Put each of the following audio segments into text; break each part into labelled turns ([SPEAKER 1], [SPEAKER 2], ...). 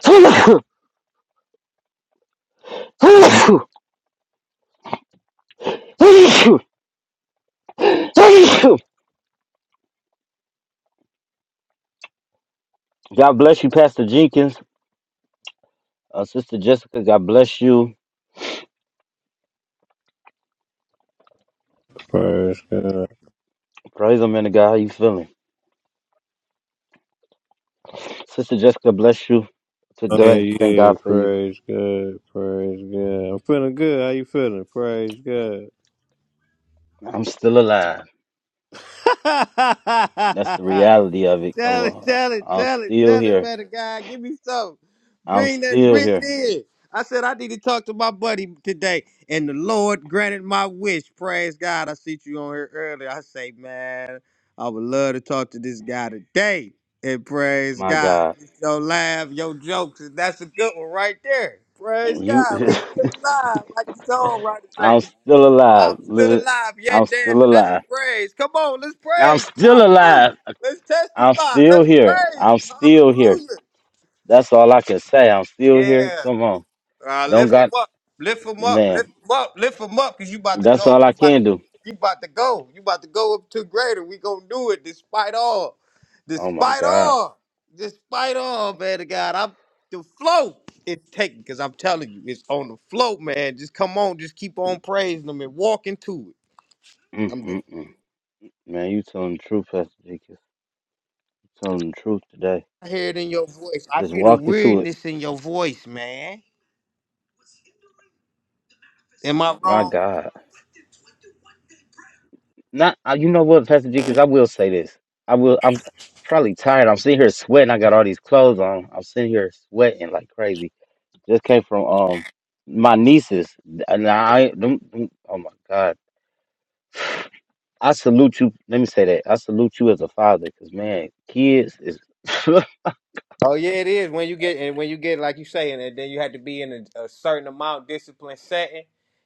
[SPEAKER 1] God bless you, Pastor Jenkins. Uh, Sister Jessica, God bless you.
[SPEAKER 2] Praise God.
[SPEAKER 1] Praise the man of God. How you feeling? Sister Jessica, bless you
[SPEAKER 2] Oh
[SPEAKER 1] today. Thank
[SPEAKER 2] yeah,
[SPEAKER 1] God for you.
[SPEAKER 2] praise God, praise God. I'm feeling good. How you feeling? Praise
[SPEAKER 1] I'm still alive.
[SPEAKER 2] God.
[SPEAKER 1] That's the reality of it. Come
[SPEAKER 2] Tell it,
[SPEAKER 1] on.
[SPEAKER 2] tell it,
[SPEAKER 1] I'm
[SPEAKER 2] tell it,
[SPEAKER 1] still
[SPEAKER 2] tell it,
[SPEAKER 1] here.
[SPEAKER 2] man. God, give me some.
[SPEAKER 1] I'm
[SPEAKER 2] Bring that,
[SPEAKER 1] still
[SPEAKER 2] bring it
[SPEAKER 1] here.
[SPEAKER 2] in. I said I need to talk to my buddy today, and the Lord granted my wish. Praise God. I see you on here earlier. I say, man, I would love to talk to this guy today. And praise
[SPEAKER 1] My
[SPEAKER 2] God.
[SPEAKER 1] God.
[SPEAKER 2] Your laugh, your jokes, and that's a good one right there. Praise
[SPEAKER 1] You
[SPEAKER 2] God. We still alive, like you told right to say.
[SPEAKER 1] I'm still alive.
[SPEAKER 2] I'm still
[SPEAKER 1] Li-
[SPEAKER 2] alive, yet
[SPEAKER 1] I'm still
[SPEAKER 2] dancing. That's a
[SPEAKER 1] alive.
[SPEAKER 2] praise. Come on, let's
[SPEAKER 1] I'm
[SPEAKER 2] praise. Him.
[SPEAKER 1] still
[SPEAKER 2] Hallelujah.
[SPEAKER 1] alive.
[SPEAKER 2] Let's
[SPEAKER 1] I'm
[SPEAKER 2] testify.
[SPEAKER 1] still
[SPEAKER 2] Let's
[SPEAKER 1] here.
[SPEAKER 2] praise.
[SPEAKER 1] I'm
[SPEAKER 2] Him.
[SPEAKER 1] still here.
[SPEAKER 2] Hallelujah.
[SPEAKER 1] That's all I can say. I'm still here.
[SPEAKER 2] Yeah.
[SPEAKER 1] Come on.
[SPEAKER 2] Uh,
[SPEAKER 1] Don't
[SPEAKER 2] lift him
[SPEAKER 1] got
[SPEAKER 2] up. Lift him up. Lift
[SPEAKER 1] man.
[SPEAKER 2] him up. Lift him up because you about to
[SPEAKER 1] That's
[SPEAKER 2] go.
[SPEAKER 1] all I
[SPEAKER 2] You about
[SPEAKER 1] can
[SPEAKER 2] to,
[SPEAKER 1] do.
[SPEAKER 2] you about to go. You about to go up to greater. We going to do it despite all.
[SPEAKER 1] Oh my
[SPEAKER 2] Despite
[SPEAKER 1] God.
[SPEAKER 2] all. Despite all, man of God. I'm the flow. It's taking because I'm telling you, it's on the float, man. Just come on, just keep on praising them and walk into it. I'm done.
[SPEAKER 1] Mm-mm-mm. Man, you telling the truth, Pastor Jenkins. You telling the truth today.
[SPEAKER 2] I hear it in your voice. I
[SPEAKER 1] Just
[SPEAKER 2] hear the
[SPEAKER 1] walk into it.
[SPEAKER 2] weariness in your voice, man. Am I
[SPEAKER 1] My
[SPEAKER 2] wrong?
[SPEAKER 1] God. Not uh, you know what, Pastor Jenkins, I will say this. I will I'm probably tired. I'm sitting here sweating. I got all these clothes on. I'm sitting here sweating like crazy. Just came from um my nieces. And I don't, oh my God. I salute you. Let me say that. I salute you as a father, cause man, kids is
[SPEAKER 2] Oh yeah, it is when you get and when you get like you saying, and then you have to be in a, a certain amount discipline setting.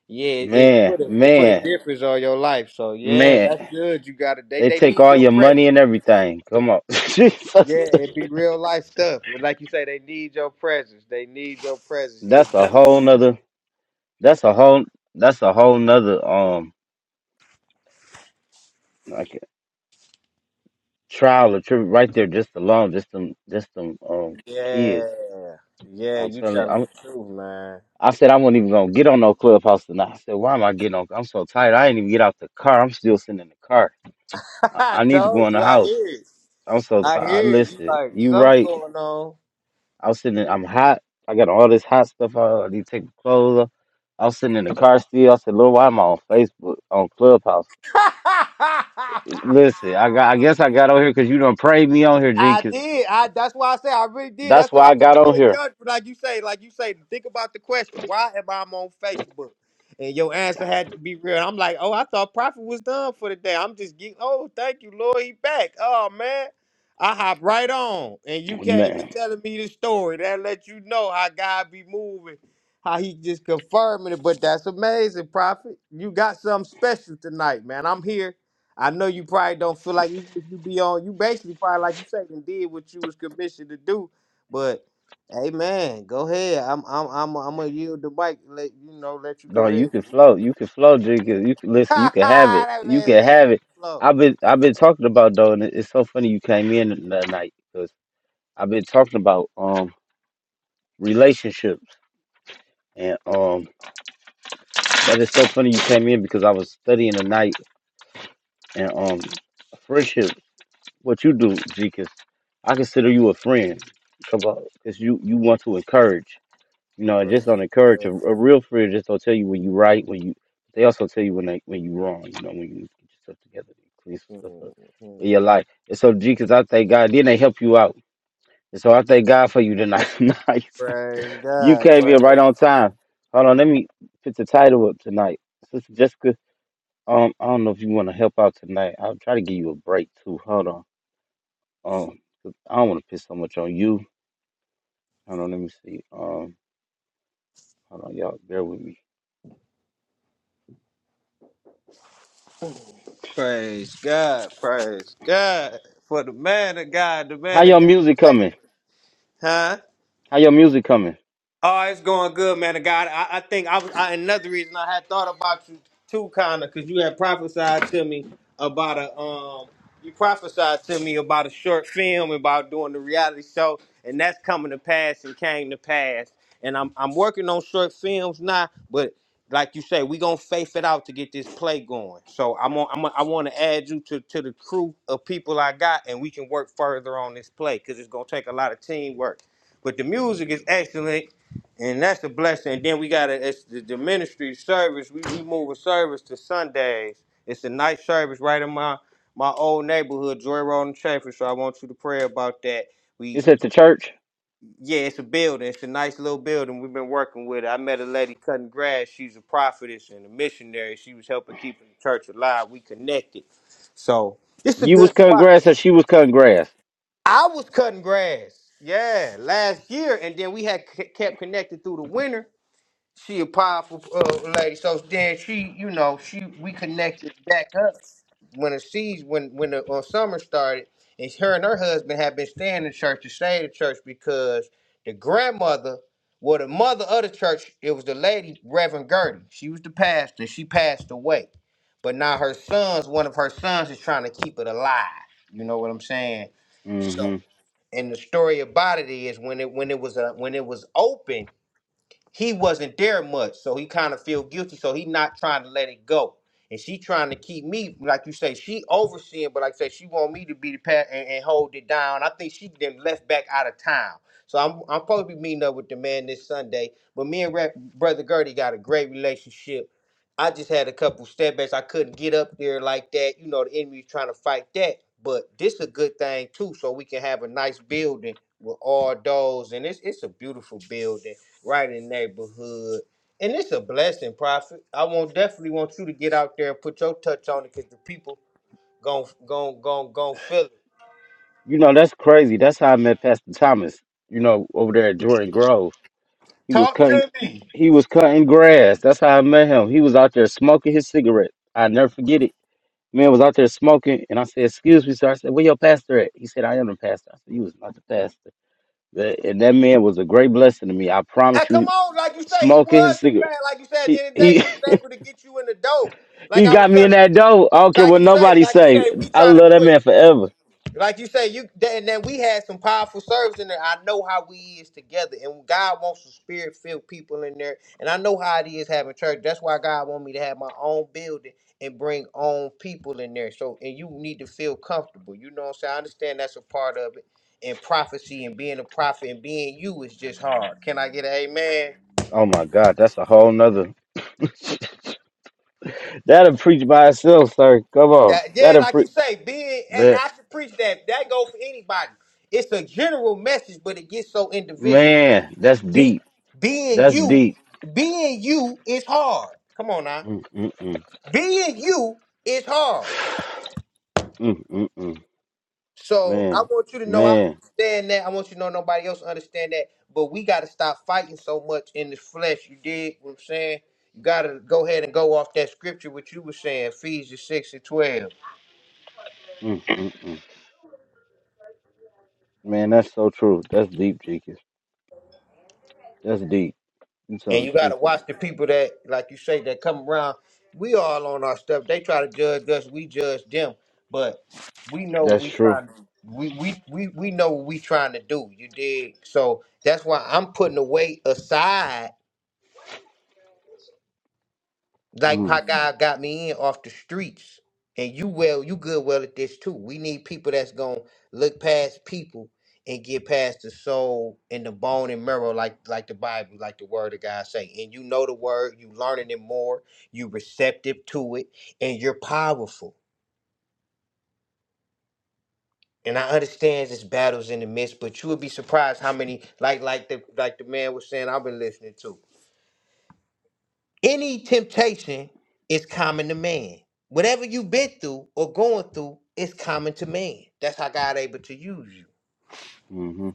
[SPEAKER 2] Yeah, it put
[SPEAKER 1] man,
[SPEAKER 2] a, it put a
[SPEAKER 1] man,
[SPEAKER 2] difference on your life. So yeah,
[SPEAKER 1] man.
[SPEAKER 2] that's good. You got to They
[SPEAKER 1] They
[SPEAKER 2] they
[SPEAKER 1] take
[SPEAKER 2] need
[SPEAKER 1] all
[SPEAKER 2] your
[SPEAKER 1] your
[SPEAKER 2] presence.
[SPEAKER 1] money and everything. Come on, Jesus.
[SPEAKER 2] Yeah, it be real life stuff. But Like you say, they need your presence. They need your presence. You
[SPEAKER 1] That's a
[SPEAKER 2] agree? with
[SPEAKER 1] whole nother. That's a whole. That's a whole nother. Um, like trial or trip right there, just alone, just them, just them, um,
[SPEAKER 2] me. Yeah,
[SPEAKER 1] kids.
[SPEAKER 2] yeah.
[SPEAKER 1] I'm
[SPEAKER 2] You
[SPEAKER 1] telling you,
[SPEAKER 2] telling
[SPEAKER 1] I'm.
[SPEAKER 2] the truth, man.
[SPEAKER 1] I said I wasn't even gonna get on no clubhouse tonight. I said, why am I getting on? I'm so tired. I ain't even get out the car. I'm still sitting in the car. I,
[SPEAKER 2] I
[SPEAKER 1] I need to go
[SPEAKER 2] told
[SPEAKER 1] in the
[SPEAKER 2] you. I
[SPEAKER 1] house.
[SPEAKER 2] hear it.
[SPEAKER 1] I'm so
[SPEAKER 2] I
[SPEAKER 1] tired.
[SPEAKER 2] hear you
[SPEAKER 1] Listen,
[SPEAKER 2] like
[SPEAKER 1] you
[SPEAKER 2] something
[SPEAKER 1] right.
[SPEAKER 2] going on.
[SPEAKER 1] I was sitting. In, I'm hot. I got all this hot stuff on. I need to take my clothes off. I was sitting in the car still. I said, "Lord, why am I on Facebook on Clubhouse?" Listen, I got. I guess I got on here because you done prayed me on here,
[SPEAKER 2] I
[SPEAKER 1] Jenkins.
[SPEAKER 2] did. I that's why I say I really did.
[SPEAKER 1] That's
[SPEAKER 2] That's why
[SPEAKER 1] why
[SPEAKER 2] I'm
[SPEAKER 1] I got on
[SPEAKER 2] sitting
[SPEAKER 1] here,
[SPEAKER 2] here judging. Like you say, like you say, think about the question. Why am I on Facebook? And your answer had to be real. I'm like, oh, I thought Prophet was done for the day. I'm just getting oh, thank you, Lord, he back. Oh man. I hop right on. And you came and
[SPEAKER 1] man.
[SPEAKER 2] telling me the story. That let you know how God be moving. How he just confirming it. But that's amazing, Prophet. You got something special tonight, man. I'm here. I know you probably don't feel like even if you be on, you basically probably like you say and did what you was commissioned to do. But hey, man, go ahead. I'm I'm I'm I'm gonna yield the mic. and Let you know. Let you
[SPEAKER 1] No,
[SPEAKER 2] go
[SPEAKER 1] you
[SPEAKER 2] ahead.
[SPEAKER 1] can flow. You can flow, Jenkins. You can listen. You can have it.
[SPEAKER 2] that
[SPEAKER 1] You
[SPEAKER 2] man
[SPEAKER 1] can
[SPEAKER 2] say you
[SPEAKER 1] have it.
[SPEAKER 2] slow.
[SPEAKER 1] I've been. I've been talking about though, and it- it's so funny you came in that night because I've been talking about um relationships and um. That is so funny you came in because I was studying tonight and um friendship. What you do, Jekus, I consider you a friend because you you want to encourage. You know, and just
[SPEAKER 2] Praise
[SPEAKER 1] don't encourage a,
[SPEAKER 2] God.
[SPEAKER 1] a real friend. Just don't tell you when you right when you. They also tell you when they when you wrong. You know when you need to get yourself together, and clean some stuff up in
[SPEAKER 2] Mhm.
[SPEAKER 1] your life. And so, Jekus, I thank God. Then they help you out. And so I thank God for you tonight. nice,
[SPEAKER 2] Praise
[SPEAKER 1] you
[SPEAKER 2] God.
[SPEAKER 1] came in right
[SPEAKER 2] Praise
[SPEAKER 1] on time. Hold on, let me put the title up tonight. Sister Jessica Um, I don't know if you want to help out tonight. I'll try to give you a break too. Hold on. Um, 'cause I don't want to piss so much on you. Hold on, let me see. Um, hold on, y'all, bear with me.
[SPEAKER 2] praise God. Praise God for the man of God. The
[SPEAKER 1] How
[SPEAKER 2] man
[SPEAKER 1] your
[SPEAKER 2] of God.
[SPEAKER 1] music
[SPEAKER 2] lady.
[SPEAKER 1] coming?
[SPEAKER 2] Huh?
[SPEAKER 1] How your music coming?
[SPEAKER 2] Oh, it's going good, man. Of God, I, I think I was I, another reason I had thought about you too, kinda, because you had prophesied to me about a um, you prophesied to me about a short film about doing the reality show, and that's coming to pass and came to pass. And I'm I'm working on short films now, but like you say, we gonna faith it out to get this play going. So I'm on, I'm on, I want to add you to to the crew of people I got, and we can work further on this play because it's gonna take a lot of teamwork. But the music is excellent and that's a blessing. And then we got a, it's the, the ministry service. We, we move a service to Sundays. It's a night service right in my my old neighborhood, Joy Road and Chaffin. So I want you to pray about that. We
[SPEAKER 1] It's at the church.
[SPEAKER 2] yeah, it's a building. It's a nice little building. We've been working with it. I met a lady cutting grass. She's a prophetess and a missionary. She was helping keep the church alive. We connected. So it's a
[SPEAKER 1] You was
[SPEAKER 2] good
[SPEAKER 1] cutting
[SPEAKER 2] spot.
[SPEAKER 1] grass, and she was cutting grass.
[SPEAKER 2] I was cutting grass. Yeah, last year, and then we had c- kept connected through the winter she a powerful uh, lady. So then she, you know, she we connected back up when the seas when when the uh, summer started, and her and her husband had been staying in church to stay in church because the grandmother, well, the mother of the church, it was the lady Reverend Gertie. She was the pastor. She passed away, but now her sons, one of her sons, is trying to keep it alive. You know what I'm saying? So,
[SPEAKER 1] Mm-hmm.
[SPEAKER 2] and the story about it is when it when it was uh when it was open he wasn't there much, so he kind of feel guilty. So he not trying to let it go, and she trying to keep me, like you say, she overseeing, but like I say, she want me to be the pat and, and hold it down. I think she then left back out of town. So I'm I'm supposed to be meeting up with the man this Sunday, but me and Rep, brother Gertie got a great relationship. I just had a couple setbacks. I couldn't get up there like that. You know, the enemy's trying to fight that. But this is a good thing too, so we can have a nice building with all those. And it's it's a beautiful building right in the neighborhood. And it's a blessing, Prophet. I won't definitely want you to get out there and put your touch on it because the people gon' gon' gon' gon' feel it.
[SPEAKER 1] You know that's crazy. That's how I met Pastor Thomas. You know, over there at Jordan Grove, he was
[SPEAKER 2] Talk
[SPEAKER 1] cutting.
[SPEAKER 2] to me.
[SPEAKER 1] He was cutting grass. That's how I met him. He was out there smoking his cigarette. I never forget it. Man was out there smoking, and I said, "Excuse me, sir." I said, "Where your pastor at?" He said, "I am the pastor." I said, "You was not the pastor." That- And that man was a great blessing to me. I
[SPEAKER 2] And
[SPEAKER 1] promise you, he
[SPEAKER 2] come
[SPEAKER 1] was
[SPEAKER 2] on, like you say, he
[SPEAKER 1] smoking
[SPEAKER 2] was
[SPEAKER 1] his
[SPEAKER 2] the
[SPEAKER 1] cigarette.
[SPEAKER 2] fan. Like you said, in the
[SPEAKER 1] He
[SPEAKER 2] end of the day,
[SPEAKER 1] he
[SPEAKER 2] he was able to get you in the door. Like
[SPEAKER 1] he
[SPEAKER 2] I was
[SPEAKER 1] got me in
[SPEAKER 2] telling,
[SPEAKER 1] that door. I don't care
[SPEAKER 2] like
[SPEAKER 1] what
[SPEAKER 2] you say,
[SPEAKER 1] nobody
[SPEAKER 2] like you
[SPEAKER 1] say.
[SPEAKER 2] say, we
[SPEAKER 1] I
[SPEAKER 2] try to
[SPEAKER 1] love that
[SPEAKER 2] put.
[SPEAKER 1] man forever.
[SPEAKER 2] Like you say, you that- and then we had some powerful servers in there. I know how we is together, and God wants some spirit filled people in there. And I know how it is having church. That's why God want me to have my own building and bring own people in there. So, and you need to feel comfortable. You know what I'm saying? I understand that's a part of it. And prophecy and being a prophet and being you is just hard. Can I get an amen?
[SPEAKER 1] Oh my God, that's a whole nother. That'll preach by itself, sir. Come on,
[SPEAKER 2] That yeah,
[SPEAKER 1] that'll
[SPEAKER 2] like you
[SPEAKER 1] preach.
[SPEAKER 2] say, being and
[SPEAKER 1] That
[SPEAKER 2] I should preach that. That goes for anybody. It's a general message, but it gets so individual.
[SPEAKER 1] man, that's
[SPEAKER 2] Be,
[SPEAKER 1] deep.
[SPEAKER 2] being
[SPEAKER 1] That's
[SPEAKER 2] you,
[SPEAKER 1] deep.
[SPEAKER 2] being you is hard. Come on now.
[SPEAKER 1] Mm, mm, mm,
[SPEAKER 2] Being you is hard.
[SPEAKER 1] mm, mm, mm.
[SPEAKER 2] So I
[SPEAKER 1] Man,
[SPEAKER 2] want you to know I
[SPEAKER 1] man.
[SPEAKER 2] understand that. I want you to know nobody else understand that. But we gotta stop fighting so much in the flesh. You dig what I'm saying? You gotta go ahead and go off that scripture what you were saying, Ephesians 6 and 12.
[SPEAKER 1] Mm, mm, mm. Man, that's so true. That's deep, Jeekins. That's deep. You
[SPEAKER 2] And
[SPEAKER 1] telling the
[SPEAKER 2] you gotta
[SPEAKER 1] truth.
[SPEAKER 2] watch the people that, like you say, that come around. We all on our stuff. They try to judge us, we judge them. But we know
[SPEAKER 1] That's
[SPEAKER 2] we
[SPEAKER 1] true.
[SPEAKER 2] trying to we we we, we know what we trying to do, you dig? So that's why I'm putting away aside like
[SPEAKER 1] Mm,
[SPEAKER 2] how God got me in off the streets. And you well, you good well at this too. We need people that's gonna look past people and get past the soul and the bone and marrow, like like the Bible, like the word of God say. And you know the word, you learning it more, you receptive to it, and you're powerful. And I understand this battles in the midst, but you would be surprised how many like like the like the man was saying I've been listening to. Any temptation is common to man. Whatever you've been through or going through is common to man. That's how God able to use you.
[SPEAKER 1] hmm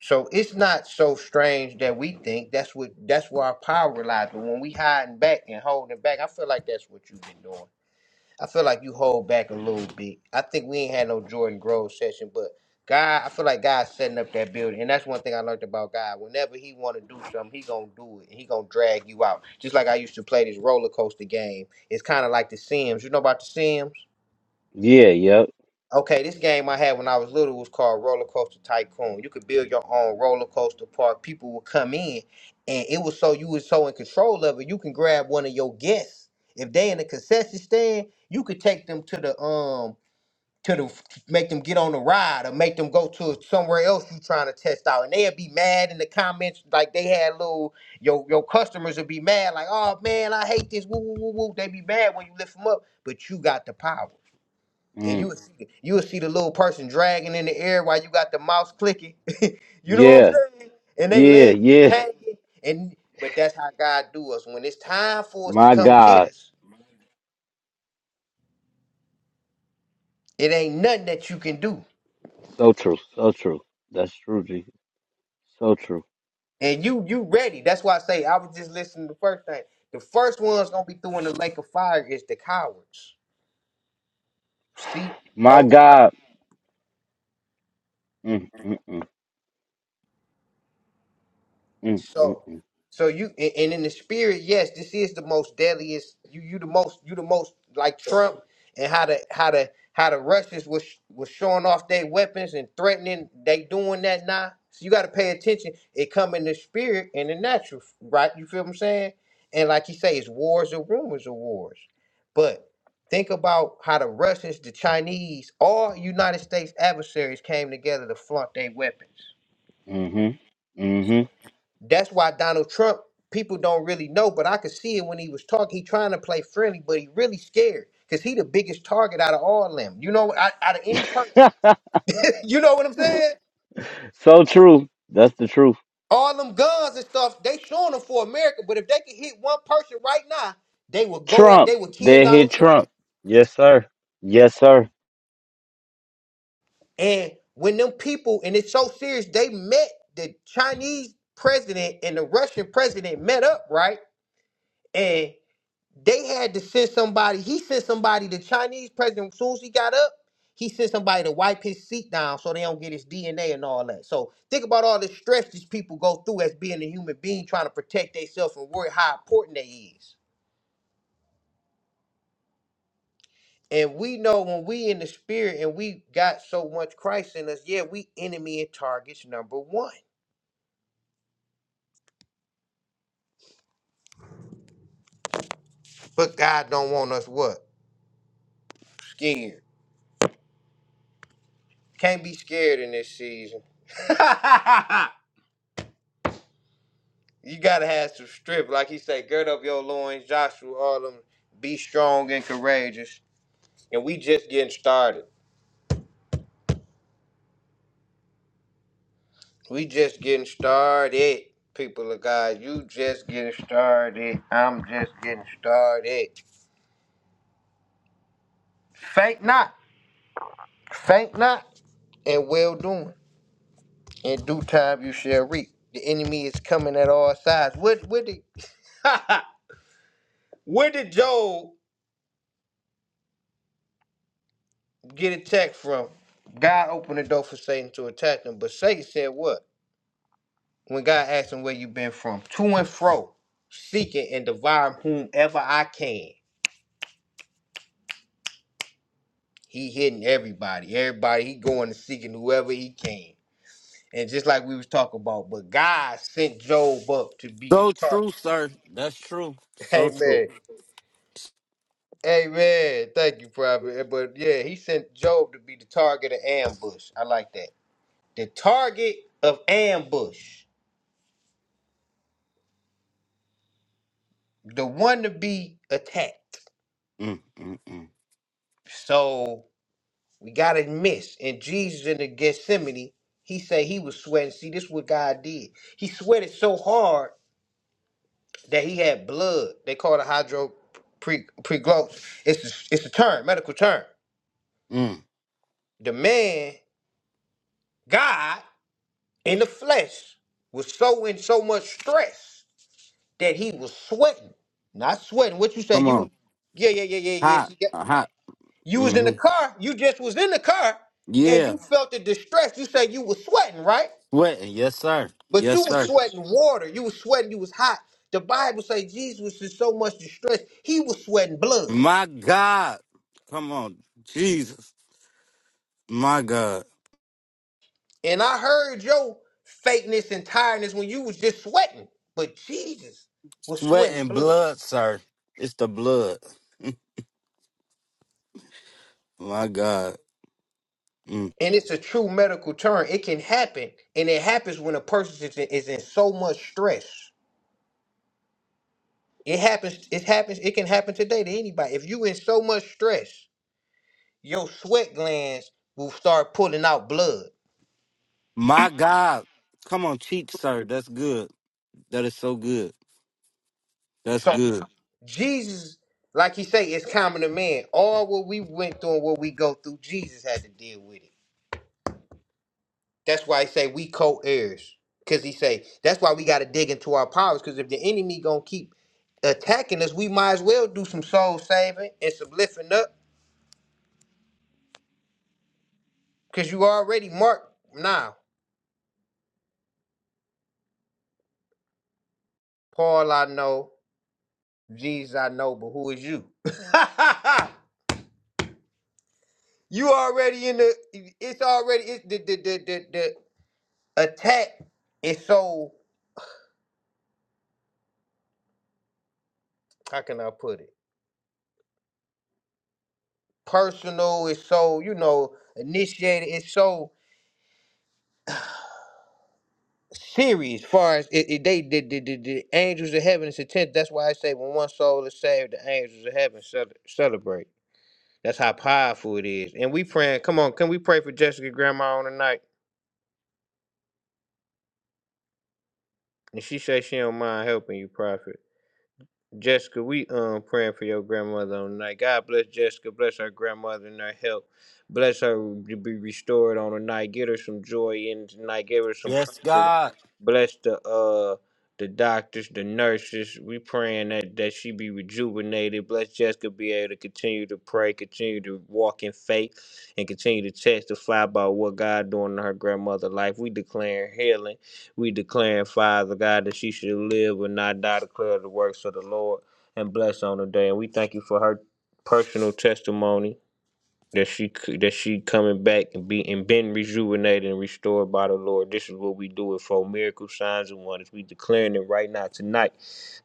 [SPEAKER 2] So it's not so strange that we think that's what that's where our power lies. But when we hiding back and holding back, I feel like that's what you've been doing. I feel like you hold back a little bit. I think we ain't had no Jordan Grove session, but God, I feel like God's setting up that building, and that's one thing I learned about God. Whenever He want to do something, He gonna do it, and He gonna drag you out. Just like I used to play this roller coaster game. It's kind of like the Sims. You know about the Sims?
[SPEAKER 1] Yeah, yep.
[SPEAKER 2] Okay, this game I had when I was little was called Roller Coaster Tycoon. You could build your own roller coaster park. People would come in, and it was so you was so in control of it. You can grab one of your guests if they in the concession stand. You could take them to the um to the make them get on the ride or make them go to somewhere else you trying to test out, and they'd be mad in the comments like they had little your your customers would be mad like, oh man, I hate this. Woo woo woo woo. They be mad when you lift them up, but you got the power and you
[SPEAKER 1] Mm,
[SPEAKER 2] would see the, you would see the little person dragging in the air while you got the mouse clicking. you know what
[SPEAKER 1] yeah,
[SPEAKER 2] I'm saying? And they
[SPEAKER 1] yeah,
[SPEAKER 2] legs
[SPEAKER 1] yeah.
[SPEAKER 2] hanging. And but that's how God do us. When it's time for us to
[SPEAKER 1] My
[SPEAKER 2] come get
[SPEAKER 1] God.
[SPEAKER 2] us, it ain't nothing that you can do.
[SPEAKER 1] So true. So true. That's true, Jeekins. So true.
[SPEAKER 2] And you you ready. That's why I say I was just listening to the first thing. The first one's gonna be throwing the lake of fire is the cowards. See?
[SPEAKER 1] My
[SPEAKER 2] Oh.
[SPEAKER 1] God. Mm, mm, mm, mm, mm,
[SPEAKER 2] So,
[SPEAKER 1] mm,
[SPEAKER 2] so you and, and in the spirit, yes, this is the most deadliest. You you the most you the most like Trump and how the how the how the Russians was was showing off their weapons and threatening. They doing that now. So you got to pay attention. It come in the spirit and the natural, right? You feel what I'm saying? And like you say, it's wars or rumors of wars. But think about how the Russians, the Chinese, all United States adversaries came together to flaunt their weapons.
[SPEAKER 1] mm-hmm.
[SPEAKER 2] That's why Donald Trump, people don't really know, but I could see it when he was talking. He trying to play friendly, but he really scared because he the biggest target out of all them. You know, out, out of any person.
[SPEAKER 1] Mm-hmm.
[SPEAKER 2] you know what I'm saying?
[SPEAKER 1] so true. That's the truth.
[SPEAKER 2] All them guns and stuff, they showing them for America, but if they could hit one person right now, they would go at,
[SPEAKER 1] Trump.
[SPEAKER 2] they would kill
[SPEAKER 1] They hit
[SPEAKER 2] Donald Trump.
[SPEAKER 1] Trump. Yes, sir. Yes, sir.
[SPEAKER 2] And when them people, and it's so serious, they met the Chinese president and the Russian president met up, right? And They had to send somebody. He sent somebody. The Chinese president, as soon as he got up, he sent somebody to wipe his seat down so they don't get his DNA and all that. So think about all the stress these people go through as being a human being, trying to protect themselves and worry how important they is. And we know when we in the spirit and we got so much Christ in us, yeah, we enemy and targets number one. But God don't want us what? Scared. Can't be scared in this season. You gotta have some strip, like he said, gird up your loins, Joshua, all them. Be strong and courageous. And we just getting started. We just getting started, people of God. You just getting started. I'm just getting started. Faint not, faint not, and well doing. In due time you shall reap. The enemy is coming at all sides. Where, where did where did Job get attacked from? God opened the door for Satan to attack him, but Satan said what? when God asks him where you been from, to and fro, seeking and devouring whomever I can. He hitting everybody. Everybody, he going and seeking whoever he can. And just like we was talking about, but God sent Job up to be the
[SPEAKER 1] So true, sir. That's true. So
[SPEAKER 2] target.
[SPEAKER 1] true.
[SPEAKER 2] Amen. Amen. Thank you, Prophet. But yeah, he sent Job to be the target of ambush. I like that. The target of ambush. The one to be attacked.
[SPEAKER 1] Mm, mm, mm.
[SPEAKER 2] So We gotta miss. And Jesus in the Gethsemane, he said he was sweating. See, this is what God did. He sweated so hard that he had blood. They call it hydro pre pregloss. It's a, it's a term, medical term.
[SPEAKER 1] Mm,
[SPEAKER 2] The man, God in the flesh, was so in so much stress that he was sweating. Not sweating. What you say?
[SPEAKER 1] come
[SPEAKER 2] You
[SPEAKER 1] on.
[SPEAKER 2] yeah, yeah, yeah, yeah, yeah.
[SPEAKER 1] Hot.
[SPEAKER 2] See, yeah.
[SPEAKER 1] uh, Hot.
[SPEAKER 2] You was in the
[SPEAKER 1] hmm
[SPEAKER 2] car. You just was in the car and
[SPEAKER 1] Yeah.
[SPEAKER 2] you felt the distress. You said you was sweating, right?
[SPEAKER 1] Sweating. Yes, sir.
[SPEAKER 2] But you
[SPEAKER 1] Yes,
[SPEAKER 2] was
[SPEAKER 1] sir.
[SPEAKER 2] sweating water. You was sweating. You was hot. The Bible say Jesus was in so much distress. He was sweating blood.
[SPEAKER 1] My God. Come on. Jesus. My God.
[SPEAKER 2] And I heard your fakeness and tiredness when you was just sweating. But Jesus was
[SPEAKER 1] Sweat
[SPEAKER 2] sweating
[SPEAKER 1] and
[SPEAKER 2] blood.
[SPEAKER 1] blood, sir. It's the blood. My God. Mm.
[SPEAKER 2] And it's a true medical term. It can happen. And it happens when a person is in, is in so much stress. It happens. It happens. It can happen today to anybody. If you in so much stress, your sweat glands will start pulling out blood.
[SPEAKER 1] My God. Come on, cheat, sir. That's good. That is so good. That's
[SPEAKER 2] So.
[SPEAKER 1] good.
[SPEAKER 2] Jesus, like he say, is common to man. All what we went through and what we go through, Jesus had to deal with it. That's why he say we co-heirs. Cause he say that's why we got to dig into our powers. Cause if the enemy gonna keep attacking us, we might as well do some soul saving and some lifting up. Cause you already marked now. Paul, I know. Jesus, I know. But who is you? you already in the. It's already it's the the the the, the attack is so. How can I put it? personal. It's so you know initiated. It's so serious. As far as it, it- they the, the, the, the angels of heaven is intent. That's why I say when one soul is saved, the angels of heaven cel- celebrate. That's how powerful it is. And we praying. Come on, can we pray for Jessica Grandma on tonight? And she says she don't mind helping you, Prophet. Jessica, we um praying for your grandmother on tonight. God bless Jessica, bless her grandmother and her health. Bless her to be restored on tonight. Get her some joy in tonight. Give her some
[SPEAKER 1] Yes,
[SPEAKER 2] comfort.
[SPEAKER 1] God.
[SPEAKER 2] Bless the uh the doctors, the nurses. We praying that that she be rejuvenated. Bless Jessica be able to continue to pray, continue to walk in faith, and continue to testify about what God doing in her grandmother's life. We declaring healing. We declare, Father God, that she should live and not die, declare the works of the Lord and bless on the day. And we thank you for her personal testimony that she that she coming back and be and been rejuvenated and restored by the Lord. This is what we do it for miracle signs and wonders. We declaring it right now tonight.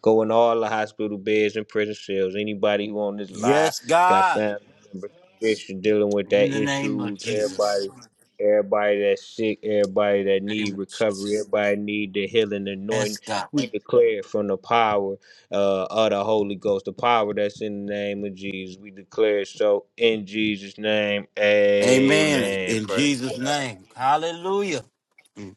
[SPEAKER 2] Go in all the hospital beds and prison cells. Anybody who on this live
[SPEAKER 1] Yes,
[SPEAKER 2] got
[SPEAKER 1] God.
[SPEAKER 2] family members issue- dealing with
[SPEAKER 1] In
[SPEAKER 2] that
[SPEAKER 1] the name of
[SPEAKER 2] issues. Everybody,
[SPEAKER 1] Jesus.
[SPEAKER 2] everybody that's sick, everybody that
[SPEAKER 1] Name
[SPEAKER 2] need
[SPEAKER 1] of
[SPEAKER 2] recovery,
[SPEAKER 1] Jesus.
[SPEAKER 2] everybody need the healing
[SPEAKER 1] Yes,
[SPEAKER 2] anointing.
[SPEAKER 1] God.
[SPEAKER 2] We declare it from the power uh, of the Holy Ghost, the power that's in the name of Jesus. We declare it so in Jesus' name.
[SPEAKER 1] Amen.
[SPEAKER 2] Amen.
[SPEAKER 1] In
[SPEAKER 2] Praise
[SPEAKER 1] Jesus'
[SPEAKER 2] God.
[SPEAKER 1] name. Hallelujah. Mm.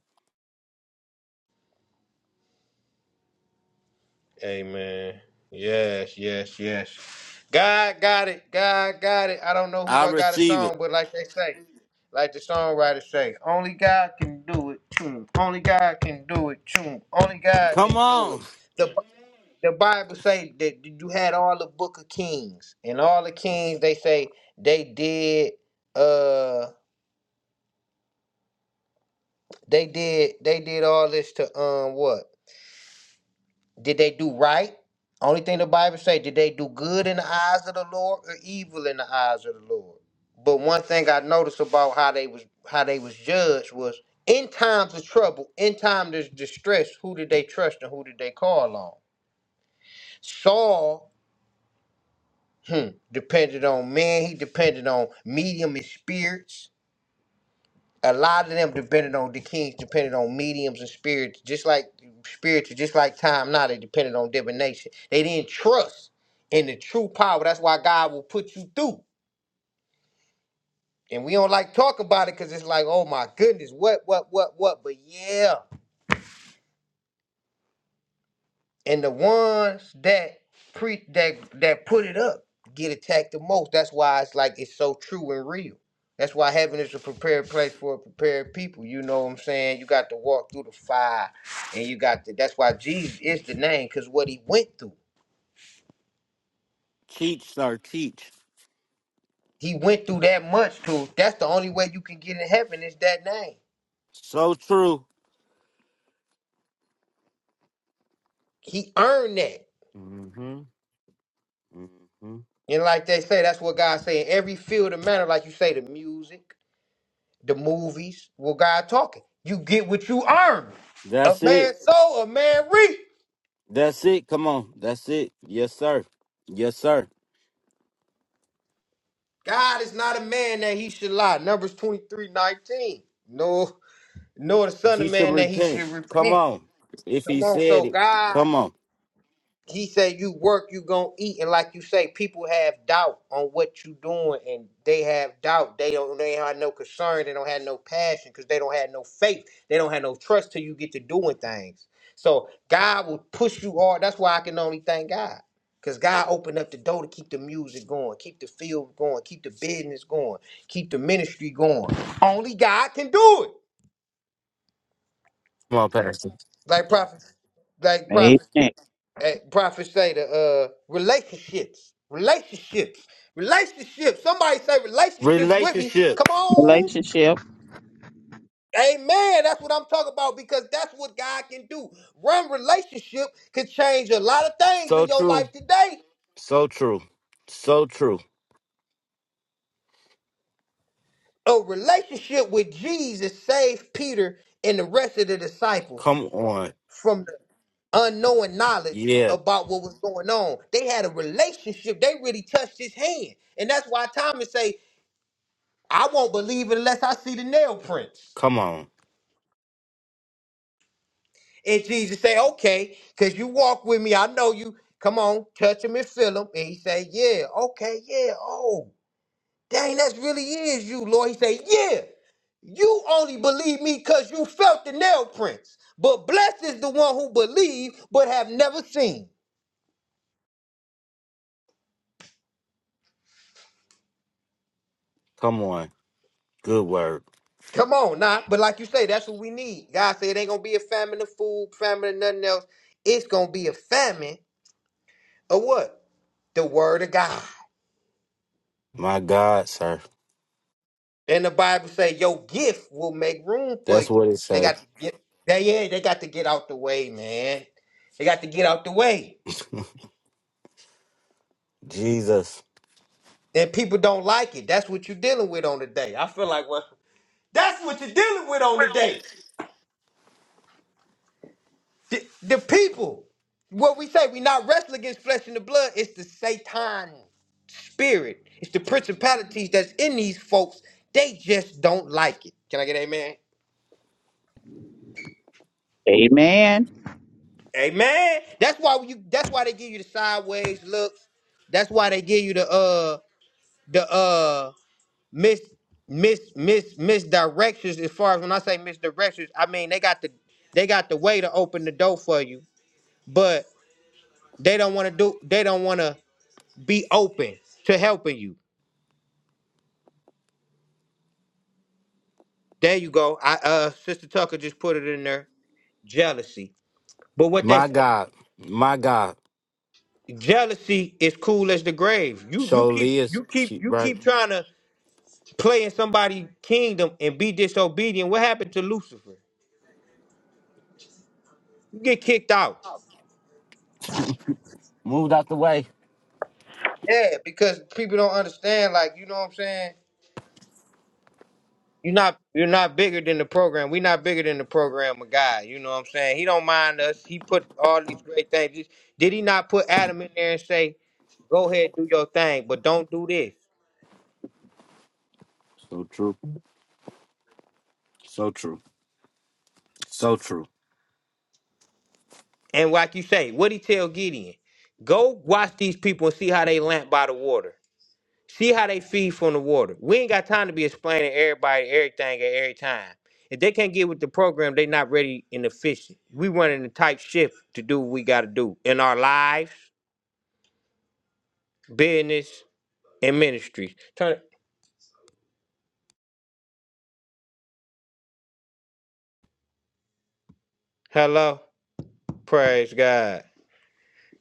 [SPEAKER 2] Amen. Yes, yes, yes. God got it. God got it. I don't know who
[SPEAKER 1] I
[SPEAKER 2] I got a
[SPEAKER 1] receive it.
[SPEAKER 2] song, but like they say, like the songwriter say, only God can do it. Tune. Only God can do it. Tune. Only God
[SPEAKER 1] Come
[SPEAKER 2] can do
[SPEAKER 1] on.
[SPEAKER 2] it. The the Bible say that you had all the book of kings and all the kings they say they did uh they did they did all this to um what did they do right only thing the Bible say did they do good in the eyes of the Lord or evil in the eyes of the Lord but one thing I noticed about how they was how they was judged was in times of trouble in times of distress who did they trust and who did they call on Saul hmm, depended on man. He depended on medium and spirits. A lot of them depended on the kings, depended on mediums and spirits, just like spiritual, just like time now. They depended on divination. They didn't trust in the true power. That's why God will put you through. And we don't like talk about it because it's like, oh my goodness, what, what, what, what? But yeah. And the ones that pre that that put it up get attacked the most. That's why it's like it's so true and real. That's why heaven is a prepared place for a prepared people. You know what I'm saying? You got to walk through the fire, and you got to. That's why Jesus is the name, cause what he went through,
[SPEAKER 1] Teach, sir. Teach.
[SPEAKER 2] he went through that much too. That's the only way you can get in heaven is that name.
[SPEAKER 1] So true.
[SPEAKER 2] He earned that,
[SPEAKER 1] hmm hmm
[SPEAKER 2] and like they say, that's what God say in every field of matter. Like you say, the music. the movies were God talking. You get what you earn. A
[SPEAKER 1] That's it.
[SPEAKER 2] man sow, a man reap.
[SPEAKER 1] That's it. Come on. That's it. Yes, sir. Yes, sir.
[SPEAKER 2] God is not a man that he should lie. Numbers twenty three nineteen. 19. Nor, nor the son
[SPEAKER 1] He
[SPEAKER 2] of
[SPEAKER 1] should
[SPEAKER 2] man that he
[SPEAKER 1] repent.
[SPEAKER 2] should
[SPEAKER 1] Come
[SPEAKER 2] repent.
[SPEAKER 1] on. If he
[SPEAKER 2] Come on.
[SPEAKER 1] said
[SPEAKER 2] So
[SPEAKER 1] it.
[SPEAKER 2] God
[SPEAKER 1] Come on.
[SPEAKER 2] he said you work you gonna eat and like you say people have doubt on what you doing and they have doubt they don't they have no concern they don't have no passion because they don't have no faith they don't have no trust till you get to doing things so god will push you hard that's why i can only thank god because god opened up the door to keep the music going keep the field going keep the business going keep the ministry going only god can do it
[SPEAKER 1] Come on, Pastor.
[SPEAKER 2] like prophet like
[SPEAKER 3] Amen.
[SPEAKER 2] prophet Hey, prophet say the uh relationships, relationships, relationships. Somebody say relationships with me. Come
[SPEAKER 1] Relationships.
[SPEAKER 2] on.
[SPEAKER 3] Relationship.
[SPEAKER 2] Amen. That's what I'm talking about because that's what God can do. One relationship can change a lot of things
[SPEAKER 1] So
[SPEAKER 2] in your
[SPEAKER 1] true.
[SPEAKER 2] life today.
[SPEAKER 1] So true. So true.
[SPEAKER 2] A relationship with Jesus saved Peter and the rest of the disciples
[SPEAKER 1] Come on.
[SPEAKER 2] from the unknowing knowledge
[SPEAKER 1] Yeah.
[SPEAKER 2] about what was going on. They had a relationship. They really touched his hand. And that's why Thomas say, I won't believe it unless I see the nail prints.
[SPEAKER 1] Come on.
[SPEAKER 2] And Jesus say, okay, because you walk with me. I know you. Come on, touch him and feel him. And he say, yeah, okay, yeah. Oh, dang, that's really is you, Lord. He say, yeah, you only believe me because you felt the nail prints. But blessed is the one who believe but have never seen.
[SPEAKER 1] Come on. Good word.
[SPEAKER 2] Come on, now. But like you say, that's what we need. God said it ain't gonna be a famine of food, famine of nothing else. It's gonna be a famine of what? The word of God.
[SPEAKER 1] My God, sir.
[SPEAKER 2] And the Bible say your gift will make room for
[SPEAKER 1] That's
[SPEAKER 2] you.
[SPEAKER 1] what it
[SPEAKER 2] They
[SPEAKER 1] say.
[SPEAKER 2] got to get they yeah, they got to get out the way, man. They got to get out the way.
[SPEAKER 1] Jesus.
[SPEAKER 2] And people don't like it. That's what you're dealing with on the day. I feel like well, that's what you're dealing with on the day. The, the people. What we say, we not wrestling against flesh and the blood, it's the Satan spirit. It's the principalities that's in these folks. They just don't like it. Can I get an amen?
[SPEAKER 3] Amen.
[SPEAKER 2] Amen. That's why you. That's why they give you the sideways looks. That's why they give you the uh the uh mis mis mis misdirections. As far as when I say misdirections, I mean they got the they got the way to open the door for you, but they don't want to do. They don't want to be open to helping you. There you go. I uh Sister Tucker just put it in there. Jealousy. But what they
[SPEAKER 1] My
[SPEAKER 2] say,
[SPEAKER 1] God. My God.
[SPEAKER 2] jealousy is cool as the grave. You you keep
[SPEAKER 1] surely is
[SPEAKER 2] you keep
[SPEAKER 1] she
[SPEAKER 2] you
[SPEAKER 1] right.
[SPEAKER 2] keep trying to play in somebody's kingdom and be disobedient, what happened to Lucifer? You get kicked out.
[SPEAKER 1] Moved out the way.
[SPEAKER 2] Yeah, because people don't understand, like, you know what I'm saying? You're not you're not bigger than the program. We're not bigger than the program of God. You know what I'm saying? He don't mind us. He put all these great things. Did he not put Adam in there and say, Go ahead, do your thing, but don't do this?
[SPEAKER 1] So true. So true. So true.
[SPEAKER 2] And like you say, what he tell Gideon? Go watch these people and see how they lamp by the water. See how they feed from the water. We ain't got time to be explaining everybody everything at every time. If they can't get with the program, they not ready and efficient. We running a tight ship to do what we got to do in our lives, business, and ministries. Turn it. Hello, praise God.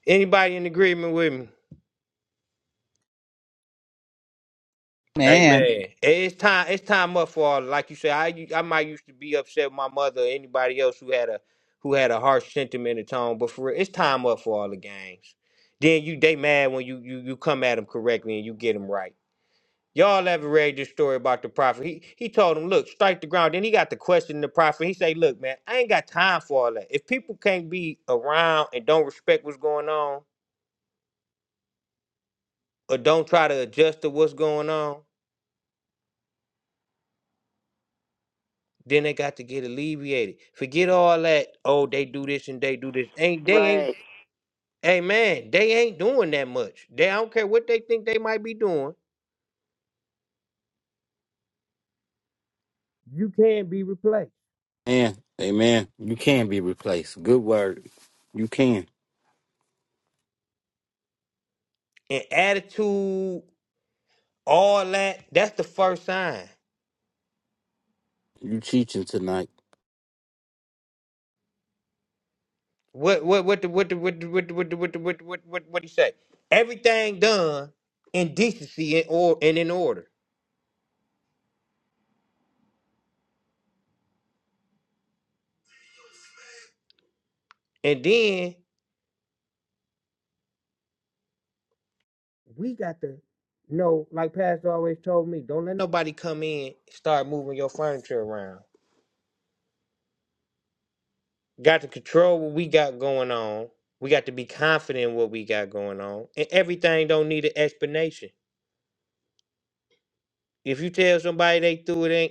[SPEAKER 2] Anybody in agreement with me?
[SPEAKER 3] Man.
[SPEAKER 2] Amen. It's time. It's time up for all. Like you say, I u- I might used to be upset with my mother or anybody else who had a who had a harsh sentiment or tone, but for real, it's time up for all the games. Then you they mad when you you you come at them correctly and you get them right. Y'all ever read this story about the prophet? He he told him, look, strike the ground. Then he got to question the prophet. He say, look, man, I ain't got time for all that. If people can't be around and don't respect what's going on or don't try to adjust to what's going on, Then they got to get alleviated. Forget all that. Oh, they do this and they do this. Ain't they ain't?
[SPEAKER 4] Right,
[SPEAKER 2] Hey man, they ain't doing that much. They I don't care what they think they might be doing. You can be replaced.
[SPEAKER 1] Man, amen. You can be replaced. Good word. You can.
[SPEAKER 2] And attitude, all that. That's the first sign.
[SPEAKER 1] You teaching tonight.
[SPEAKER 2] What what what the what the what the what the what the what the, what the, what what what he say? Everything done in decency and or and in order. And then we got to know, like Pastor always told me, don't let nobody come in and start moving your furniture around. Got to control what we got going on. We got to be confident in what we got going on. And everything don't need an explanation. If you tell somebody they threw it in,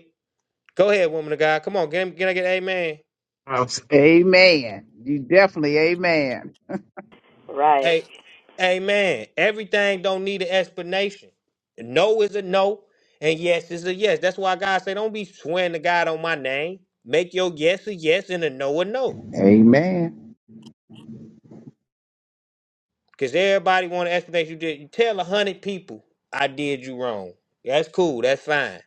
[SPEAKER 2] go ahead, woman of God. Come on, can, can I get amen?
[SPEAKER 3] Amen. You definitely amen.
[SPEAKER 4] right.
[SPEAKER 2] Hey, amen. Everything don't need an explanation. No is a no, and yes is a yes. That's why God say, don't be swearing to God on my name. Make your yes a yes and a no a no.
[SPEAKER 3] Amen.
[SPEAKER 2] Because everybody want to explanation you did. You tell a hundred people I did you wrong. That's cool. That's fine.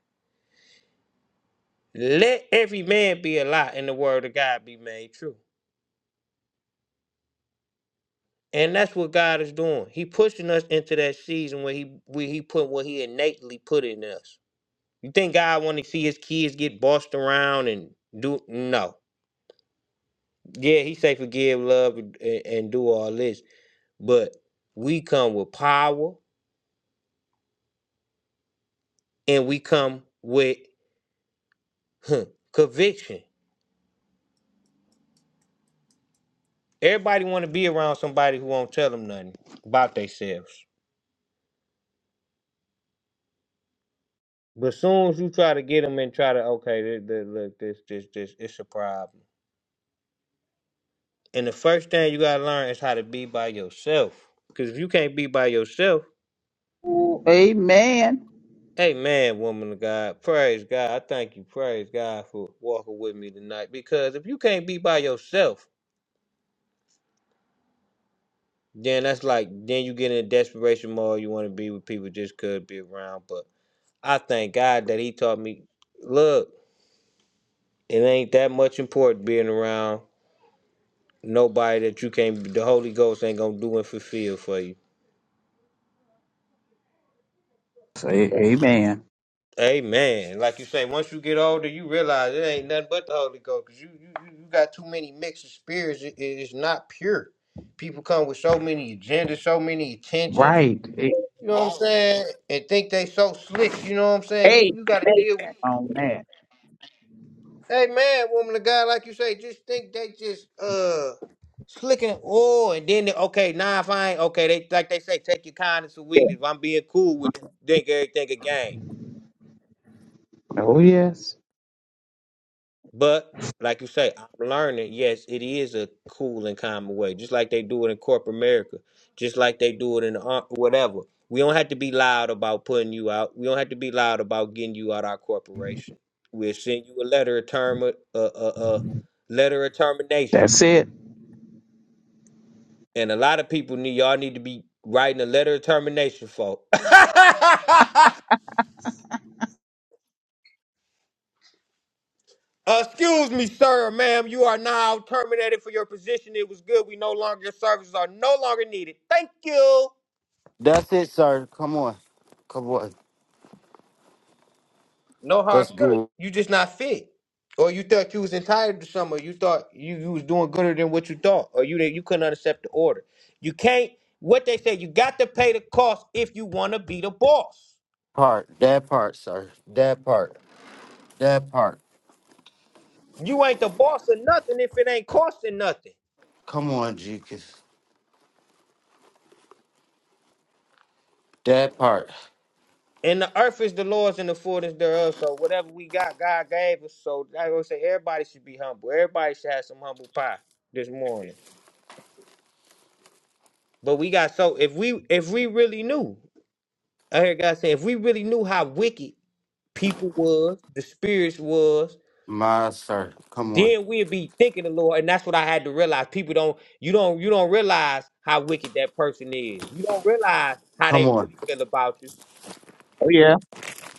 [SPEAKER 2] Let every man be a lie and the word of God be made true. And that's what God is doing. He pushing us into that season where he where he put what he innately put in us. You think God want to see his kids get bossed around and do no. Yeah, he say forgive, love, and, and do all this. But we come with power and we come with huh, conviction. Everybody want to be around somebody who won't tell them nothing about themselves. But soon as you try to get them and try to okay, this, this, look, this, this, this, it's a problem. And the first thing you gotta learn is how to be by yourself. Because if you can't be by yourself,
[SPEAKER 3] Ooh, amen.
[SPEAKER 2] hey man, woman of God, praise God, I thank you, praise God for walking with me tonight. Because if you can't be by yourself, then that's like then you get in a desperation mode. You want to be with people just could be around. But I thank God that He taught me. Look. It ain't that much important being around nobody that you can't. The Holy Ghost ain't gonna do and fulfill for you.
[SPEAKER 3] Say amen.
[SPEAKER 2] Amen. Like you say, once you get older, you realize it ain't nothing but the Holy Ghost. 'cause you, you you you got too many mixed spirits. It, it- it's not pure. People come with so many agendas, so many intentions.
[SPEAKER 3] Right. A-
[SPEAKER 2] You know what I'm saying? And think they so slick. You know what I'm saying? You you got to
[SPEAKER 3] Amen
[SPEAKER 2] deal with.
[SPEAKER 3] on that.
[SPEAKER 2] Hey man, woman of God, like you say, just think they just uh slicking oil and then they, okay, nah fine, okay, they like they say, take your kindness for
[SPEAKER 3] Yeah.
[SPEAKER 2] weakness. I'm being cool with you, think everything a game.
[SPEAKER 3] Oh yes.
[SPEAKER 2] But like you say, I'm learning, yes, it is a cool and common way. Just like they do it in corporate America, just like they do it in the ar- whatever. We don't have to be loud about putting you out. We don't have to be loud about getting you out our corporation. We'll send you a letter of term a, a, a letter of termination
[SPEAKER 3] That's it.
[SPEAKER 2] And a lot of people need y'all need to be writing a letter of termination for. Uh, Excuse me, sir, ma'am. You are now terminated for your position. It was good. We no longer your services are no longer needed. Thank you.
[SPEAKER 1] That's it, sir. Come on. Come on.
[SPEAKER 2] No hard
[SPEAKER 1] That's
[SPEAKER 2] feelings.
[SPEAKER 1] good.
[SPEAKER 2] You just not fit. Or you thought you was entitled to some, or you thought you, you was doing gooder than what you thought, or you that you couldn't accept the order. You can't. What they say, you got to pay the cost if you want to be the boss.
[SPEAKER 1] Part. That part, sir. That part. That part.
[SPEAKER 2] You ain't the boss of nothing if it ain't costing nothing.
[SPEAKER 1] Come on, Jesus. That part.
[SPEAKER 2] And the earth is the Lord's and the fullness thereof. So whatever we got, God gave us. So I would say everybody should be humble. Everybody should have some humble pie this morning. But we got so if we if we really knew, I heard God say, if we really knew how wicked people was, the spirits was,
[SPEAKER 1] My sir. Come on.
[SPEAKER 2] then we'd be thinking the Lord. And that's what I had to realize. People don't you don't you don't realize how wicked that person is. You don't realize how
[SPEAKER 1] Come
[SPEAKER 2] they
[SPEAKER 1] on.
[SPEAKER 2] really feel about you.
[SPEAKER 3] Oh yeah.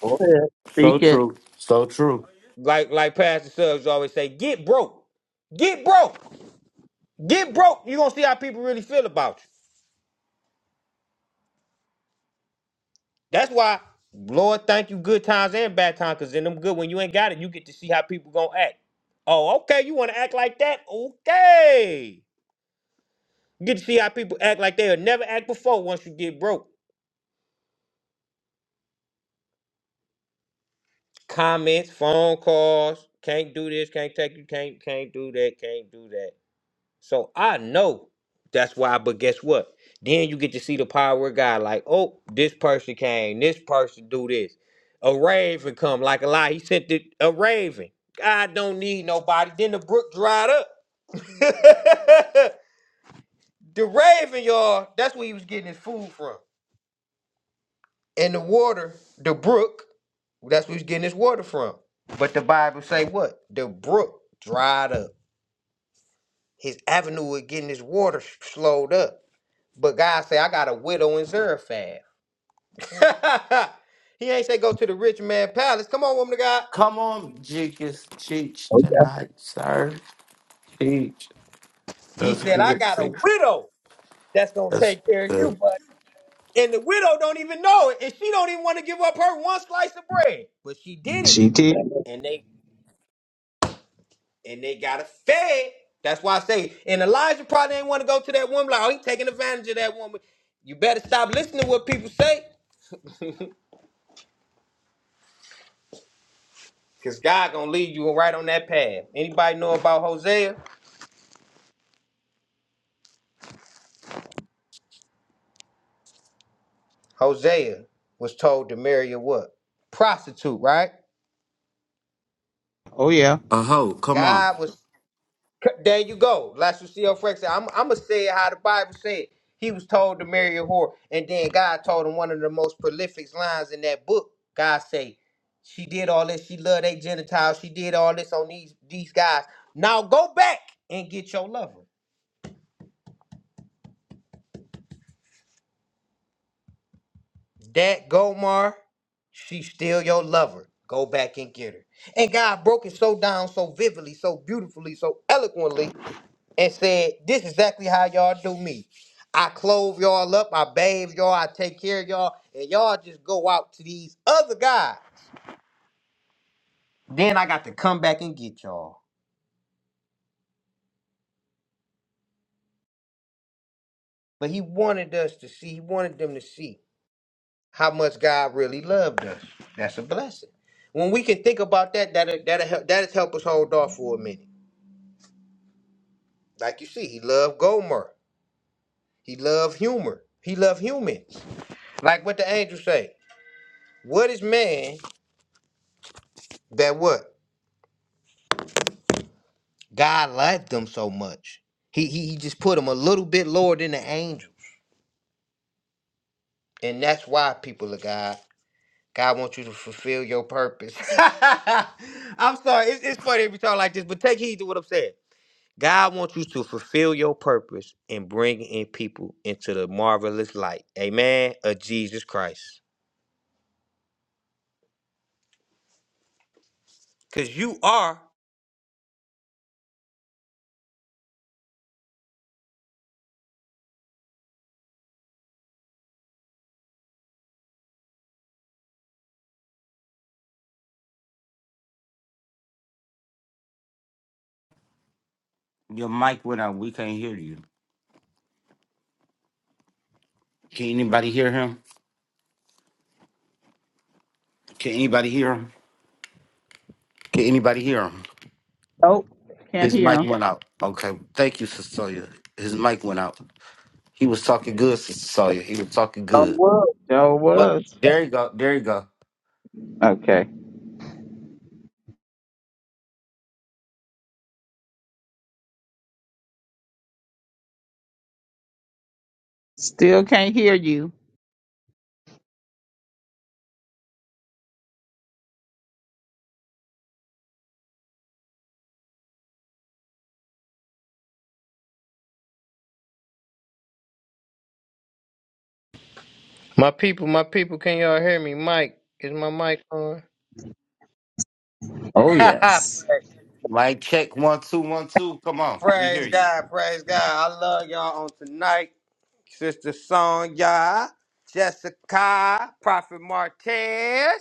[SPEAKER 3] Oh yeah.
[SPEAKER 1] So
[SPEAKER 3] Speak it.
[SPEAKER 1] true. So true.
[SPEAKER 2] Like like Pastor Subs always say, get broke. Get broke. Get broke, you're gonna see how people really feel about you. That's why, Lord, thank you, good times and bad times, because in them good, when you ain't got it, you get to see how people gonna act. Oh, okay, you wanna act like that? Okay. You get to see how people act like they'll never act before once you get broke. Comments, phone calls, can't do this, can't take you, can't, can't do that, can't do that. So I know that's why, but guess what? Then you get to see the power of God. Like, oh, this person came, this person do this. A raven come like a lie. He sent the a raven. God don't need nobody. Then the brook dried up. the raven, y'all, that's where he was getting his food from. And the water, the brook, that's where he was getting his water from. But the Bible say what? The brook dried up. His avenue of getting his water slowed up. But God say, I got a widow in Zarephath. he ain't say go to the rich man palace. Come on, woman of God.
[SPEAKER 1] Come on, Jeekins. Teach
[SPEAKER 3] Oh yeah.
[SPEAKER 1] tonight, sir. Teach.
[SPEAKER 2] He
[SPEAKER 1] That's
[SPEAKER 2] said, I
[SPEAKER 1] good.
[SPEAKER 2] got a
[SPEAKER 1] Teach.
[SPEAKER 2] widow that's gonna
[SPEAKER 1] That's
[SPEAKER 2] take care of you,
[SPEAKER 1] good.
[SPEAKER 2] buddy. And the widow don't even know it, and she don't even want to give up her one slice of bread. But she did it,
[SPEAKER 3] She did.
[SPEAKER 2] and they and they got her fed. That's why I say, and Elijah probably ain't want to go to that woman. Like, oh, he taking advantage of that woman. You better stop listening to what people say, cause God gonna lead you right on that path. Anybody know about Hosea? Hosea was told to marry a what? Prostitute, right?
[SPEAKER 3] Oh yeah.
[SPEAKER 1] Uh ho, come on.
[SPEAKER 2] God was. There you go. Like Lucille Frank said, I'm, I'm going to say it how the Bible said. He was told to marry a whore. And then God told him one of the most prolific lines in that book. God say, she did all this. She loved a Gentiles. She did all this on these, these guys. Now go back and get your lover. That Gomar, she's still your lover. Go back and get her. And God broke it so down, so vividly, so beautifully, so eloquently, and said, This is exactly how y'all do me. I clothe y'all up, I bathe y'all, I take care of y'all, and y'all just go out to these other guys. Then I got to come back and get y'all. But he wanted us to see, he wanted them to see how much God really loved us. That's a blessing. When we can think about that, that'll, that'll, help, that'll help us hold off for a minute. Like you see, he loved Gomer. He loved humor. He loved humans. Like what the angels say. What is man that what? God liked them so much. He, he he just put them a little bit lower than the angels. And that's why people of God, God wants you to fulfill your purpose. I'm sorry, it's, it's funny if we talk like this, but take heed to what I'm saying. God wants you to fulfill your purpose and bring in people into the marvelous light, amen, of Jesus Christ. Because you are.
[SPEAKER 1] Your mic went out. We can't hear you. Can anybody hear him? Can anybody hear him? Can anybody hear him?
[SPEAKER 3] Oh, can't
[SPEAKER 1] His mic
[SPEAKER 3] hear.
[SPEAKER 1] went out. Okay. Thank you, Sister Cecilia. His mic went out. He was talking good, Sister Cecilia. He was talking
[SPEAKER 3] Oh
[SPEAKER 1] good.
[SPEAKER 3] was. Oh
[SPEAKER 1] But
[SPEAKER 3] was.
[SPEAKER 1] there you go. There you go.
[SPEAKER 3] Okay. Still can't hear you.
[SPEAKER 2] My people, my people, can y'all hear me? Mike, is my mic on?
[SPEAKER 3] Oh
[SPEAKER 2] praise
[SPEAKER 3] yes.
[SPEAKER 1] Mic check one two one two. Come on. We hear
[SPEAKER 2] praise
[SPEAKER 1] you.
[SPEAKER 2] God, praise God. I love y'all on tonight. Sister Sonya, Jessica, Prophet Martez.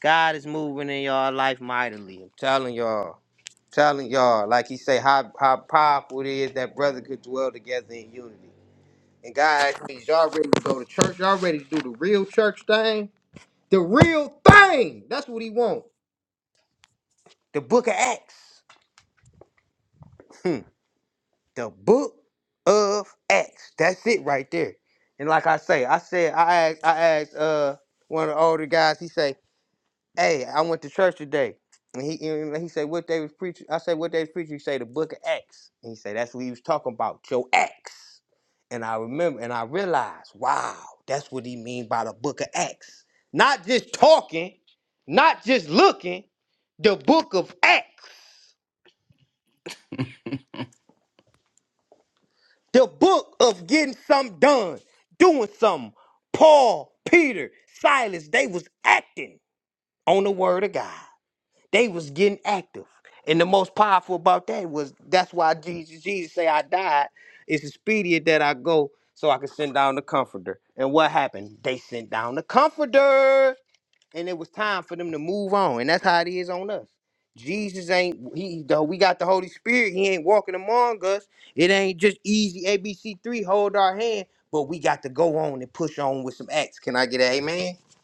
[SPEAKER 2] God is moving in y'all life mightily. I'm telling y'all. Telling y'all. Like he say, how, how powerful it is that brother could dwell together in unity. And guys, please, y'all ready to go to church? Y'all ready to do the real church thing? The real thing. That's what he wants. The book of Acts. Hmm. The book of Acts. That's it right there. And like I say, I said I asked I asked uh one of the older guys, he say, Hey, I went to church today. And he and he said what they was preaching. I said what they was preaching, he say the book of Acts. And he said, That's what he was talking about, your Acts. And I remember and I realized, wow, that's what he mean by the book of Acts. Not just talking, not just looking, the book of Acts. The book of getting something done, doing something. Paul, Peter, Silas, they was acting on the word of God. They was getting active. And the most powerful about that was that's why Jesus, Jesus say I died. It's expedient that I go so I can send down the comforter. And what happened? They sent down the comforter and it was time for them to move on, and that's how it is on us. Jesus ain't he though we got the Holy Spirit, he ain't walking among us. It ain't just easy ABC3, hold our hand, but we got to go on and push on with some acts. Can I get an amen?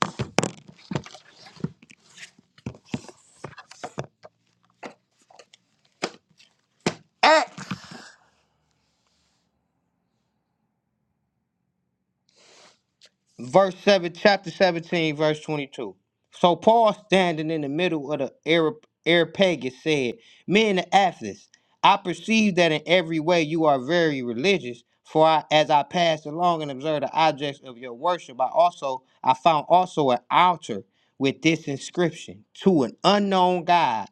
[SPEAKER 2] verse 7 chapter 17 verse 22 so paul standing in the middle of the Arab, areopagus said men of athens i perceive that in every way you are very religious for I, as i passed along and observed the objects of your worship i also i found also an altar with this inscription to an unknown god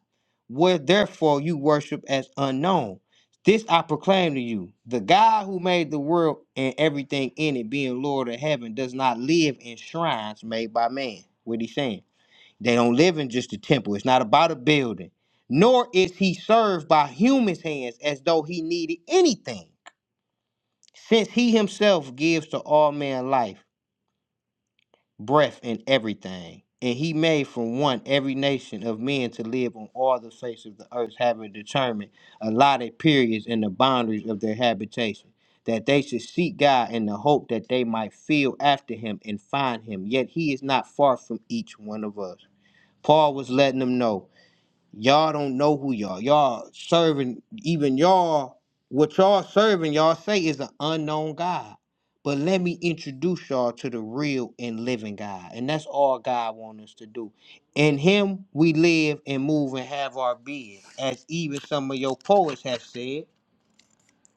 [SPEAKER 2] where therefore you worship as unknown this I proclaim to you the God who made the world and everything in it, being Lord of heaven, does not live in shrines made by man. What he's saying? They don't live in just a temple. It's not about a building. Nor is he served by humans' hands as though he needed anything, since he himself gives to all men life breath and everything. And he made from one every nation of men to live on all the face of the earth, having determined allotted periods and the boundaries of their habitation, that they should seek God in the hope that they might feel after him and find him. Yet he is not far from each one of us. Paul was letting them know Y'all don't know who y'all. Y'all serving even y'all. What y'all serving? Y'all say is an unknown God. But let me introduce y'all to the real and living God, and that's all God wants us to do. In Him we live and move and have our being, as even some of your poets have said.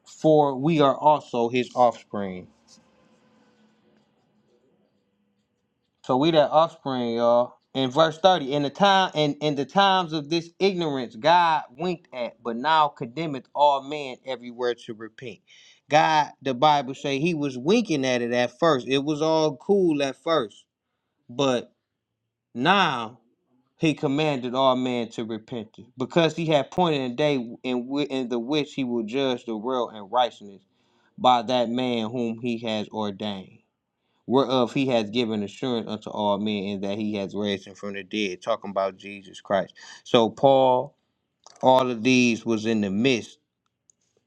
[SPEAKER 2] For we are also His offspring. So we that offspring, y'all. In verse 30, in the time in, in the times of this ignorance, God winked at, but now condemneth all men everywhere to repent. God, the Bible say he was winking at it at first. It was all cool at first, but now he commanded all men to repent because he had pointed a day in, whi- in the which he will judge the world in righteousness by that man whom he has ordained whereof he has given assurance unto all men and that he has raised him from the dead talking about jesus christ so paul all of these was in the midst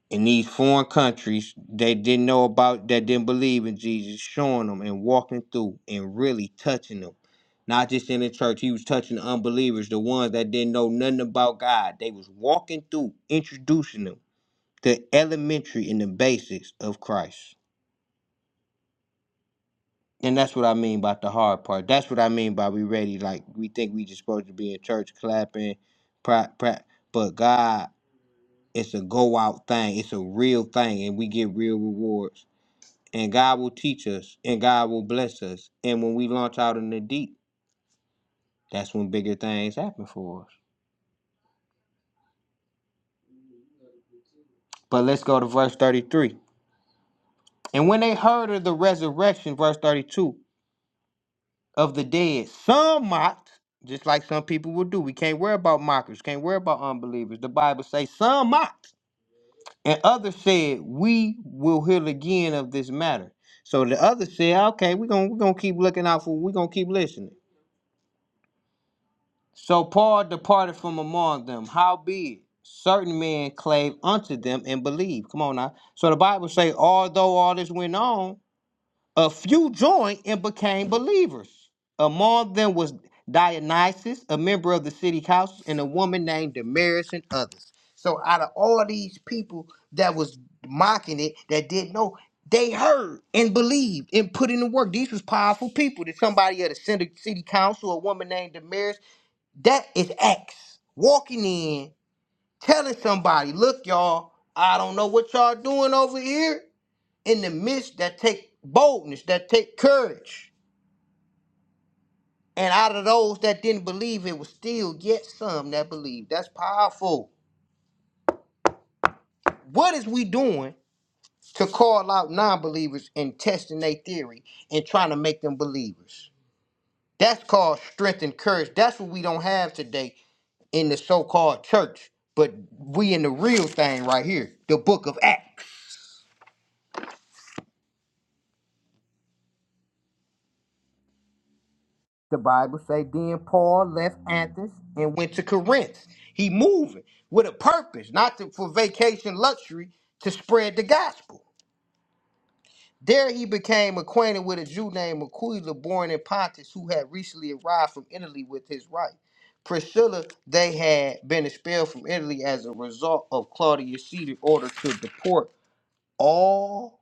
[SPEAKER 2] in these foreign countries they didn't know about that didn't believe in jesus showing them and walking through and really touching them not just in the church he was touching the unbelievers the ones that didn't know nothing about god they was walking through introducing them to elementary and the basics of christ And that's what I mean by the hard part. That's what I mean by we ready. Like we think we just supposed to be in church clapping, pra- pra- but God, it's a go out thing. It's a real thing, and we get real rewards. And God will teach us, and God will bless us. And when we launch out in the deep, that's when bigger things happen for us. But let's go to verse thirty-three. And when they heard of the resurrection, verse thirty-two. of the dead. Some mocked, just like some people will do. We can't worry about mockers, can't worry about unbelievers. The Bible says some mocked, and others said, "We will hear again of this matter." So the others said, "Okay, we're gonna we're gonna keep looking out for. We're gonna keep listening." So Paul departed from among them. Howbeit, certain men clave unto them and believed. Come on now. So the Bible say, although all this went on. A few joined and became believers. Among them was Dionysius, a member of the city council, and a woman named Damaris and others. So out of all these people that was mocking it, that didn't know, they heard and believed and put in the work. These was powerful people. That somebody at the city city council, a woman named Damaris, that is acts. Walking in, telling somebody, look, y'all, I don't know what y'all doing over here, in the midst that take boldness, that take courage. And out of those that didn't believe, it was still yet some that believed. That's powerful. What is we doing to call out non-believers and testing their theory and trying to make them believers? That's called strength and courage. That's what we don't have today in the so-called church. But we in the real thing right here, the book of Acts. The Bible say then Paul left Athens and went to Corinth. He moving with a purpose, not to, for vacation luxury, to spread the gospel. There he became acquainted with a Jew named Aquila, born in Pontus, who had recently arrived from Italy with his wife. Priscilla, they had been expelled from Italy as a result of Claudius Caesar's order to deport all.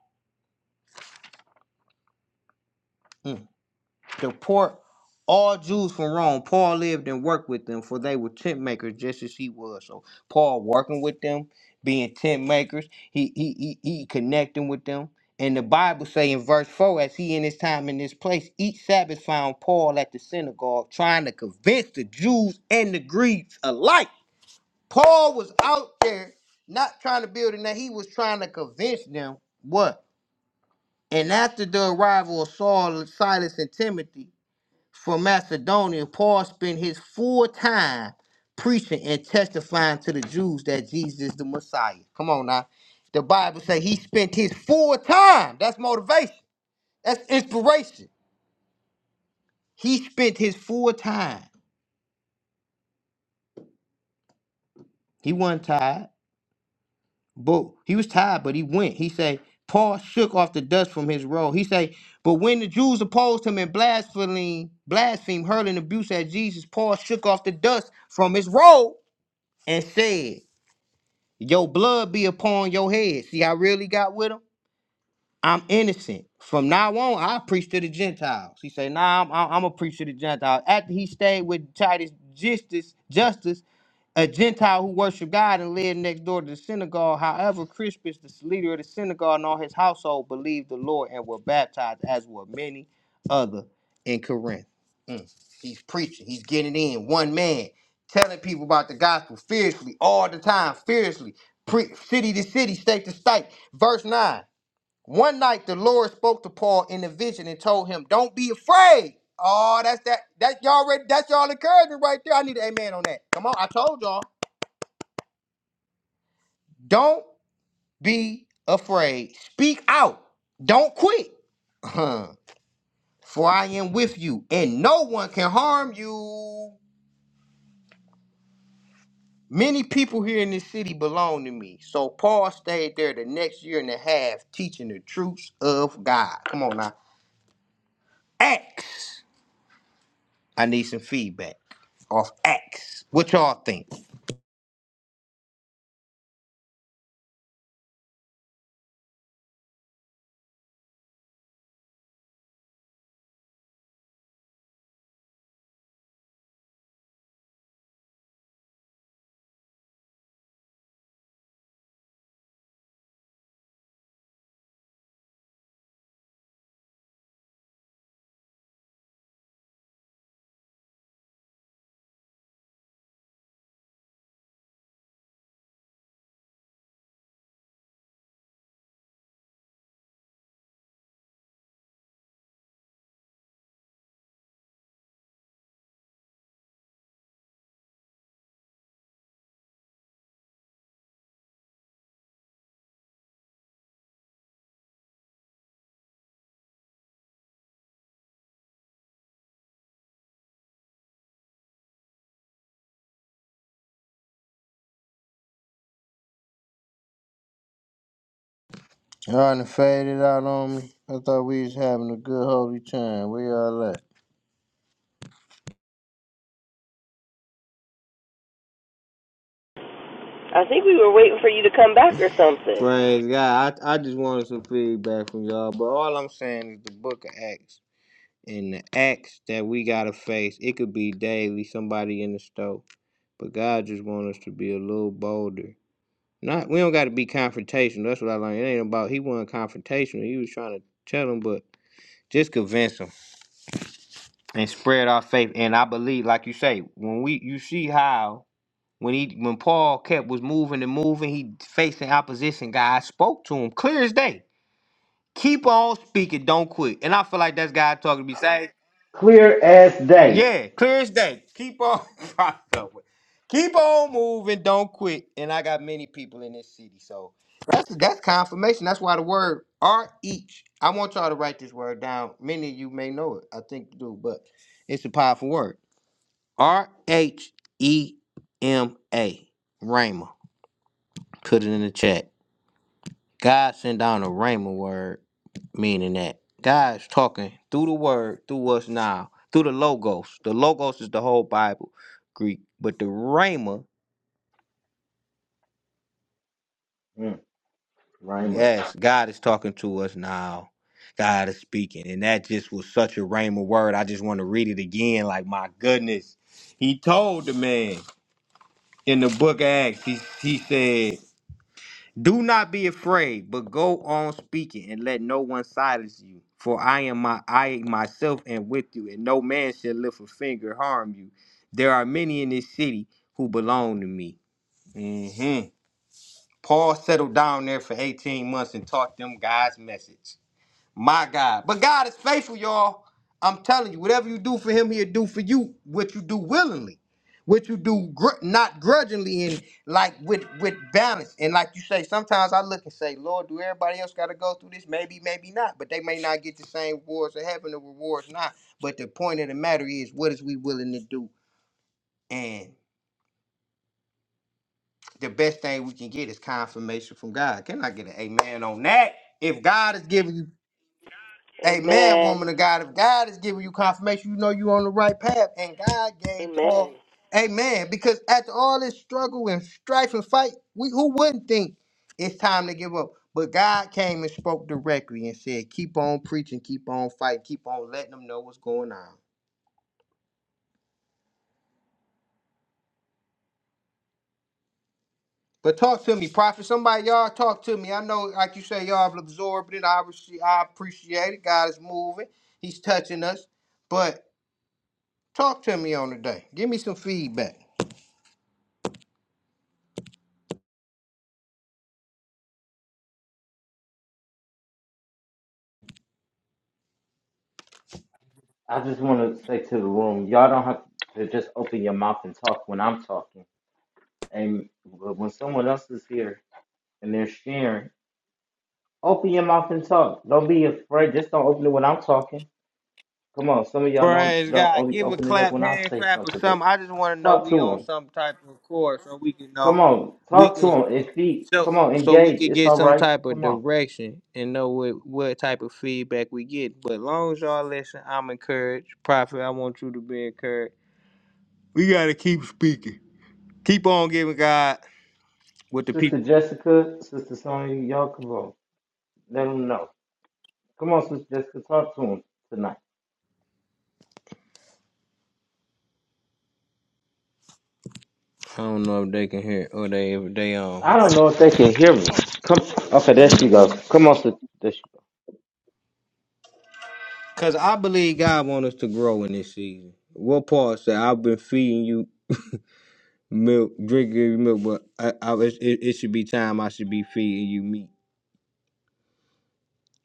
[SPEAKER 2] deport all Jews from Rome. Paul lived and worked with them, for they were tent makers just as he was. So Paul working with them, being tent makers, he he he, he connecting with them. And the Bible say in verse 4, as he in his time in this place, each Sabbath found Paul at the synagogue trying to convince the Jews and the Greeks alike. Paul was out there not trying to build a name, he was trying to convince them what? And after the arrival of Saul, Silas, and Timothy, from Macedonia, Paul spent his full time preaching and testifying to the Jews that Jesus is the Messiah. Come on now. The Bible says he spent his full time. That's motivation. That's inspiration. He spent his full time. He wasn't tired, but he was tired, but he went. He said, Paul shook off the dust from his robe. He said, but when the Jews opposed him and blasphemed, blasphemed, hurling abuse at Jesus, Paul shook off the dust from his robe and said, Your blood be upon your head. See how real he got with him? I'm innocent. From now on, I preach to the Gentiles. He said, nah, I'm, I'm, going to preach to the Gentiles. After he stayed with Titus Justice, Justice a Gentile who worshiped God and lived next door to the synagogue. However, Crispus, the leader of the synagogue and all his household, believed the Lord and were baptized, as were many other in Corinth. Mm. He's preaching. He's getting in. One man telling people about the gospel fiercely, all the time, fiercely, Pre- city to city, state to state. Verse 9. One night the Lord spoke to Paul in a vision and told him, Don't be afraid. Oh, that's that. That's y'all ready. That's y'all encouragement right there. I need an amen on that. Come on. I told y'all. Don't be afraid. Speak out. Don't quit. Huh. For I am with you, and no one can harm you. Many people here in this city belong to me. So Paul stayed there the next year and a half teaching the truths of God. Come on now. Acts. I need some feedback off Acts. What y'all think? Y'all done faded out on me. I thought we was having a good holy time. Where y'all at?
[SPEAKER 4] I think we were waiting for you to come back or something.
[SPEAKER 2] Praise God. I, I just wanted some feedback from y'all, but all I'm saying is the book of Acts and the acts that we gotta face. It could be daily, somebody in the store, but God just wants us to be a little bolder. Not we don't gotta be confrontational. That's what I learned. It ain't about he wasn't confrontational. He was trying to tell them, but just convince them and spread our faith. And I believe, like you say, when we you see how when he when Paul kept was moving and moving, he facing opposition. God spoke to him clear as day Keep on speaking, don't quit. And I feel like that's God talking to me. Say,
[SPEAKER 1] Clear as day.
[SPEAKER 2] yeah, clear as day. Keep on, keep on moving, don't quit. And I got many people in this city, so that's that's confirmation. That's why the word are each. I want y'all to write this word down. Many of you may know it. I think you do, but it's a powerful word. R H E M A. Rhema. Put it in the chat. God sent down a rhema word, meaning that God's talking through the word, through us now, through the logos. The logos is the whole Bible, Greek. But the rhema,
[SPEAKER 1] Mm, Rhema.
[SPEAKER 2] yes, God is talking to us now. God is speaking. And that just was such a rhema word. I just want to read it again. Like, my goodness. He told the man in the book of Acts, he, he said, Do not be afraid, but go on speaking, and let no one silence you. For I am my I myself am with you, and no man shall lift a finger harm you. There are many in this city who belong to me. hmm Paul settled down there for 18 months and taught them God's message. My God. But God is faithful, y'all. I'm telling you, whatever you do for him, he'll do for you. What you do willingly, what you do gr- not grudgingly, and like with with balance. And like you say, sometimes I look and say, Lord, do everybody else got to go through this? Maybe, maybe not. But they may not get the same rewards of heaven. The rewards not. But the point of the matter is, what is we willing to do? And the best thing we can get is confirmation from God. Can I get an amen on that? If God is giving you Amen,
[SPEAKER 4] Amen.
[SPEAKER 2] woman of God. If God is giving you confirmation, you know you're on the right path. And God gave
[SPEAKER 4] Amen.
[SPEAKER 2] Paul, Amen. Because after all this struggle and strife and fight, we who wouldn't think it's time to give up? But God came and spoke directly and said, "Keep on preaching, keep on fighting, keep on letting them know what's going on." But talk to me, prophet. Somebody, y'all talk to me. I know, like you say, y'all have absorbed it. I, rece- I appreciate it. God is moving. He's touching us. But talk to me on the day. Give me some feedback.
[SPEAKER 1] I just want to say to the room, y'all don't have to just open your mouth and talk when I'm talking. And but when someone else is here and they're sharing, open your mouth and talk. Don't be afraid. Just don't open it when I'm talking. Come on, some of y'all don't
[SPEAKER 2] Praise
[SPEAKER 1] don't
[SPEAKER 2] God.
[SPEAKER 1] only
[SPEAKER 2] Give a
[SPEAKER 1] open it up
[SPEAKER 2] clap,
[SPEAKER 1] when I
[SPEAKER 2] hand
[SPEAKER 1] say
[SPEAKER 2] clap, or
[SPEAKER 1] something, but
[SPEAKER 2] something. I just want to know
[SPEAKER 1] talk to
[SPEAKER 2] we on
[SPEAKER 1] him.
[SPEAKER 2] some type of course so we can
[SPEAKER 1] Come
[SPEAKER 2] know
[SPEAKER 1] on,
[SPEAKER 2] we
[SPEAKER 1] talk to
[SPEAKER 2] can
[SPEAKER 1] him. If he
[SPEAKER 2] so
[SPEAKER 1] come on,
[SPEAKER 2] so we
[SPEAKER 1] engage.
[SPEAKER 2] can
[SPEAKER 1] It's
[SPEAKER 2] get
[SPEAKER 1] all
[SPEAKER 2] some
[SPEAKER 1] right.
[SPEAKER 2] type of
[SPEAKER 1] Come on,
[SPEAKER 2] direction and know what what type of feedback we get. But long as y'all listen, I'm encouraged. Prophet, I want you to be encouraged. We gotta keep speaking. Keep on giving God what the
[SPEAKER 1] Sister
[SPEAKER 2] people.
[SPEAKER 1] Jessica, Sister Sonya, y'all come on. Let them know. Come on, Sister Jessica, talk to him tonight.
[SPEAKER 2] I don't know if they can hear or they if they on.
[SPEAKER 1] I don't know if they can hear me. Come, okay, there she goes.
[SPEAKER 5] Amen.
[SPEAKER 1] Come on, sis- there she goes.
[SPEAKER 2] Cause I believe God want us to grow in this season. What Paul said, I've been feeding you milk, drink your milk, but I, I it, it it should be time I should be feeding you meat.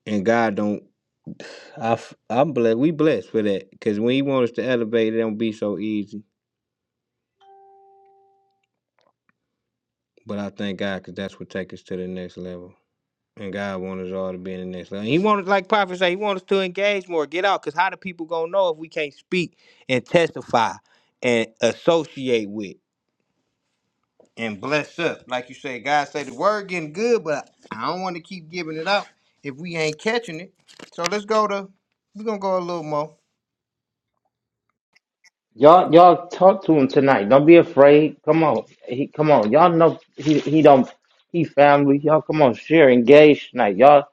[SPEAKER 2] And God don't. I I, i I'm blessed. We blessed for that because when He wants us to elevate, it don't be so easy. But I thank God because that's what take us to the next level. And God wants us all to be in the next level. And He wants, like Prophet say, He wants us to engage more, get out. Because how do people gonna know if we can't speak and testify and associate with? and bless us. Like you say, God say the word getting good, but I don't want to keep giving it out if we ain't catching it. So let's go to we're gonna go a little more.
[SPEAKER 1] Y'all, y'all talk to him tonight. Don't be afraid. Come on, he, come on. Y'all know he, he don't, he family. Y'all, come on, share, engage tonight. Y'all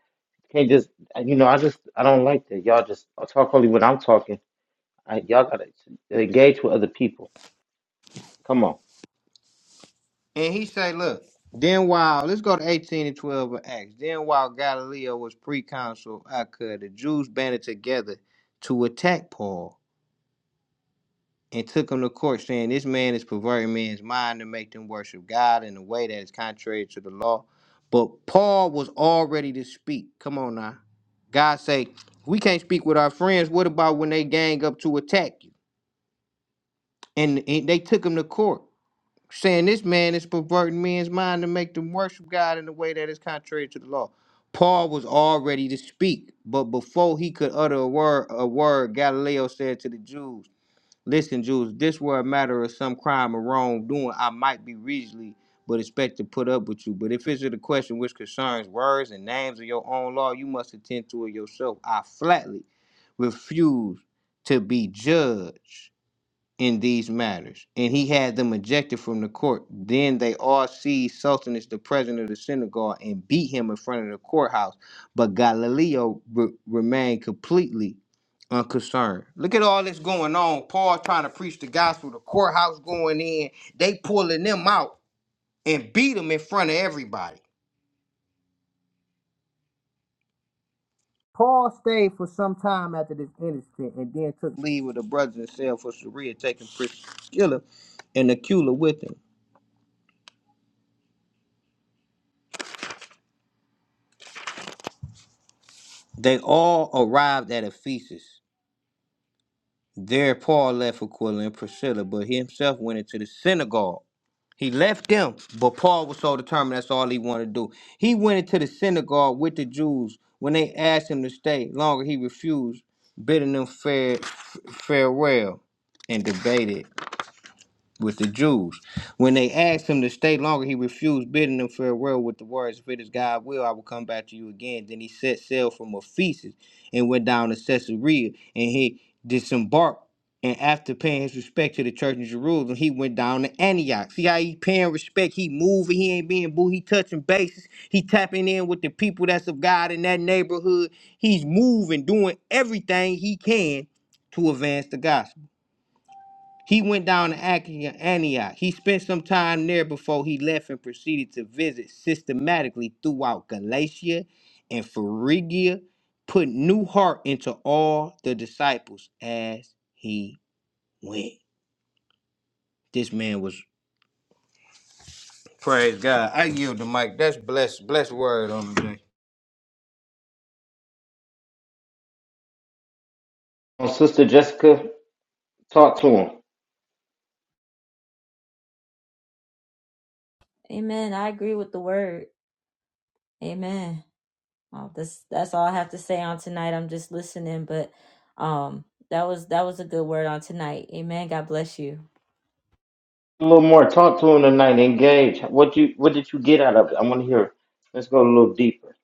[SPEAKER 1] can't just, you know, I just, I don't like that. Y'all just talk only when I'm talking. I, y'all gotta engage with other people. Come on,
[SPEAKER 2] And he say, look, then while let's go to 18 and 12 of Acts. Then while Galileo was pre-consul, I the Jews banded together to attack Paul and took him to court, saying, This man is perverting men's mind to make them worship God in a way that is contrary to the law. But Paul was all ready to speak. Come on now. God say, We can't speak with our friends. What about when they gang up to attack you? And, and they took him to court, saying, This man is perverting men's mind to make them worship God in a way that is contrary to the law. Paul was all ready to speak, but before he could utter a word, a word, Galileo said to the Jews, Listen, Jews, this were a matter of some crime or wrongdoing, I might be reasonably but expect to put up with you. But if it's a question which concerns words and names of your own law, you must attend to it yourself. I flatly refuse to be judged in these matters, and he had them ejected from the court. Then they all seized Sultanus, the president of the synagogue, and beat him in front of the courthouse. But Galileo re- remained completely unconcerned. Look at all this going on. Paul trying to preach the gospel, the courthouse going in, they pulling them out and beat them in front of everybody. Paul stayed for some time after this incident and then took leave with the brothers and sailed for Syria, taking Priscilla and Aquila with him. They all arrived at Ephesus. There Paul left Aquila and Priscilla, but he himself went into the synagogue. He left them, but Paul was so determined that's all he wanted to do. He went into the synagogue with the Jews. When they asked him to stay longer, he refused, bidding them fare, f- farewell and debated with the Jews. When they asked him to stay longer, he refused, bidding them farewell with the words, If it is God will, I will come back to you again. Then he set sail from Ephesus and went down to Caesarea, and he disembarked. And after paying his respect to the church in Jerusalem, he went down to Antioch. See how he paying respect? He moving, he ain't being boo, he touching bases, he tapping in with the people that's of God in that neighborhood. He's moving, doing everything he can to advance the gospel. He went down to Achi- Antioch. He spent some time there before he left and proceeded to visit systematically throughout Galatia and Phrygia, put new heart into all the disciples as he went. This man was praise God. I yield the mic. That's blessed, blessed word on the
[SPEAKER 1] Come on, sister Jessica, talk to him
[SPEAKER 5] Amen. I agree with the word. Amen. Oh, this that's all I have to say on tonight. I'm just listening, but um that was that was a good word on tonight. Amen. God bless you.
[SPEAKER 1] a little more. Talk to him tonight. Engage. What you, what did you get out of it? I want to hear. Let's go a little deeper.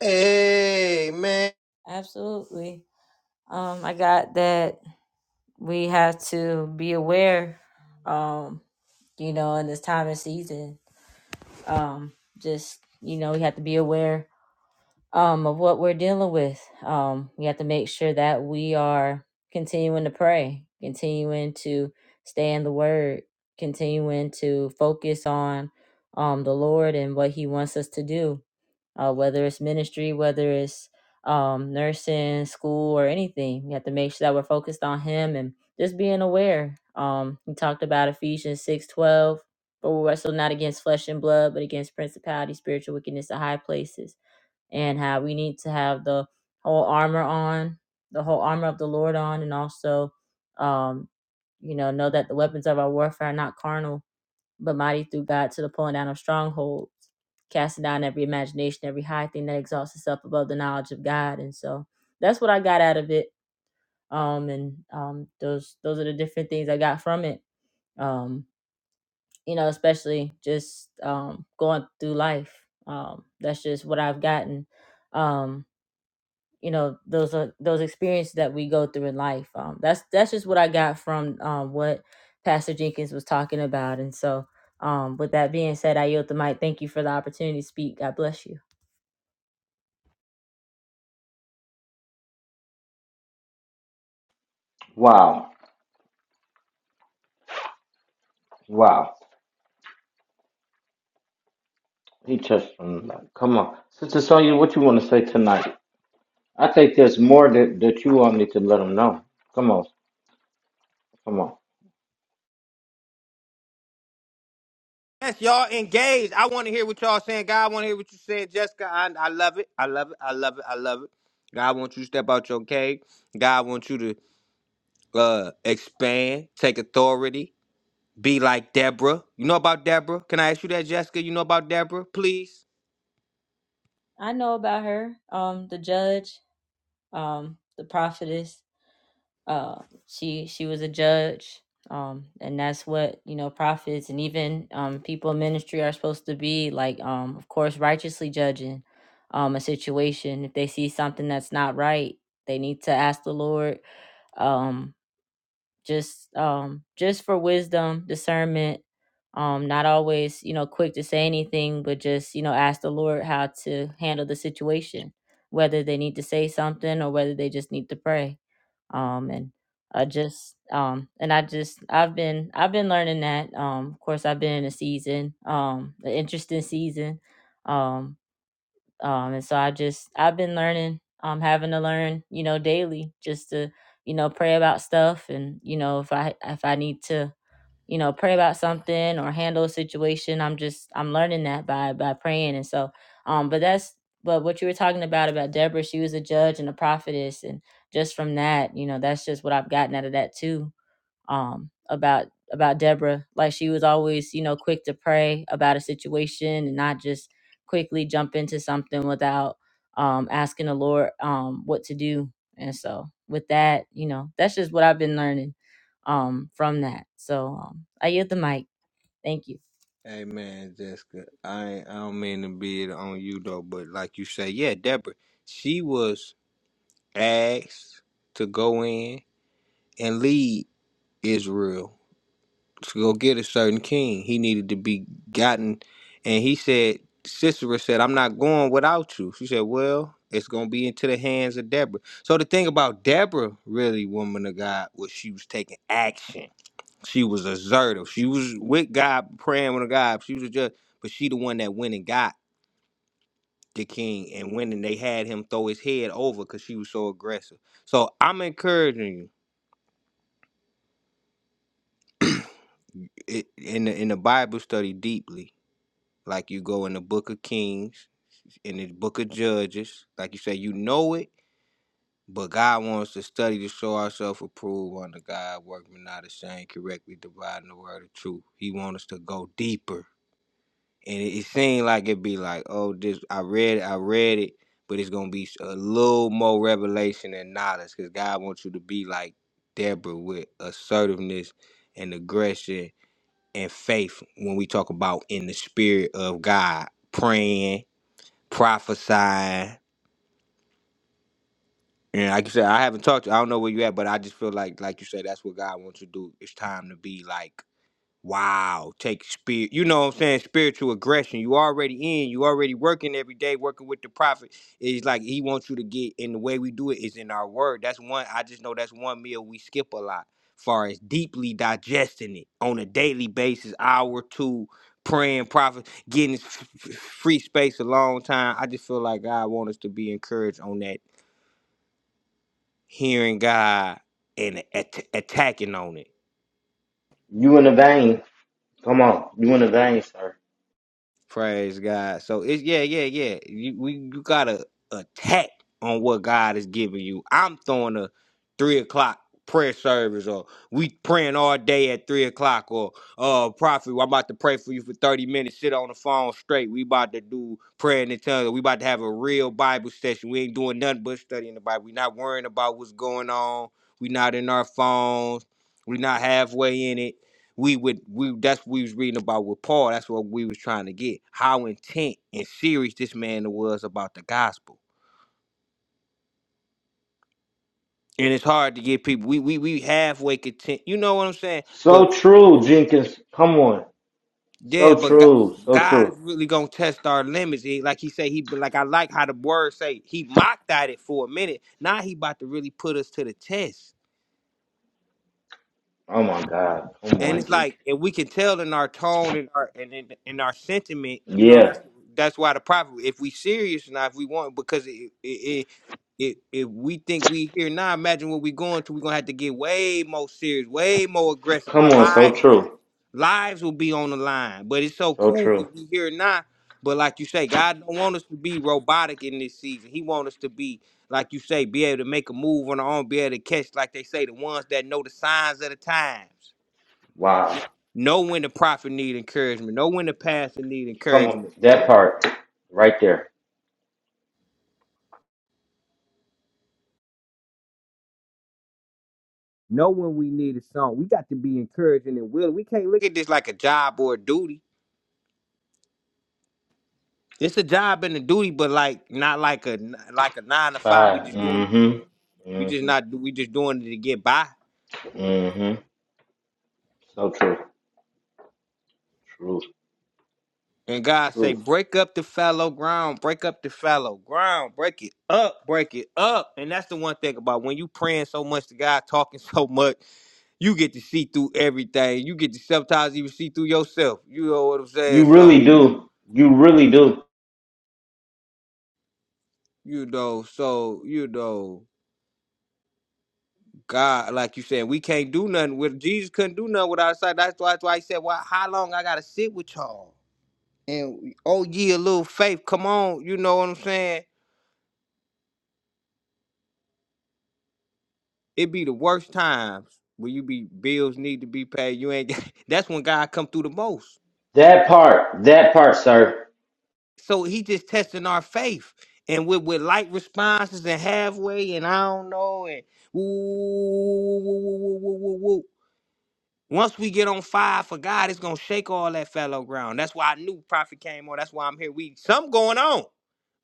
[SPEAKER 2] day. Amen.
[SPEAKER 5] Absolutely. Um I got that we have to be aware um you know in this time and season um just you know we have to be aware um, of what we're dealing with. Um, we have to make sure that we are continuing to pray, continuing to stay in the Word, continuing to focus on um, the Lord and what He wants us to do, uh, whether it's ministry, whether it's um, nursing, school, or anything. We have to make sure that we're focused on Him and just being aware. Um, we talked about Ephesians six twelve. For we wrestle not against flesh and blood, but against principality, spiritual wickedness in high places and how we need to have the whole armor on, the whole armor of the Lord on, and also, um, you know, know that the weapons of our warfare are not carnal, but mighty through God to the pulling down of strongholds, casting down every imagination, every high thing that exalts itself above the knowledge of God. And so that's what I got out of it. Um, and um, those those are the different things I got from it. Um, you know, especially just um going through life. Um, that's just what I've gotten. Um, you know those are those experiences that we go through in life um that's that's just what i got from um what pastor jenkins was talking about and so um with that being said i yield the mic thank you for the opportunity to speak god bless you
[SPEAKER 1] Wow. Wow, he touched on that. Come on, Sister Sonya, what you want to say tonight? I think there's more that, that you want me to let them know. Come on, come on.
[SPEAKER 2] Yes, y'all engaged. I want to hear what y'all saying. God, I want to hear what you said, Jessica. I, I love it. I love it. I love it. I love it. God wants you to step out your cave. God wants you to uh expand, take authority, be like Deborah. You know about Deborah? Can I ask you that, Jessica? You know about Deborah, please?
[SPEAKER 5] i know about her um the judge um the prophetess uh, she she was a judge um and that's what you know prophets and even um people in ministry are supposed to be like um of course righteously judging um a situation if they see something that's not right they need to ask the lord um just um just for wisdom discernment um not always you know quick to say anything but just you know ask the lord how to handle the situation whether they need to say something or whether they just need to pray um and i just um and i just i've been i've been learning that um of course i've been in a season um an interesting season um um and so i just i've been learning um having to learn you know daily just to you know pray about stuff and you know if i if i need to you know pray about something or handle a situation i'm just i'm learning that by by praying and so um but that's but what you were talking about about deborah she was a judge and a prophetess and just from that you know that's just what i've gotten out of that too um, about about Deborah. Like she was always, you know, quick to pray about a situation and not just quickly jump into something without um, asking the Lord um, what to do. And so, with that, you know, that's just what I've been learning um, from that. So, um, I yield the mic. Thank you.
[SPEAKER 2] Hey man, Jessica, I ain't- I don't mean to be it on you though, but like you say, yeah, Deborah, she was asked to go in and lead Israel to go get a certain king. He needed to be gotten. And he said, Sisera said, I'm not going without you. She said, Well, it's going to be into the hands of Deborah. So the thing about Deborah, really, woman of God, was she was taking action. She was assertive. She was with God, praying with God. She was just, but she the one that went and got the king and went and they had him throw his head over because she was so aggressive. So I'm encouraging you it, in the, in the Bible study deeply, like you go in the book of Kings in the book of Judges. Like you say, you know it, but God wants to study to show ourselves approved under God, workmen not ashamed, correctly dividing the word of truth. He wants us to go deeper. And it, it seemed like it'd be like, oh, this I read it, I read it, but it's gonna be a little more revelation and knowledge because God wants you to be like Deborah with assertiveness and aggression and faith when we talk about in the spirit of God, praying, prophesying, And like you said, I haven't talked to you. I don't know where you at, but I just feel like, like you said, that's what God wants you to do. It's time to be like, wow, take spirit. You know what I'm saying? Spiritual aggression. You already in. You already working every day, working with the prophet. It's like He wants you to get. And the way we do it is in our word. That's one. I just know that's one meal we skip a lot. Far as deeply digesting it on a daily basis, hour two, praying, prophet, getting this f- f- free space a long time. I just feel like God wants us to be encouraged on that hearing God and at- attacking on it.
[SPEAKER 1] You in the vein. Come on, you in the vein, sir.
[SPEAKER 2] Praise God. So it's yeah, yeah, yeah. You we you gotta attack on what God is giving you. I'm throwing a three o'clock prayer service or we praying all day at three o'clock or uh prophet, I'm about to pray for you for 30 minutes, sit on the phone straight. We about to do praying in tongues. We about to have a real Bible session. We ain't doing nothing but studying the Bible. we not worrying about what's going on. We not in our phones. We not halfway in it we would we that's what we was reading about with Paul. That's what we was trying to get. How intent and serious this man was about the gospel. And it's hard to get people. We we we halfway content. You know what I'm saying?
[SPEAKER 1] So
[SPEAKER 2] But
[SPEAKER 1] true, Jenkins. Come on. So
[SPEAKER 2] yeah, but God,
[SPEAKER 1] true, so
[SPEAKER 2] God
[SPEAKER 1] true.
[SPEAKER 2] is really gonna test our limits. He, like he say, he like I like how the word say he mocked at it for a minute. Now he about to really put us to the test.
[SPEAKER 1] Oh my God. Come
[SPEAKER 2] and
[SPEAKER 1] on,
[SPEAKER 2] it's
[SPEAKER 1] Jenkins.
[SPEAKER 2] like and we can tell in our tone and our and in, in our sentiment, you know,
[SPEAKER 1] Yeah.
[SPEAKER 2] that's that's why the prophet. If we serious now, if we want, because it it. it it, if we think we here now, imagine what we going to. We're gonna have to get way more serious, way more aggressive.
[SPEAKER 1] Come
[SPEAKER 2] Our
[SPEAKER 1] on, so
[SPEAKER 2] lives go,
[SPEAKER 1] true,
[SPEAKER 2] lives will be on the line. But it's so
[SPEAKER 1] so
[SPEAKER 2] cool because
[SPEAKER 1] true.
[SPEAKER 2] we here now. But like you say, God don't want us to be robotic in this season. He want us to be, like you say, be able to make a move on our own, be able to catch, like they say, the ones that know the signs of the times.
[SPEAKER 1] Wow.
[SPEAKER 2] Know when the prophet need encouragement. Know when the pastor need
[SPEAKER 1] Come on,
[SPEAKER 2] encouragement.
[SPEAKER 1] that part right there.
[SPEAKER 2] Know when we need a song. We got to be encouraging and willing. We can't look at this like a job or a duty. It's a job and a duty, but like not like a like a nine to five. We
[SPEAKER 1] Five.
[SPEAKER 2] just doing
[SPEAKER 1] Mm-hmm.
[SPEAKER 2] we just
[SPEAKER 1] Mm-hmm.
[SPEAKER 2] not we just doing it to get by.
[SPEAKER 1] Mm-hmm. So true, true,
[SPEAKER 2] And God say,
[SPEAKER 1] true.
[SPEAKER 2] break up the fallow ground, break up the fallow ground, break it up, break it up. And that's the one thing about when you praying so much to God, talking so much. you get to see through everything. You get to sometimes even see through yourself. You know what I'm
[SPEAKER 1] You
[SPEAKER 2] saying?
[SPEAKER 1] really
[SPEAKER 2] So
[SPEAKER 1] do. You really do.
[SPEAKER 2] you know, so you know, God, like you said, we can't do nothing with Jesus. Couldn't do nothing without sight. That's why, that's why he said, "Well, how long I gotta sit with y'all?" And oh, yeah, little faith, come on. You know what I'm saying? It be the worst times when you be bills need to be paid. You ain't. That's when God come through the most.
[SPEAKER 1] That part, that part, sir.
[SPEAKER 2] So he just testing our faith. And with, with light responses and halfway and I don't know and woo, woo, woo, woo, woo, woo, woo, woo. Once we get on fire for God, it's gonna shake all that fellow ground. That's why I knew prophet came on. That's why I'm here. We something going on,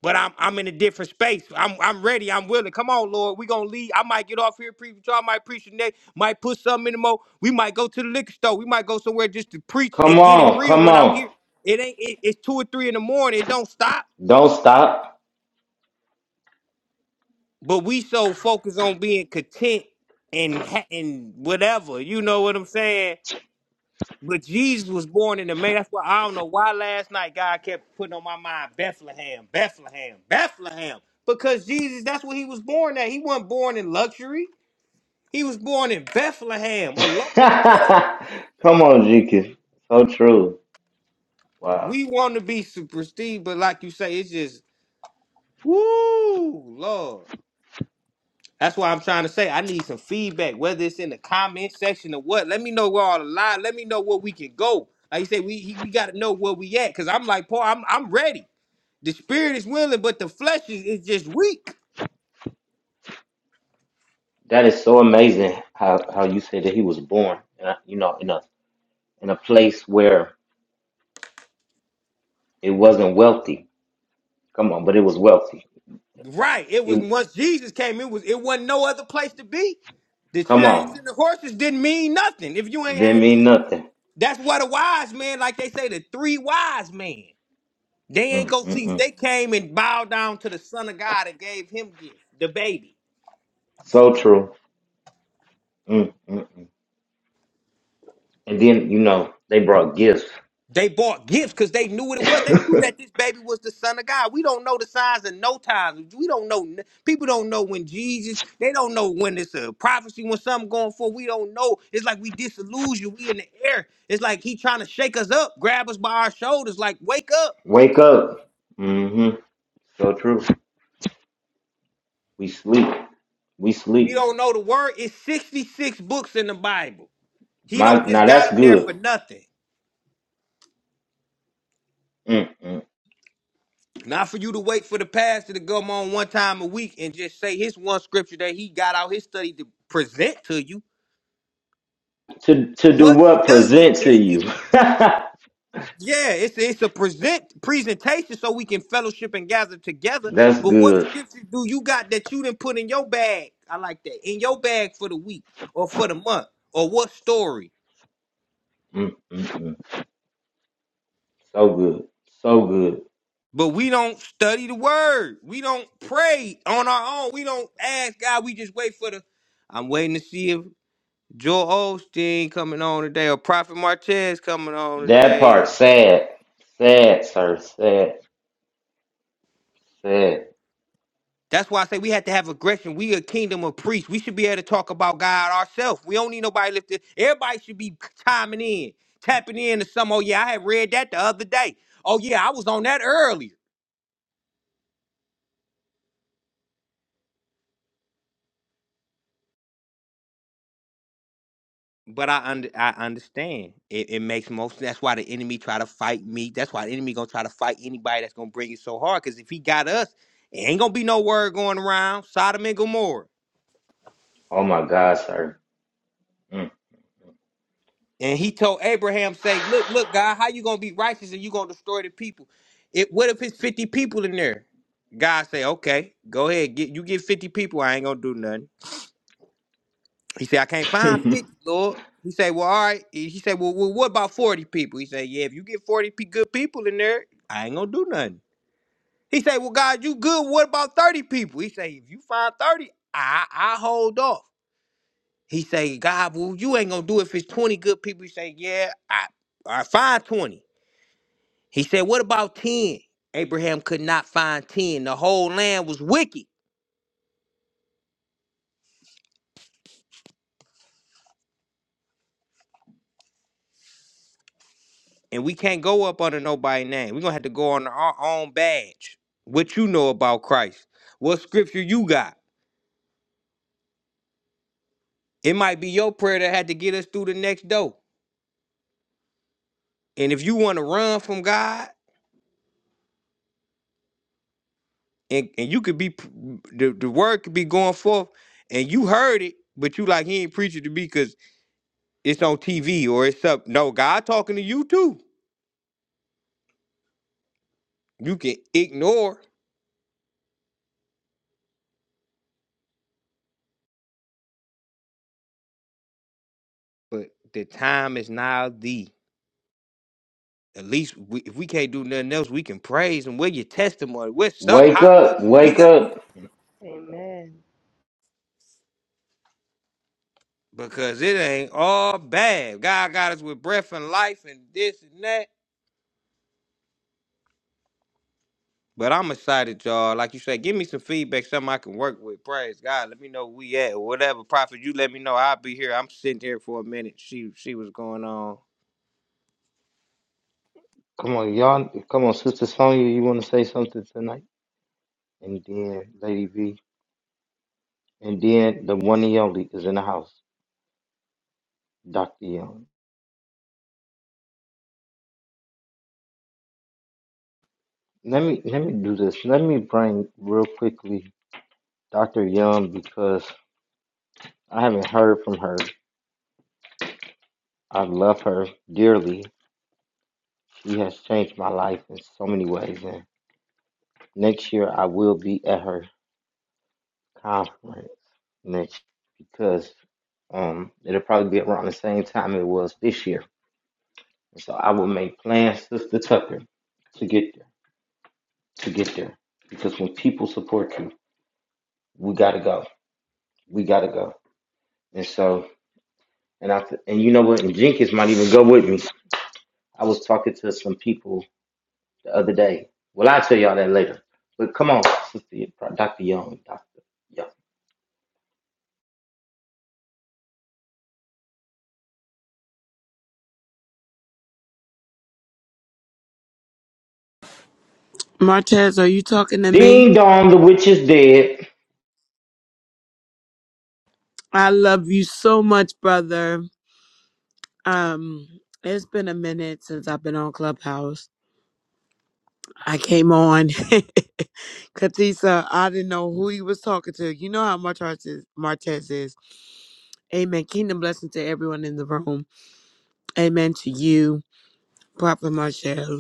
[SPEAKER 2] but I'm I'm in a different space. I'm I'm ready. I'm willing. Come on, Lord. We gonna leave. I might get off here preach. with y'all. I might preach the next. Might put something in the mo. We might go to the liquor store. We might go somewhere just to preach
[SPEAKER 1] Come
[SPEAKER 2] and get it
[SPEAKER 1] on,
[SPEAKER 2] real
[SPEAKER 1] come
[SPEAKER 2] when I'm
[SPEAKER 1] on.
[SPEAKER 2] here. It ain't. It, it's two or three in the morning. It don't stop.
[SPEAKER 1] Don't stop.
[SPEAKER 2] but we so focused on being content and ha- and whatever. You know what I'm saying? But Jesus was born in the man. That's why I don't know why last night God kept putting on my mind Bethlehem, Bethlehem, Bethlehem. Because Jesus, that's what he was born at. He wasn't born in luxury. He was born in Bethlehem, a
[SPEAKER 1] come
[SPEAKER 2] lonely place.
[SPEAKER 1] on, GQ. So true. Wow.
[SPEAKER 2] We want to be super prestige, but like you say, it's just woo, Lord. That's why I'm trying to say I need some feedback, whether it's in the comment section or what. Let me know where all the lie. Let me know where we can go. Like you say, we he- we got to know where we at. Cause I'm like Paul, I'm I'm ready. The spirit is willing, but the flesh is, is just weak.
[SPEAKER 1] That is so amazing how, how you said that he was born, uh, you know, in a in a place where it wasn't wealthy. Come on, but it was wealthy.
[SPEAKER 2] Right. It was
[SPEAKER 1] It,
[SPEAKER 2] once Jesus came, it was it wasn't no other place to be. The
[SPEAKER 1] come
[SPEAKER 2] chariots
[SPEAKER 1] on.
[SPEAKER 2] and the horses didn't mean nothing if you ain't
[SPEAKER 1] Didn't
[SPEAKER 2] had.
[SPEAKER 1] mean
[SPEAKER 2] They,
[SPEAKER 1] nothing.
[SPEAKER 2] that's why the wise men, like they say, the three wise men, they ain't
[SPEAKER 1] Mm,
[SPEAKER 2] go
[SPEAKER 1] mm,
[SPEAKER 2] see.
[SPEAKER 1] mm.
[SPEAKER 2] They came and bowed down to the Son of God and gave him gift, the baby.
[SPEAKER 1] So true. Mm, mm, mm. And then, you know, they brought gifts.
[SPEAKER 2] They bought gifts because they knew what it was. They knew that this baby was the son of God. We don't know the signs and no times. We don't know. People don't know when Jesus. They don't know when it's a prophecy, when something going for. We don't know. It's like we disillusioned. We in the air. It's like he trying to shake us up, grab us by our shoulders, like wake up.
[SPEAKER 1] Wake up. hmm So true. We sleep. We
[SPEAKER 2] We
[SPEAKER 1] sleep.
[SPEAKER 2] don't know the word. It's sixty six books in the Bible. He
[SPEAKER 1] My
[SPEAKER 2] don't
[SPEAKER 1] now
[SPEAKER 2] just got
[SPEAKER 1] that's
[SPEAKER 2] them there
[SPEAKER 1] good.
[SPEAKER 2] for nothing.
[SPEAKER 1] Mm-mm.
[SPEAKER 2] Not for you to wait for the pastor to come on one time a week and just say his one scripture that he got out his study to present to you.
[SPEAKER 1] To to do
[SPEAKER 2] What
[SPEAKER 1] what?
[SPEAKER 2] studying
[SPEAKER 1] Present to
[SPEAKER 2] is
[SPEAKER 1] you.
[SPEAKER 2] we?
[SPEAKER 1] that's
[SPEAKER 2] Yeah, it's it's a present presentation so we can fellowship and gather together. But what
[SPEAKER 1] good.
[SPEAKER 2] scriptures do you got that you didn't put in your bag? I like that in your bag for the week or for the month or what story?
[SPEAKER 1] Mm-mm. So good. So good.
[SPEAKER 2] But we don't study the word. We don't pray on our own. We don't ask God. We just wait for the. I'm waiting to see if Joel Osteen coming on today or Prophet Martez coming on
[SPEAKER 1] That part
[SPEAKER 2] today
[SPEAKER 1] sad. Sad, sir. Sad. Sad.
[SPEAKER 2] That's why I say we have to have aggression. We a kingdom of priests. We should be able to talk about God ourselves. We don't need nobody lifted. Everybody should be chiming in, tapping in to some. Oh yeah, I had read that the other day. Oh yeah, I was on that earlier. But I under I understand. It, it makes most. That's why the enemy try to fight me. That's why the enemy gonna try to fight anybody that's gonna bring it so hard. Cause if he got us, it ain't gonna be no word going around. Sodom and Gomorrah.
[SPEAKER 1] Oh my God, sir. Mm.
[SPEAKER 2] And he told Abraham, say, look, look, God, how you gonna be righteous and you gonna destroy the people? It what if it's 50 people in there? God say, okay, go ahead, get you get 50 people, I ain't gonna do nothing. He said, I can't find 50, Lord. He said, well, all right. He he said, well, well what about 40 people? He said, yeah, if you get 40 pe- good people in there, I ain't gonna do nothing. He said, well, God, you good. What about 30 people? He say, if you find 30, I, I hold off. He say, God, well, you ain't gonna do it if it's 20 good people. He say, yeah, I, I find 20. He said, What about 10? Abraham could not find 10. The whole land was wicked. And we can't go up under nobody's name. We're going to have to go on our own badge. What you know about Christ? What scripture you got? It might be your prayer that had to get us through the next door. And if you want to run from God, and, and you could be, p- the, the word could be going forth, and you heard it, but you like, he ain't preaching to me because it's on TV or it's up. No, God talking to you too. You can ignore But the time is now the. At least we, if we can't do nothing else, we can praise and we're your testimony. We're something.
[SPEAKER 1] wake
[SPEAKER 2] Hallelujah.
[SPEAKER 1] up.
[SPEAKER 2] We
[SPEAKER 1] Wake
[SPEAKER 2] got
[SPEAKER 1] up.
[SPEAKER 4] Amen.
[SPEAKER 2] because it ain't all bad. God got us with breath and life and this and that. But I'm excited, y'all. Like you said, give me some feedback, something I can work with. Praise God. Let me know where we at. Whatever prophet, you let me know. I'll be here. I'm sitting here for a minute. She she was going on.
[SPEAKER 1] Come on, y'all. Come on, Sister Sonya. You want to say something tonight? And then Lady V. And then the one and only is in the house, Dr. Young. Let me let me do this. Let me bring real quickly Dr. Young because I haven't heard from her. I love her dearly. She has changed my life in so many ways. And next year I will be at her conference next because um it'll probably be around the same time it was this year. And So I will make plans, Sister Tucker, to get there. To get there. Because when people support you, we gotta go. we gotta go. And so, and I, th- and you know what? And Jenkins might even go with me. I was talking to some people the other day. Well, I'll tell y'all that later. But come on, Sister Dr. Young, Dr. Young.
[SPEAKER 6] Martez, are you talking to me?
[SPEAKER 1] Ding dong, the witch is dead.
[SPEAKER 6] I love you so much, brother. Um, it's been a minute since I've been on Clubhouse. I came on. Katisa, I didn't know who he was talking to. You know how much Martez is. Martez is. Amen. Kingdom blessing to everyone in the room. Amen to you, Prophet Marshall.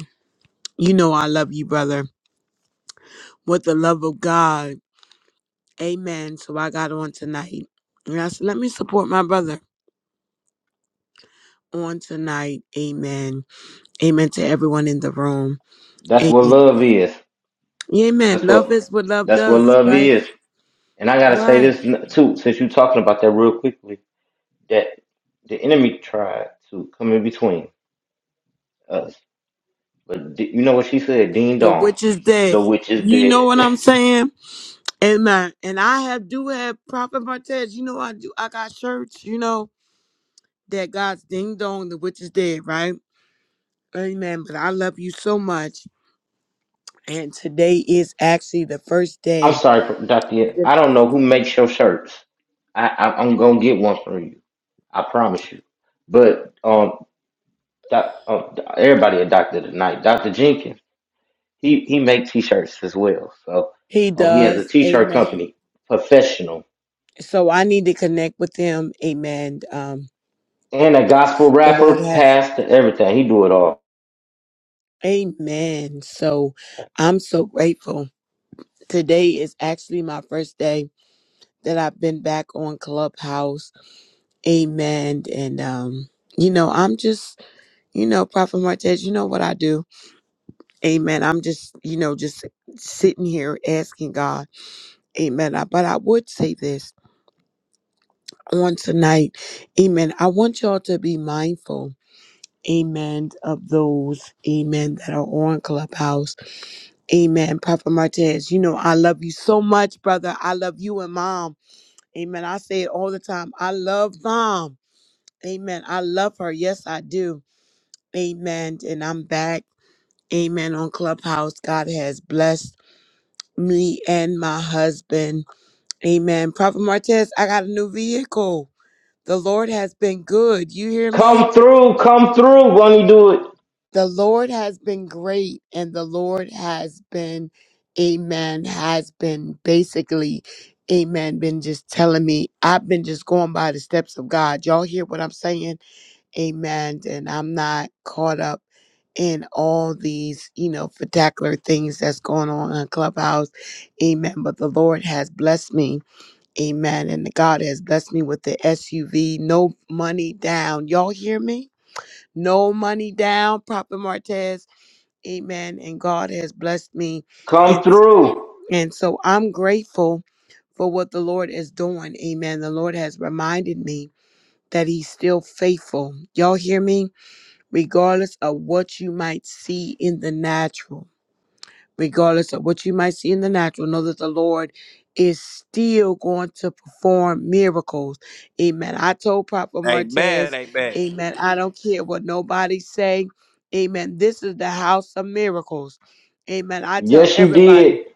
[SPEAKER 6] You know I love you, brother, with the love of God. Amen. So I got on tonight. And I said, let me support my brother on tonight. Amen. Amen to everyone in the room.
[SPEAKER 1] That's what
[SPEAKER 6] Amen.
[SPEAKER 1] love is.
[SPEAKER 6] Amen.
[SPEAKER 1] That's
[SPEAKER 6] Love
[SPEAKER 1] what
[SPEAKER 6] is what love
[SPEAKER 1] that's what
[SPEAKER 6] does,
[SPEAKER 1] love
[SPEAKER 6] right?
[SPEAKER 1] is. And I gotta say
[SPEAKER 6] Right.
[SPEAKER 1] this n- too, since you're talking about that real quickly, that the enemy tried to come in between us. But d- you know what she said? Ding
[SPEAKER 6] The
[SPEAKER 1] dong,
[SPEAKER 6] witch is dead.
[SPEAKER 1] the witch is
[SPEAKER 6] You know
[SPEAKER 1] dead.
[SPEAKER 6] what I'm saying? Amen. And I have do have Prophet Martez. You know I do. I got shirts. You know that God's ding dong. The witch is dead, right? Amen. But I love you so much. And today is actually the first
[SPEAKER 1] I'm
[SPEAKER 6] day
[SPEAKER 1] sorry, Doctor.
[SPEAKER 6] that
[SPEAKER 1] I don't know who makes your shirts. I, I I'm gonna get one for you. I promise you. But um, doc, um everybody a doctor tonight. Doctor Jenkins, he he makes t-shirts as well. So
[SPEAKER 6] He
[SPEAKER 1] um, he has a
[SPEAKER 6] does.
[SPEAKER 1] t-shirt
[SPEAKER 6] Amen.
[SPEAKER 1] company, professional,
[SPEAKER 6] So I need to connect with Him. Amen. Um,
[SPEAKER 1] and a gospel
[SPEAKER 6] the Lord
[SPEAKER 1] rapper,
[SPEAKER 6] has.
[SPEAKER 1] pastor, everything. He do it all.
[SPEAKER 6] Amen. So I'm so grateful. Today is actually my first day that I've been back on Clubhouse. Amen. And um, you know, I'm just, you know, Prophet Martez, you know what I do. Amen. I'm just, you know, just sitting here asking God. Amen. I- But I would say this on tonight. Amen. I want y'all to be mindful. Amen. Of those, amen, that are on Clubhouse. Amen. Prophet Martez, you know, I love you so much, brother. I love you and mom. Amen. I say it all the time. I love mom. Amen. I love her. Yes, I do. Amen. And I'm back. Amen. On Clubhouse, God has blessed me and my husband. Amen. Prophet Martez, I got a new vehicle. The Lord has been good. You hear me?
[SPEAKER 1] Come through, come through. Won't he do it?
[SPEAKER 6] The Lord has been great, and the Lord has been, amen, has been basically, amen, been just telling me. I've been just going by the steps of God. Y'all hear what I'm saying? Amen. And I'm not caught up in all these, you know, particular things that's going on in Clubhouse. Amen. But the Lord has blessed me. Amen. And God has blessed me with the SUV. No money down. Y'all hear me? No money down, Prophet Martez. Amen. And God has blessed me.
[SPEAKER 1] Come
[SPEAKER 6] And,
[SPEAKER 1] through.
[SPEAKER 6] and so I'm grateful for what the Lord is doing. Amen. The Lord has reminded me that He's still faithful. Y'all hear me? Regardless of what you might see in the natural regardless of what you might see in the natural, know that the Lord is still going to perform miracles. Amen. I told Prophet
[SPEAKER 2] Amen.
[SPEAKER 6] Martez,
[SPEAKER 2] Amen.
[SPEAKER 6] Amen. I don't care what nobody say. Amen. This is the house of miracles. Amen. I tell
[SPEAKER 1] Yes, you
[SPEAKER 6] everybody.
[SPEAKER 4] Amen.
[SPEAKER 1] did.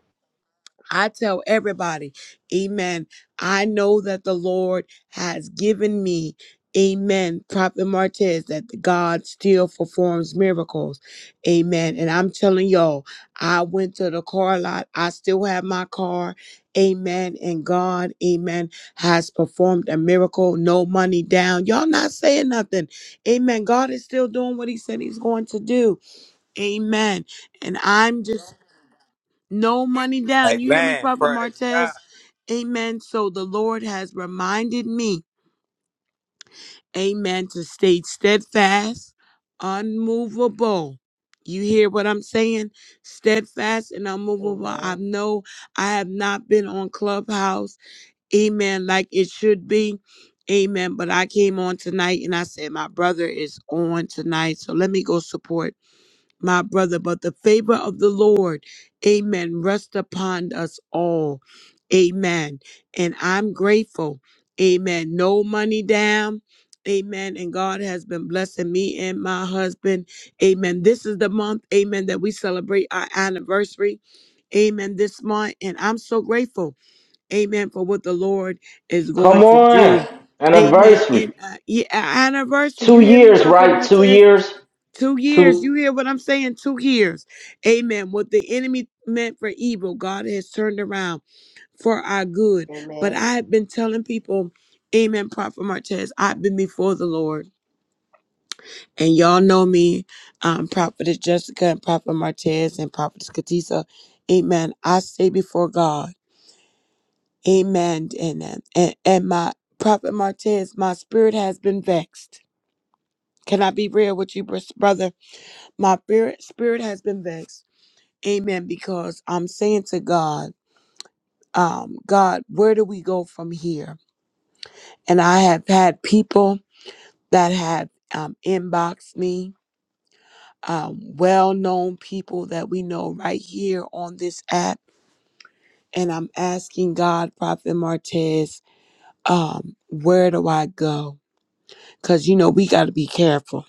[SPEAKER 6] I tell everybody, amen. I know that the Lord has given me, amen, Prophet Martez, that the God still performs miracles. Amen. And I'm telling y'all, I went to the car lot. I still have my car. Amen. And God, amen, has performed a miracle. No money down. Y'all not saying nothing. Amen. God is still doing what he said he's going to do. Amen. And I'm just no money down. You hear me,
[SPEAKER 2] Amen.
[SPEAKER 6] Prophet
[SPEAKER 2] Praise God.
[SPEAKER 6] Martez? Amen. So the Lord has reminded me, amen, to stay steadfast, unmovable. You hear what I'm saying? Steadfast and unmovable. I
[SPEAKER 4] Amen.
[SPEAKER 6] know I have not been on Clubhouse, amen, like it should be. Amen. But I came on tonight and I said, my brother is on tonight. So let me go support my brother, but the favor of the Lord, amen, rest upon us all. Amen. And I'm grateful. Amen. No money down. Amen. And God has been blessing me and my husband. Amen. This is the month, amen, that we celebrate our anniversary. Amen. This month. And I'm so grateful. Amen. For what the Lord is going
[SPEAKER 1] Come
[SPEAKER 6] to do.
[SPEAKER 1] on.
[SPEAKER 6] Amen.
[SPEAKER 1] Anniversary.
[SPEAKER 6] In uh, yeah, anniversary.
[SPEAKER 1] Two
[SPEAKER 6] You hear me,
[SPEAKER 1] years,
[SPEAKER 6] Prophet
[SPEAKER 1] right? Two
[SPEAKER 6] Martez?
[SPEAKER 1] years.
[SPEAKER 6] Two years.
[SPEAKER 1] Two.
[SPEAKER 6] You hear what I'm saying? Two years. Amen. What the enemy meant for evil, God has turned around for our good. But
[SPEAKER 4] Amen.
[SPEAKER 6] I have been telling people, Amen, Prophet Martez, I've been before the Lord. And y'all know me, um, Prophetess Jessica and Prophet Martez and Prophetess Katisa. Amen. I stay before God. Amen. And, and, and my Prophet Martez, my spirit has been vexed. Can I be real with you, bros- brother? My spirit, spirit has been vexed Amen. Because I'm saying to God, um, God, where do we go from here? And I have had people that have um, inboxed me, um, well known people that we know right here on this app. And I'm asking God, Prophet Martez, um, where do I go? Because, you know, we got to be careful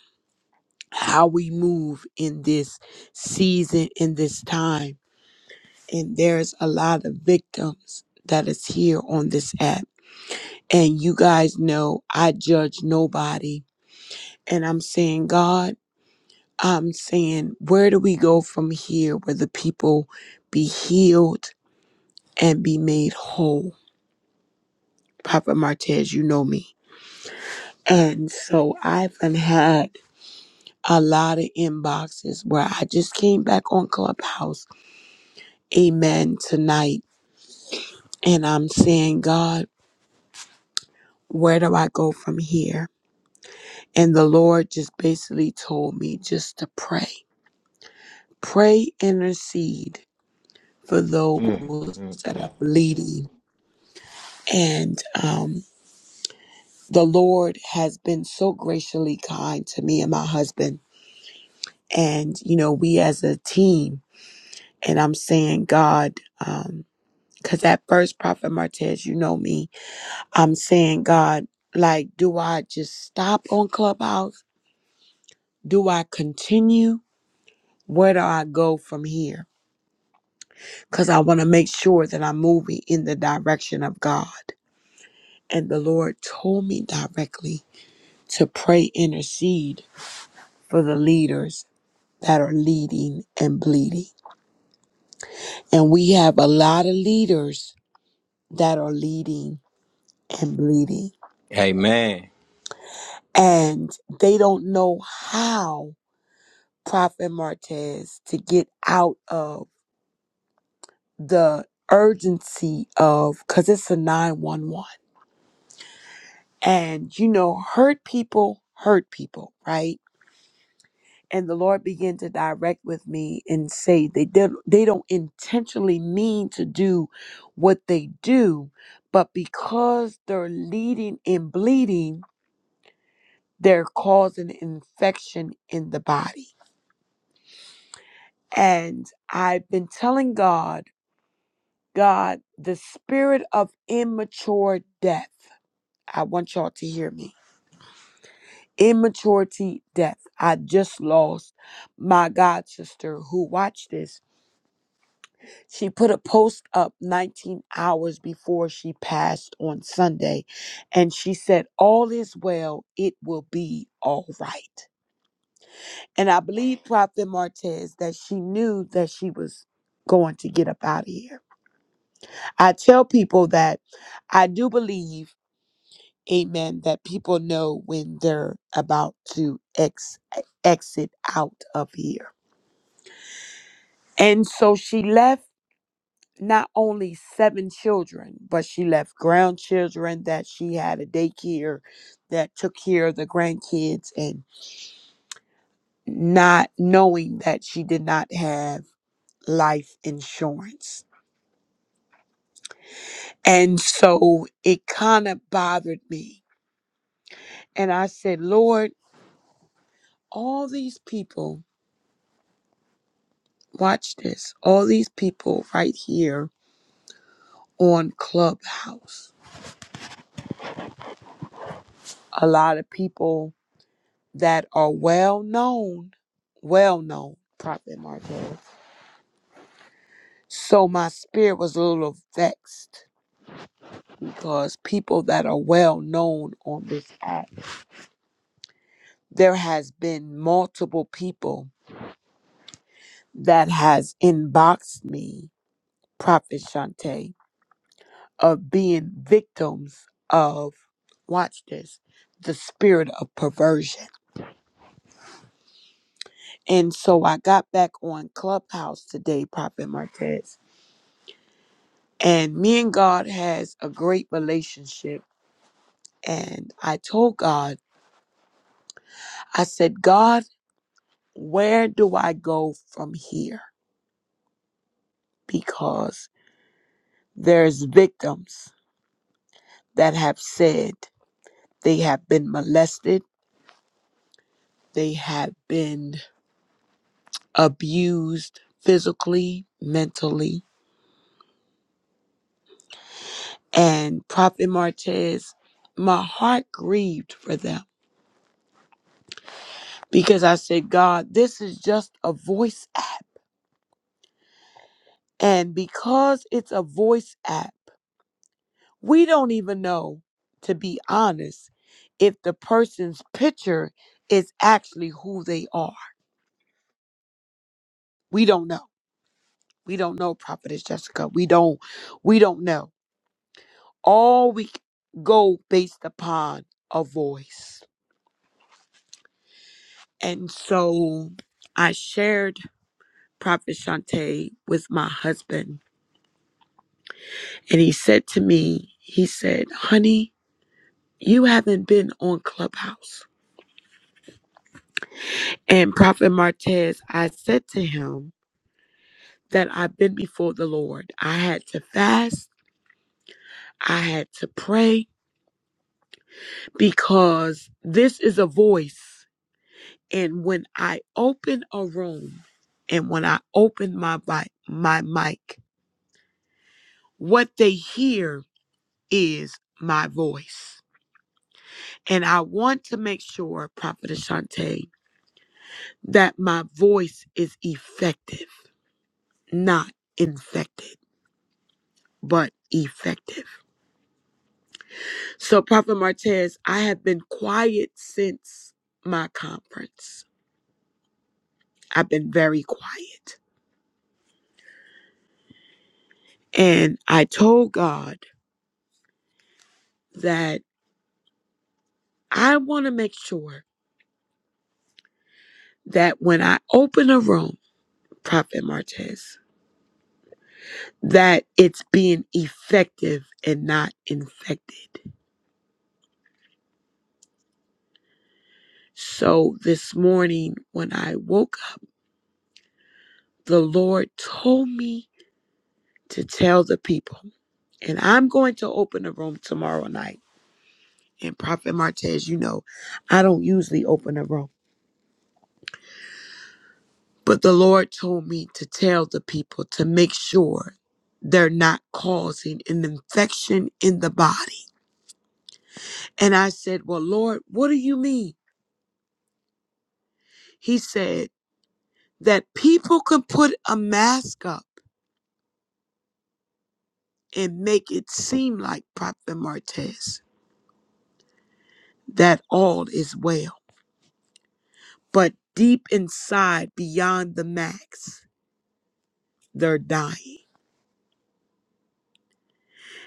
[SPEAKER 6] how we move in this season, in this time. And there's a lot of victims that is here on this app And you guys know I judge nobody. And I'm saying, God, I'm saying, where do we go from here where the people be healed and be made whole? Papa Martez, you know me. And so I've done had a lot of inboxes where I just came back on Clubhouse, amen, tonight. And I'm saying, God, where do I go from here? And the Lord just basically told me just to pray pray, intercede for
[SPEAKER 1] Mm,
[SPEAKER 6] those
[SPEAKER 1] mm,
[SPEAKER 6] that
[SPEAKER 1] mm.
[SPEAKER 6] are bleeding. And um, the Lord has been so graciously kind to me and my husband. And, you know, we as a team, and I'm saying, God, um, because at first, Prophet Martez, you know me, I'm saying, God, like, do I just stop on Clubhouse? Do I continue? Where do I go from here? Because I want to make sure that I'm moving in the direction of God. And the Lord told me directly to pray, intercede for the leaders that are leading and bleeding. And we have a lot of leaders that are leading and bleeding.
[SPEAKER 2] Amen.
[SPEAKER 6] And they don't know how, Prophet Martez, to get out of the urgency of, because it's a 911. And, you know, hurt people hurt people, right? and the lord began to direct with me and say they did they don't intentionally mean to do what they do but because they're leading and bleeding they're causing infection in the body and i've been telling god god the spirit of immature death i want y'all to hear me immaturity death i just lost my god sister who watched this She put a post up 19 hours before she passed on Sunday, and she said, All is well, it will be all right. And I believe Prophet Martez that she knew that she was going to get up out of here. I tell people that I do believe, amen, that people know when they're about to ex- exit out of here. And so she left not only seven children, but she left grandchildren that she had a daycare that took care of the grandkids and not knowing that she did not have life insurance. And so it kind of bothered me. And I said, Lord, all these people, watch this, all these people right here on Clubhouse, a lot of people that are well known, well known, Prophet Martez. So my spirit was a little vexed because people that are well known on this app, there has been multiple people that has inboxed me, Prophet Shante, of being victims of watch this, the spirit of perversion. And so I got back on Clubhouse today, Prophet Martez, and me and God has a great relationship. And I told God, I said, God, where do I go from here? Because there's victims that have said they have been molested, they have been abused physically, mentally. And Prophet Martez, my heart grieved for them because I said, God, this is just a voice app. And because it's a voice app, We don't even know, to be honest, if the person's picture is actually who they are. We don't know. We don't know, Prophetess Jessica. We don't we don't know. All we c- go based upon a voice. And so I shared Prophet Shante with my husband, and he said to me, he said, Honey, you haven't been on Clubhouse. And Prophet Martez, I said to him, that I've been before the Lord. I had to fast, I had to pray because this is a voice. And when I open a room and when I open my vi- my mic, what they hear is my voice. And I want to make sure, Prophet Ashante, that my voice is effective, not infected, but effective. So, Prophet Martez, I have been quiet since my conference. I've been very quiet. And I told God that I want to make sure that when I open a room, Prophet Martez, that it's being effective and not infected. So this morning, when I woke up, the Lord told me to tell the people, and I'm going to open a room tomorrow night And Prophet Martez, you know, I don't usually open a room, but the Lord told me to tell the people to make sure they're not causing an infection in the body. And I said, Well, Lord, what do you mean? He said that people can put a mask up and make it seem like Prophet Martez that all is well. But deep inside, beyond the mask, they're dying.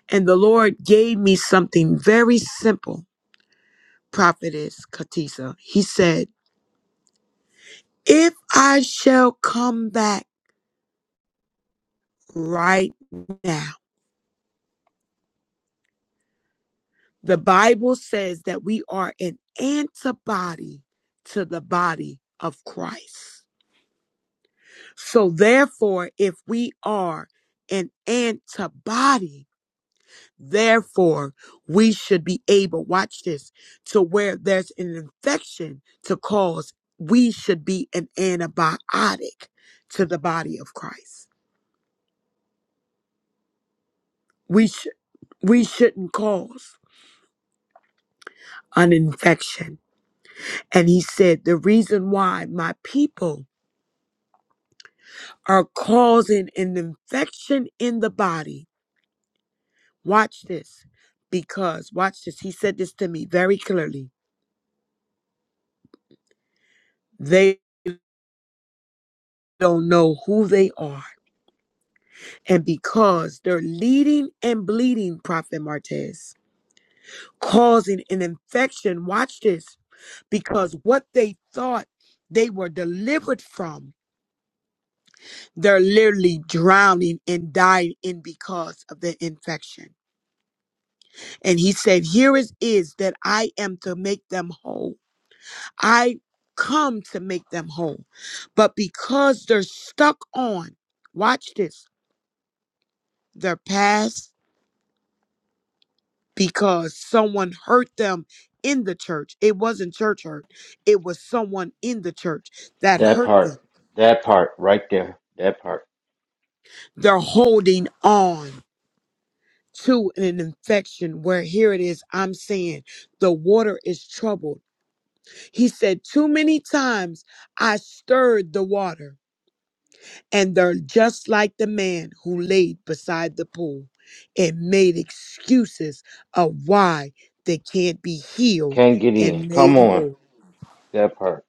[SPEAKER 6] And the Lord gave me something very simple prophetess Katisa. He said, If I shall come back right now, the Bible says that we are an antibody to the body of Christ. So, therefore, if we are an antibody, therefore, we should be able, watch this, to where there's an infection to cause, we should be an antibiotic to the body of Christ. We should. We shouldn't cause an infection. And he said, The reason why my people are causing an infection in the body, watch this, because, watch this, he said this to me very clearly. They don't know who they are. And because they're leading and bleeding, Prophet Martez, causing an infection, watch this, because what they thought they were delivered from They're literally drowning and dying in because of the infection. And he said, Here it is that I am to make them whole. I come to make them whole. But because they're stuck on, watch this, their past, because someone hurt them in the church. It wasn't church hurt, it was someone in the church that
[SPEAKER 1] That
[SPEAKER 6] hurt
[SPEAKER 1] part,
[SPEAKER 6] them.
[SPEAKER 1] that part right there, that part.
[SPEAKER 6] They're holding on to an infection where here it is i'm saying the water is troubled he said too many times i stirred the water and they're just like the man who laid beside the pool and made excuses of why they can't be healed
[SPEAKER 1] can't get in.
[SPEAKER 6] and
[SPEAKER 1] come
[SPEAKER 6] made
[SPEAKER 1] on,
[SPEAKER 6] whole
[SPEAKER 1] that part.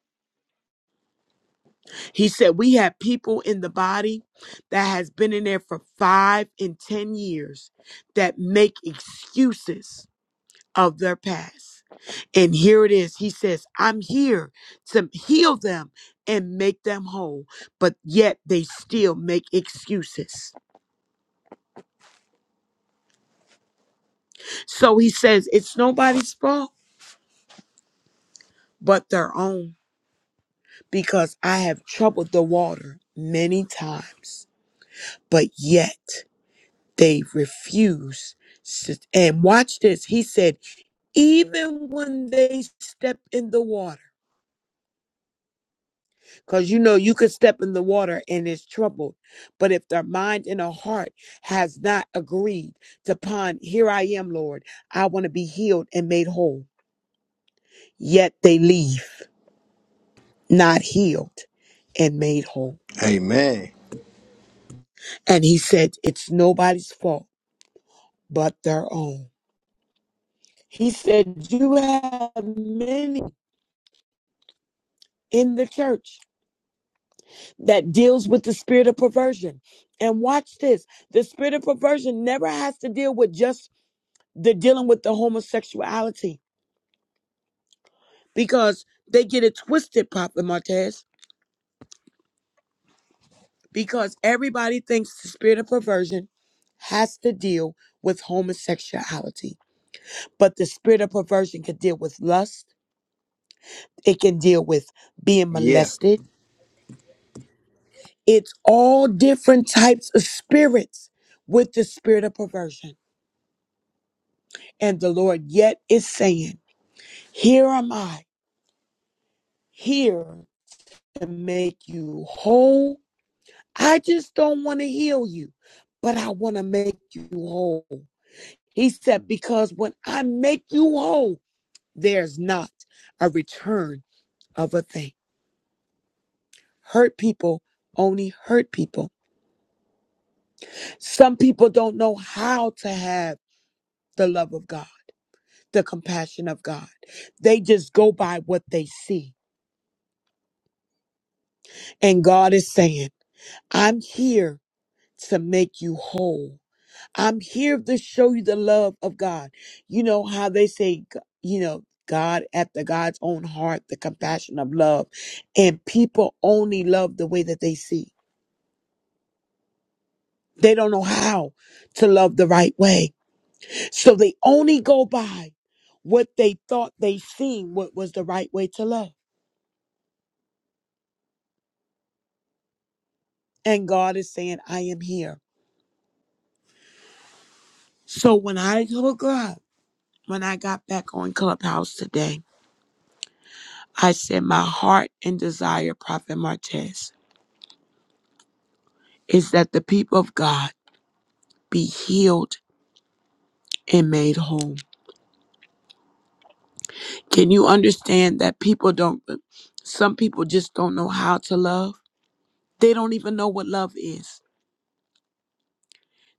[SPEAKER 6] he said we have people in the body that has been in there for five and ten years that make excuses of their past. And here it is. He says, I'm here to heal them and make them whole, but yet they still make excuses. So he says, It's nobody's fault but their own because I have troubled the water many times, but yet they refuse. s- And watch this. He said, Even when they step in the water, Because you know you could step in the water and it's troubled. But if their mind and their heart has not agreed upon, here I am, Lord, I want to be healed and made whole. Yet they leave not healed and made whole.
[SPEAKER 2] Amen.
[SPEAKER 6] And he said, It's nobody's fault but their own. He said, You have many in the church that deals with the spirit of perversion. And watch this the spirit of perversion never has to deal with just. They're dealing with the homosexuality because they get it twisted, Papa Martez, because everybody thinks the spirit of perversion has to deal with homosexuality. But the spirit of perversion can deal with lust, it can deal with being
[SPEAKER 2] Yeah.
[SPEAKER 6] molested. It's all different types of spirits with the spirit of perversion. And the Lord yet is saying, Here am I, here to make you whole I just don't want to heal you, but I want to make you whole. He said, Because when I make you whole, there's not a return of a thing. Hurt people only hurt people. Some people don't know how to have the love of God, the compassion of God. They just go by what they see. And God is saying, I'm here to make you whole. I'm here to show you the love of God. You know how they say, g- you know, God after God's own heart, the compassion of love. And people only love the way that they see. They don't know how to love the right way. So they only go by what they thought they seen, what was the right way to love. And God is saying, I am here. So when I look up, when I got back on Clubhouse today, I said, my heart and desire, Prophet Martez. is that the people of God be healed and made whole. Can you understand that people don't, some people just don't know how to love? They don't even know what love is.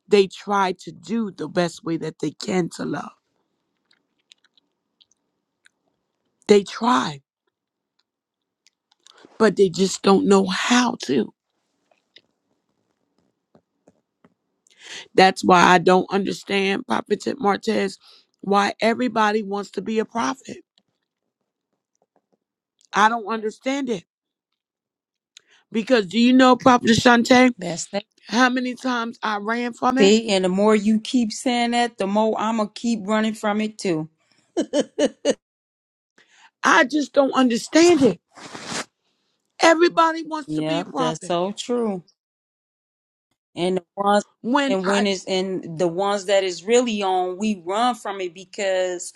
[SPEAKER 6] They try to do the best way that they can to love. They try, but they just don't know how to. That's why I don't understand, Prophet Tit Martez, why everybody wants to be a prophet. I don't understand it. Because do you know, Prophet Shante,
[SPEAKER 7] That's that.
[SPEAKER 6] how many times I ran from it?
[SPEAKER 7] See, and the more you keep saying that, the more I'm gonna keep running from it too.
[SPEAKER 6] I just don't understand it. Everybody wants to be a
[SPEAKER 7] Yep, that's
[SPEAKER 6] prophet.
[SPEAKER 7] so true. And the ones
[SPEAKER 6] When
[SPEAKER 7] and when
[SPEAKER 6] I
[SPEAKER 7] it's and the ones that is really on, we run from it because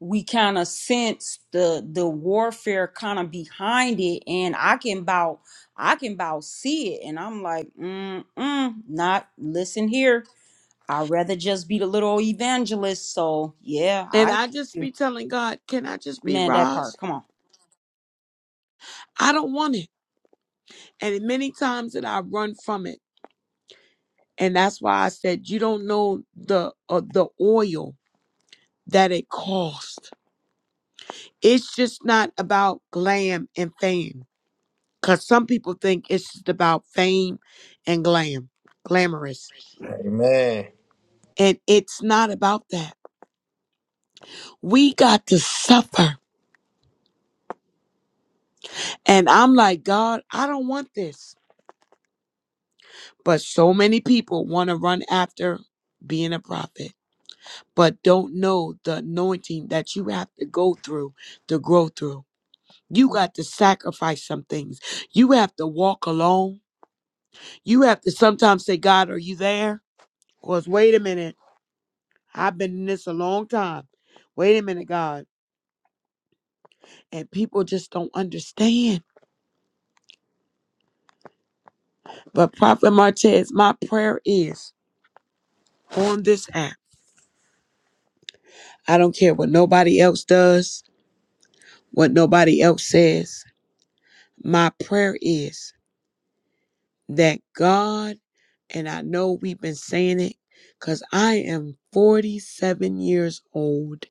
[SPEAKER 7] we kind of sense the the warfare kind of behind it, and I can about I can about see it, and I'm like, mm mm, not listen here. I'd rather just be the little evangelist. So yeah,
[SPEAKER 6] and
[SPEAKER 7] I
[SPEAKER 6] I just be telling God, can I just be
[SPEAKER 7] man that
[SPEAKER 6] Roz?
[SPEAKER 7] part. Come on.
[SPEAKER 6] I don't want it. And many times that I run from it. And that's why I said you don't know the uh, the oil that it costs. It's just not about glam and fame. Cause some people think it's just about fame and glam, glamorous.
[SPEAKER 2] Amen.
[SPEAKER 6] And it's not about that. We got to suffer And I'm like, God, I don't want this. But so many people want to run after being a prophet, but don't know the anointing that you have to go through to grow through. You got to sacrifice some things. You have to walk alone. You have to sometimes say, God, are you there? Because wait a minute, I've been in this a long time. Wait a minute, God. And people just don't understand. But Prophet Martez, my prayer is on this app. I don't care what nobody else does, what nobody else says. My prayer is that God, and I know we've been saying it because I am 47 years old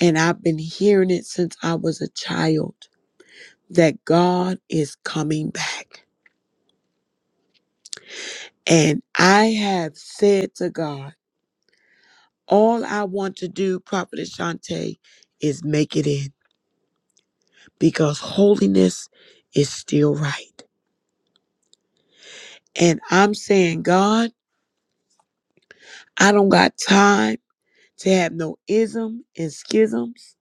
[SPEAKER 6] and I've been hearing it since I was a child, that God is coming back. And I have said to God, all I want to do, Prophet Shante, is make it in because holiness is still right. And I'm saying, God, I don't got time to have no ism and schisms.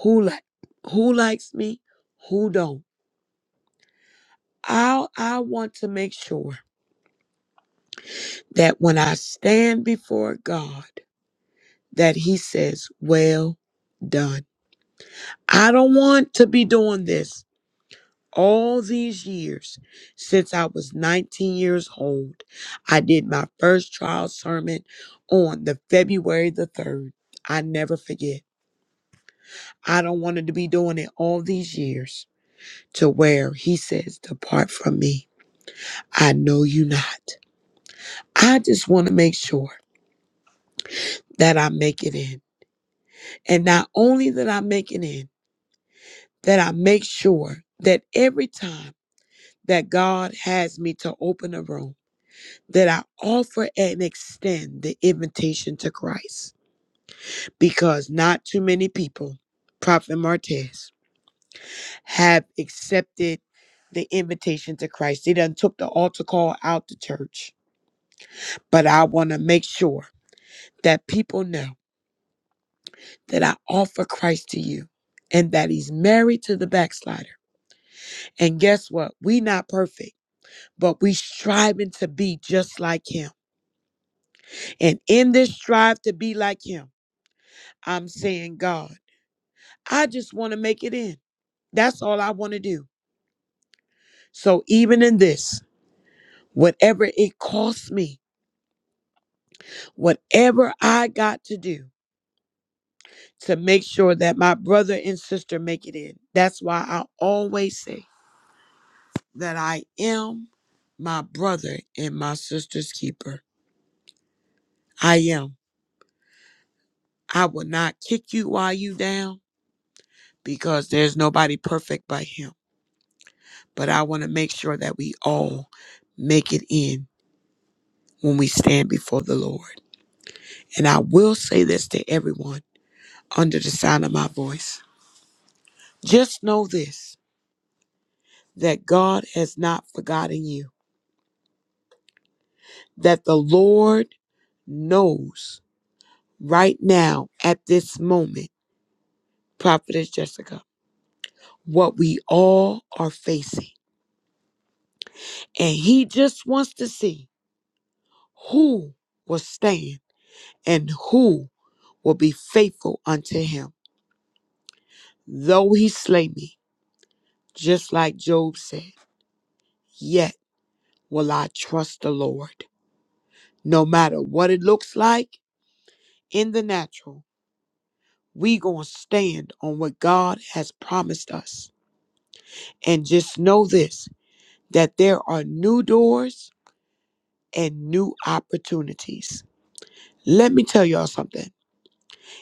[SPEAKER 6] Who like who likes me? Who don't? I I want to make sure that when I stand before God, that He says, "Well done." I don't want to be doing this all these years since I was 19 years old. I did my first trial sermon on the February the 3rd. I never forget. I don't want him to be doing it all these years to where he says, Depart from me. I know you not. I just want to make sure that I make it in. And not only that I make it in, that I make sure that every time that God has me to open a room, that I offer and extend the invitation to Christ. Because not too many people, Prophet Martez, have accepted the invitation to Christ. They done took the altar call out the church. But I want to make sure that people know that I offer Christ to you and that he's married to the backslider. And guess what? We not perfect, but we striving to be just like him. And in this strive to be like him, I'm saying, God, I just want to make it in. That's all I want to do. So even in this, whatever it costs me, whatever I got to do to make sure that my brother and sister make it in. That's why I always say that I am my brother and my sister's keeper. I am. I will not kick you while you down because there's nobody perfect but him. But I want to make sure that we all make it in when we stand before the Lord. And I will say this to everyone under the sound of my voice. Just know this that God has not forgotten you. that the Lord knows right now at this moment, Prophetess Jessica, what we all are facing. And He just wants to see who will stand and who will be faithful unto Him. Though He slay me, just like Job said, yet will I trust the Lord. No matter what it looks like in the natural, we going to stand on what God has promised us. And just know this that there are new doors and new opportunities. Let me tell y'all something.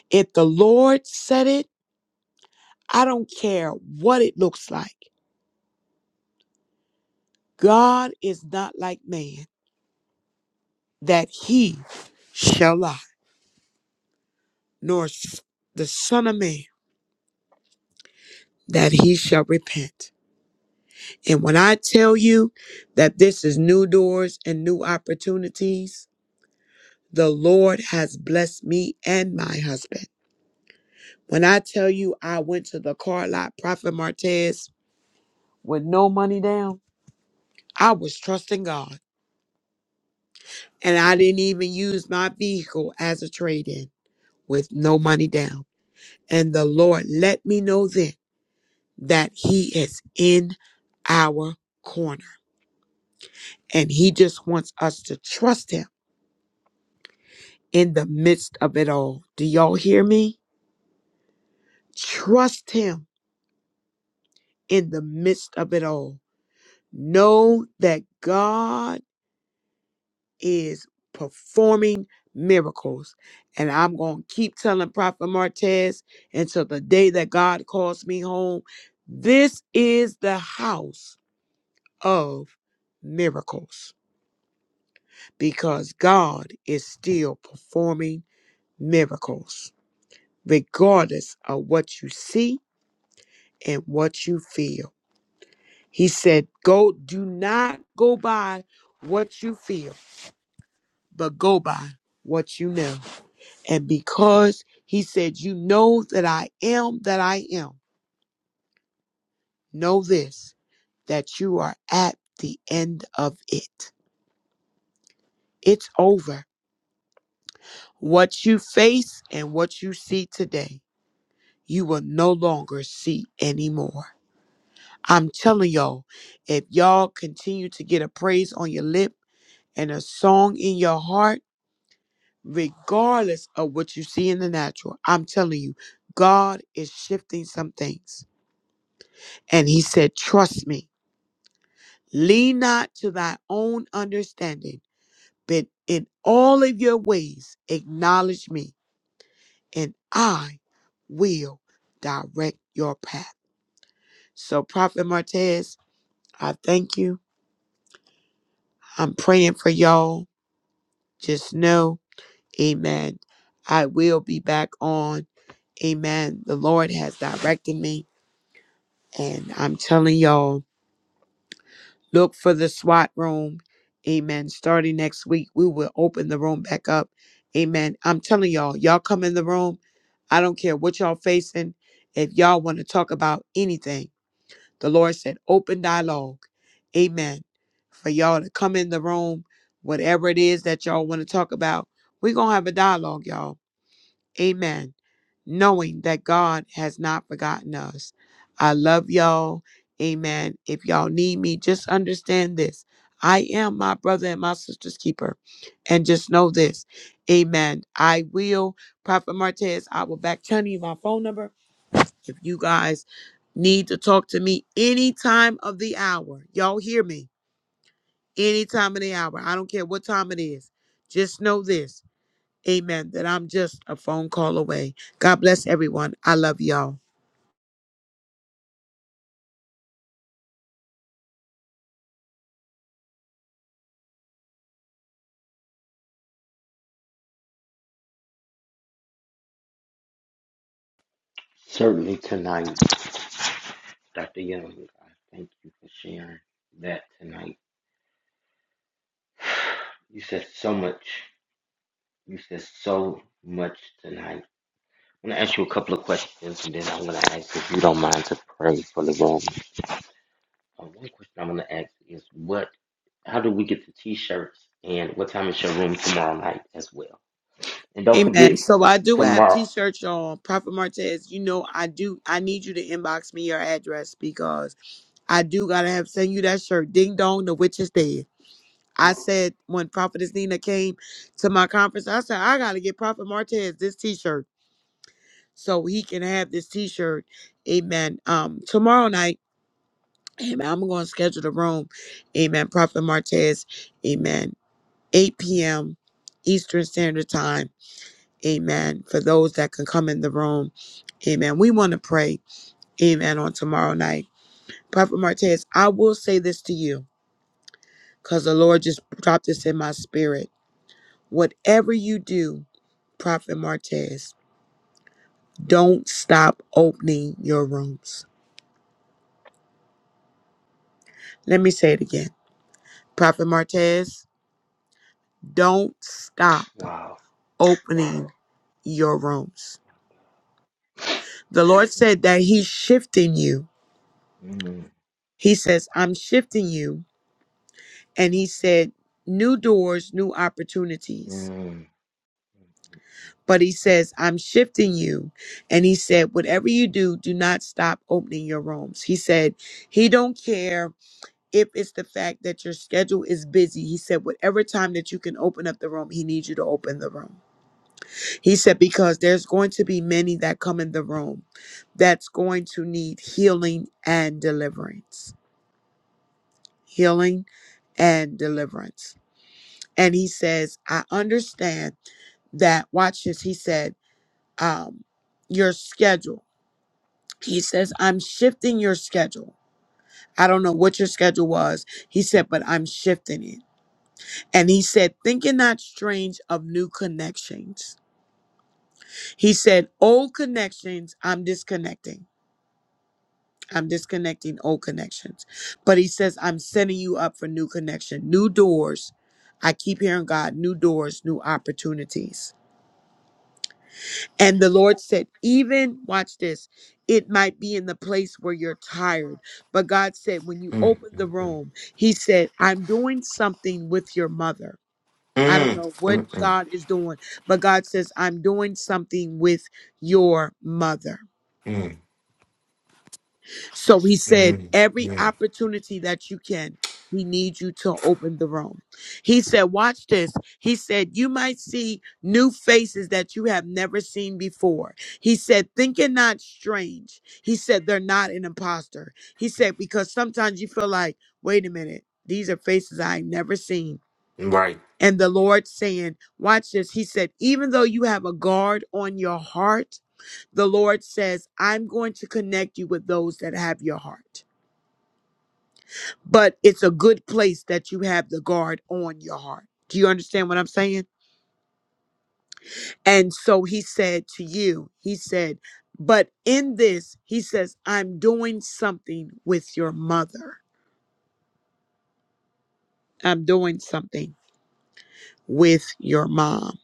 [SPEAKER 6] If the Lord said it, I don't care what it looks like. God is not like man that he shall lie, nor s- the Son of Man that he shall repent. And when I tell you that this is new doors and new opportunities, the Lord has blessed me and my husband. When I tell you I went to the car lot, Prophet Martez, with no money down. I was trusting God. And I didn't even use my vehicle as a trade in with no money down. And the Lord let me know then that He is in our corner. And He just wants us to trust Him in the midst of it all. Do y'all hear me? Trust Him in the midst of it all. Know that God. is performing miracles. And I'm going to keep telling Prophet Martez until the day that God calls me home. This is the house of miracles because God is still performing miracles, regardless of what you see and what you feel. He said, Go, do not go by what you feel, but go by what you know. And because he said, You know that I am that I am, know this, that you are at the end of it. It's over. What you face and what you see today, you will no longer see anymore. I'm telling y'all, if y'all continue to get a praise on your lip and a song in your heart, regardless of what you see in the natural, I'm telling you, God is shifting some things. And he said, Trust me. Lean not to thy own understanding, but in all of your ways acknowledge me, and I will direct your path. So, Prophet Martez, I thank you. I'm praying for y'all. Just know, amen. I will be back on. Amen. The Lord has directed me, and I'm telling y'all. Look for the SWAT room. Amen. Starting next week, we will open the room back up. Amen. I'm telling y'all, y'all come in the room. I don't care what y'all facing. If y'all want to talk about anything, the Lord said open dialogue. Amen. For y'all to come in the room, whatever it is that y'all want to talk about, we're going to have a dialogue, y'all. Amen. Knowing that God has not forgotten us. I love y'all. Amen. If y'all need me, just understand this. I am my brother and my sister's keeper. And just know this. Amen. I will, Prophet Martez, I will back channel you my phone number if you guys need to talk to me any time of the hour. Y'all hear me? Any time of the hour. I don't care what time it is. Just know this. Amen. That I'm just a phone call away. God bless everyone. I love y'all.
[SPEAKER 1] Certainly tonight, Dr. Young, I thank you for sharing that tonight. You said so much. You said so much tonight. I'm gonna ask you a couple of questions, and then I'm gonna ask if you don't mind to pray for the room. Uh, one question I'm gonna ask is what? How do we get the T-shirts? And what time is your room tomorrow night as well? And don't forget
[SPEAKER 6] Amen. So
[SPEAKER 1] t-
[SPEAKER 6] I do have
[SPEAKER 1] tomorrow.
[SPEAKER 6] t-shirts, y'all. Prophet Martez, you know I do. I need you to inbox me your address because I do gotta have send you that shirt. Ding dong, the witch is dead. I said when Prophetess Nina came to my conference, I said I gotta get Prophet Martez this t-shirt so he can have this t-shirt. Amen. Um, tomorrow night, Amen. I'm gonna schedule the room. Amen. Prophet Martez. Amen 8 p.m. Eastern Standard Time. Amen. For those that can come in the room. Amen. We want to pray. Amen. On tomorrow night. Prophet Martez, I will say this to you because the Lord just dropped this in my spirit. Whatever you do, Prophet Martez, don't stop opening your rooms. Let me say it again. Prophet Martez, don't stop
[SPEAKER 1] Wow.
[SPEAKER 6] opening your rooms. The Lord
[SPEAKER 1] Mm,
[SPEAKER 6] said that He's shifting you
[SPEAKER 1] mm,
[SPEAKER 6] He says, I'm shifting you. And
[SPEAKER 1] mm,
[SPEAKER 6] he said, new doors, new opportunities.
[SPEAKER 1] Mm,
[SPEAKER 6] But he says, I'm shifting you. And he said, whatever you do, do not stop opening your rooms. He said, he don't care if it's the fact that your schedule is busy. He said, whatever time that you can open up the room, he needs you to open the room. He said, because there's going to be many that come in the room that's going to need healing and deliverance. Healing and deliverance. and he says, I understand that, watch this, he said, um, your schedule. He says, I'm shifting your schedule. I don't know what your schedule was. He said, but I'm shifting it. And he said, thinking not strange of new connections. He said, old connections, I'm disconnecting. I'm disconnecting old connections. But he says, I'm setting you up for new connection, new doors. I keep hearing God, new doors, new opportunities. And the Lord said, even watch this, it might be in the place where you're tired. But God said, when you
[SPEAKER 1] mm,
[SPEAKER 6] open the
[SPEAKER 1] mm,
[SPEAKER 6] room, He said, I'm doing something with your mother. I don't
[SPEAKER 1] mm,
[SPEAKER 6] know what
[SPEAKER 1] mm,
[SPEAKER 6] God is doing, but God says, I'm doing something with your mother.
[SPEAKER 1] mm,
[SPEAKER 6] So he said,
[SPEAKER 1] mm,
[SPEAKER 6] every
[SPEAKER 1] mm,
[SPEAKER 6] opportunity that you can, he needs you to open the room. He said, watch this. He said, you might see new faces that you have never seen before. He said, think it not strange. He said, they're not an imposter. He said, because sometimes you feel like, wait a minute, these are faces I've never seen.
[SPEAKER 1] mm. Right.
[SPEAKER 6] And the Lord saying, watch this. He said, even though you have a guard on your heart, the Lord says, I'm going to connect you with those that have your heart but it's a good place that you have the guard on your heart. Do you understand what I'm saying? And so he said to you, he said, but in this, he says, I'm doing something with your mother. I'm doing something with your mom.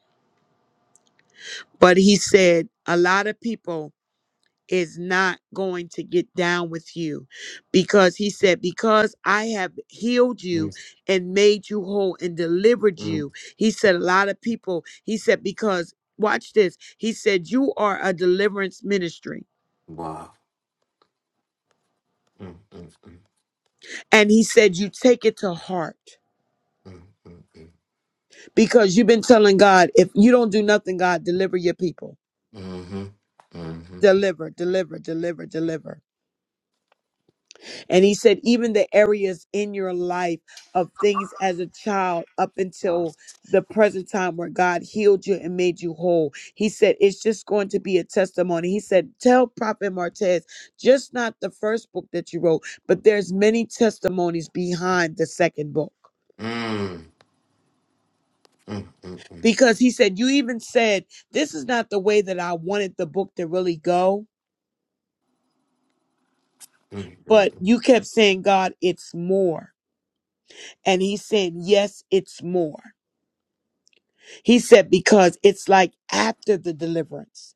[SPEAKER 6] But he said, a lot of people is not going to get down with you because he said, Because I have healed you
[SPEAKER 1] Mm,
[SPEAKER 6] and made you whole and delivered
[SPEAKER 1] mm.
[SPEAKER 6] you. He said, A lot of people, he said, Because watch this, he said, You are a deliverance ministry.
[SPEAKER 1] Wow. Mm, mm, mm,
[SPEAKER 6] And he said, You take it to heart
[SPEAKER 1] mm, mm, mm.
[SPEAKER 6] because you've been telling God, If you don't do nothing, God, deliver your people.
[SPEAKER 1] Mhm, mhm.
[SPEAKER 6] Deliver, deliver, deliver, deliver. And he said, even the areas in your life of things as a child up
[SPEAKER 1] Wow.
[SPEAKER 6] until the present time where God healed you and made you whole, he said, it's just going to be a testimony. He said, tell Prophet Martez, just not the first book that you wrote, but there's many testimonies behind the second book.
[SPEAKER 1] Mm, mm, mm, mm, mm,
[SPEAKER 6] Because he said, you even said, this is not the way that I wanted the book to really go,
[SPEAKER 1] mm,
[SPEAKER 6] but
[SPEAKER 1] mm.
[SPEAKER 6] you kept saying, God, it's more. And he's saying, yes, it's more. He said, because it's like after the deliverance,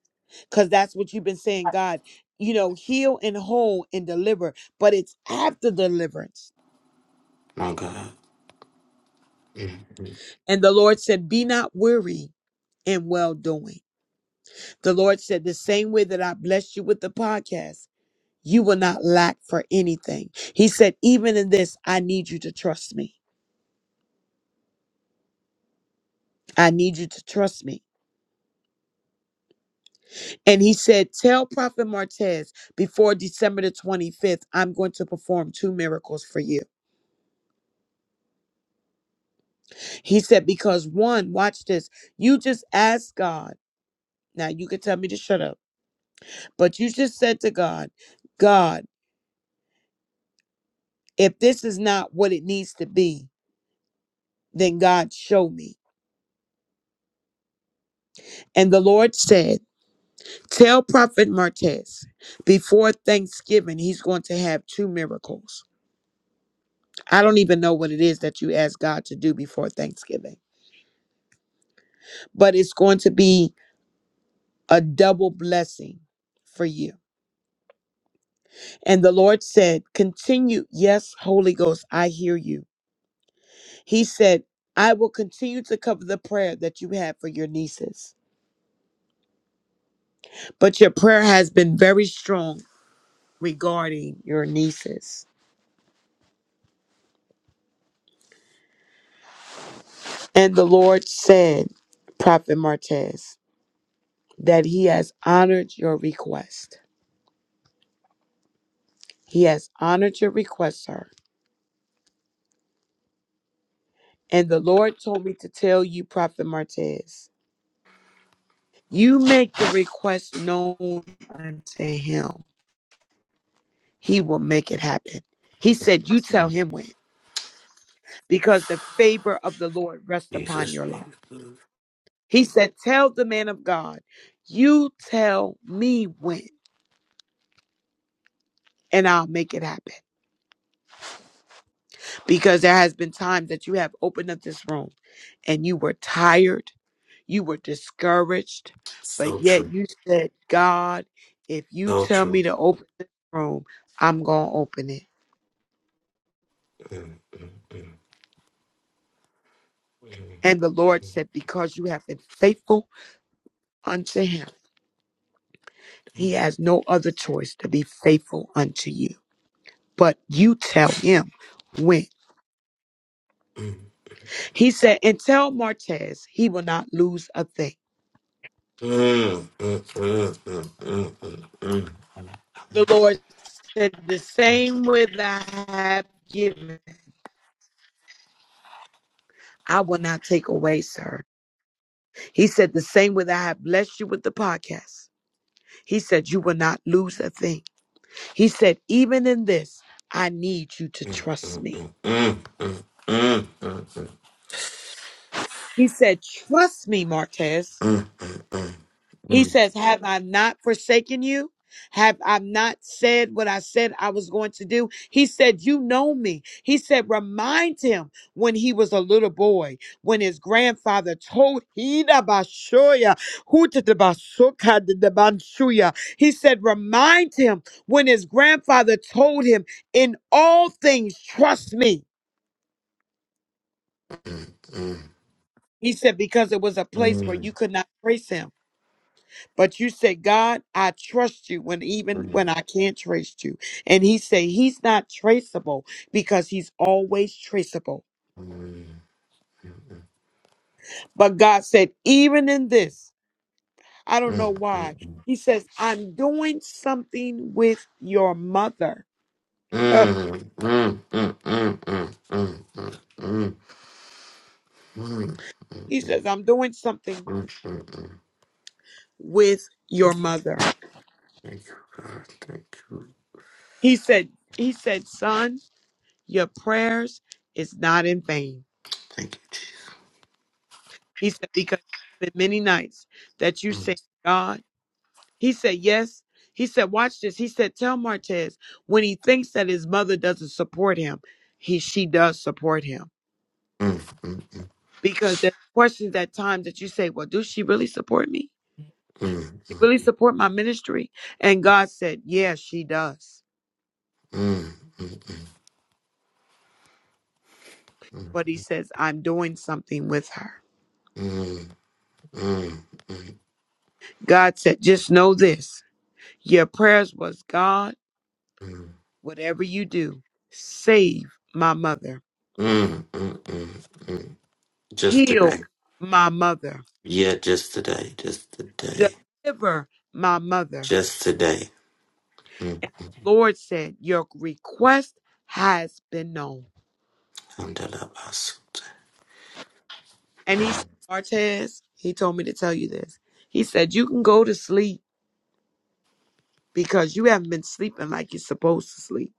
[SPEAKER 6] because that's what you've been saying, God, you know, heal and whole and deliver, but it's after deliverance.
[SPEAKER 1] My God. Mm, mm, mm.
[SPEAKER 6] And the Lord said, be not weary in well doing. The Lord said, the same way that I blessed you with the podcast, you will not lack for anything. He said, even in this, I need you to trust me. I need you to trust me. And he said, Tell Prophet Martez before December the 25th, I'm going to perform two miracles for you. He said, because one, watch this, you just asked God. Now you can tell me to shut up, but you just said to God, God, if this is not what it needs to be, then God show me. And the Lord said, Tell Prophet Martez before Thanksgiving, he's going to have two miracles. I don't even know what it is that you asked God to do before Thanksgiving, but it's going to be a double blessing for you. And the Lord said, Continue. Yes, Holy Ghost, I hear you. He said, I will continue to cover the prayer that you have for your nieces. But your prayer has been very strong regarding your nieces. And the Lord said, Prophet Martez, that he has honored your request. He has honored your request, sir. And the Lord told me to tell you, Prophet Martez, you make the request known unto him He will make it happen. He said, You tell him when, because the favor of the Lord rests upon
[SPEAKER 1] Jesus,
[SPEAKER 6] your life.
[SPEAKER 1] Jesus.
[SPEAKER 6] He said, Tell the man of God, you tell me when, and I'll make it happen. Because there has been times that you have opened up this room and you were tired, you were discouraged, but
[SPEAKER 1] So
[SPEAKER 6] yet
[SPEAKER 1] true.
[SPEAKER 6] you said, God, if you
[SPEAKER 1] So
[SPEAKER 6] tell me
[SPEAKER 1] true.
[SPEAKER 6] to open this room, I'm going to open it.
[SPEAKER 1] Mm, mm, mm,
[SPEAKER 6] And the Lord said, Because you have been faithful unto him. He
[SPEAKER 1] mm,
[SPEAKER 6] has no other choice to be faithful unto you. But you tell him when.
[SPEAKER 1] mm.
[SPEAKER 6] He said, and tell Martez he will not lose a thing.
[SPEAKER 1] Mm, mm, mm, mm, mm, mm, mm, mm, mm, mm, mm, mm, mm, mm, mm, mm, mm,
[SPEAKER 6] The Lord said, the same with I have given, I will not take away, sir. He said, the same with I have blessed you with the podcast. He said, you will not lose a thing. He said, even in this, I need you to trust me. He said, trust me, Martez. He says, Have I not forsaken you? Have I not said what I said I was going to do? He said, You know me. He said, Remind him when he was a little boy, when his grandfather told Hidabashoya, Hutadabasokadidabanshuya. He said, Remind him when his grandfather told him, In all things, trust me. He said, Because it was a place where you could not trace him. But you say, God, I trust you when even when I can't trace you. And he say he's not traceable because he's always traceable. But God said, even in this, I don't know
[SPEAKER 1] mm,
[SPEAKER 6] why. He says, I'm doing something with your mother. Huh.
[SPEAKER 1] mm,
[SPEAKER 6] he
[SPEAKER 1] mm, mm.
[SPEAKER 6] says, I'm doing something with your mother.
[SPEAKER 1] Thank you, God. Thank you.
[SPEAKER 6] He said, he said, son, your prayers is not in vain.
[SPEAKER 1] Thank you, Jesus.
[SPEAKER 6] He said, because I've the many nights that you say, God. He said, Yes. He said, Watch this. He said, Tell Martez when he thinks that his mother doesn't support him, he she does support him.
[SPEAKER 1] Mm, mm, mm,
[SPEAKER 6] Because there's questions at times that you say, Well, does she really support me?
[SPEAKER 1] mm, mm,
[SPEAKER 6] She really support my ministry? And God said, Yes, she does.
[SPEAKER 1] mm, mm, mm, mm,
[SPEAKER 6] But he says, I'm doing something with her.
[SPEAKER 1] mm. Mm, mm,
[SPEAKER 6] God said, Just know this. Your prayers was God,
[SPEAKER 1] mm,
[SPEAKER 6] whatever you do, save my mother,
[SPEAKER 1] mm, mm, mm, mm. mm, mm. Just
[SPEAKER 6] heal
[SPEAKER 1] today.
[SPEAKER 6] my mother,
[SPEAKER 1] Yeah, just today. Just today.
[SPEAKER 6] deliver my mother
[SPEAKER 1] Just today. Mm.
[SPEAKER 6] And the Lord said, Your request has been known.
[SPEAKER 1] Alhamdulillah.
[SPEAKER 6] And he
[SPEAKER 1] Mm.
[SPEAKER 6] said, Martez, he told me to tell you this. He said, You can go to sleep because you haven't been sleeping like you're supposed to sleep.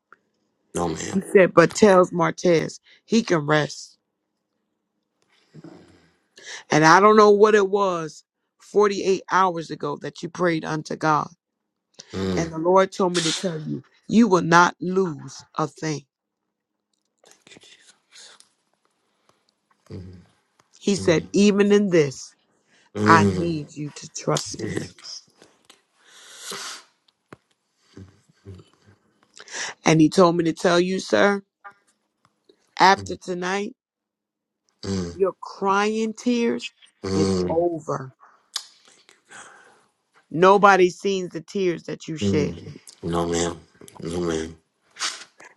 [SPEAKER 1] No, ma'am.
[SPEAKER 6] He said, But tells Martez, he can rest. And I don't know what it was 48 hours ago that you prayed unto God.
[SPEAKER 1] Mm.
[SPEAKER 6] And the Lord told me to tell you, You will not lose a thing.
[SPEAKER 1] Thank you, Jesus. Mm,
[SPEAKER 6] He said,
[SPEAKER 1] mm,
[SPEAKER 6] Even in this, I
[SPEAKER 1] mm.
[SPEAKER 6] need you to trust me.
[SPEAKER 1] Yeah.
[SPEAKER 6] And he told me to tell you, sir After tonight,
[SPEAKER 1] Mm,
[SPEAKER 6] your crying tears is
[SPEAKER 1] mm, mm,
[SPEAKER 6] over. Nobody sees the tears that you shed.
[SPEAKER 1] mm. No, ma'am. No, ma'am.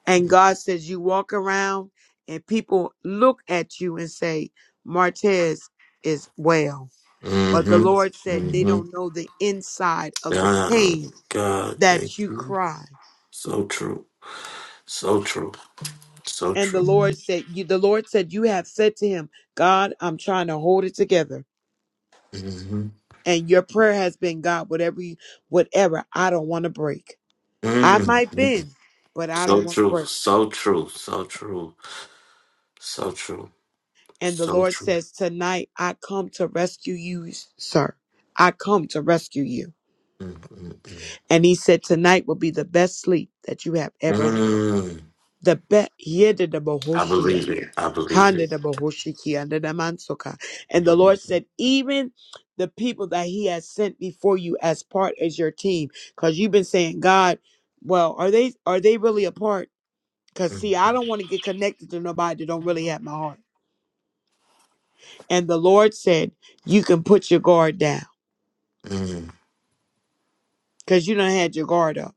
[SPEAKER 6] And God says you walk around and people look at you and say, Martez is well. But the Lord
[SPEAKER 1] Mm-hmm.
[SPEAKER 6] said they
[SPEAKER 1] Mm-hmm.
[SPEAKER 6] don't know the inside of the
[SPEAKER 1] God,
[SPEAKER 6] pain
[SPEAKER 1] God, thank
[SPEAKER 6] that you
[SPEAKER 1] you.
[SPEAKER 6] cry.
[SPEAKER 1] So true. So true. So
[SPEAKER 6] And the
[SPEAKER 1] true.
[SPEAKER 6] Lord said, You the Lord said, You have said to him, God, I'm trying to hold it together.
[SPEAKER 1] Mm-hmm.
[SPEAKER 6] And your prayer has been, God, whatever you, whatever, I don't want to break. I might
[SPEAKER 1] Mm-hmm.
[SPEAKER 6] bend, but I don't
[SPEAKER 1] So
[SPEAKER 6] want to
[SPEAKER 1] true.
[SPEAKER 6] break.
[SPEAKER 1] So true. So true. So true.
[SPEAKER 6] And the
[SPEAKER 1] So
[SPEAKER 6] Lord
[SPEAKER 1] true.
[SPEAKER 6] says, Tonight I come to rescue you, sir. I come to rescue you.
[SPEAKER 1] Mm, mm,
[SPEAKER 6] And he said, Tonight will be the best sleep that you have
[SPEAKER 1] mm.
[SPEAKER 6] ever
[SPEAKER 1] Mm.
[SPEAKER 6] the best and
[SPEAKER 1] I believe it. I believe it. I
[SPEAKER 6] the
[SPEAKER 1] believe it.
[SPEAKER 6] Lord said, even the people that He has sent before you as part as your team, because you've been saying, God, well, are they are they really a part? Because
[SPEAKER 1] Mm,
[SPEAKER 6] see, I don't want to get connected to nobody that don't really have my heart. And the Lord said, You can put your guard down
[SPEAKER 1] mm,
[SPEAKER 6] because you done had your guard up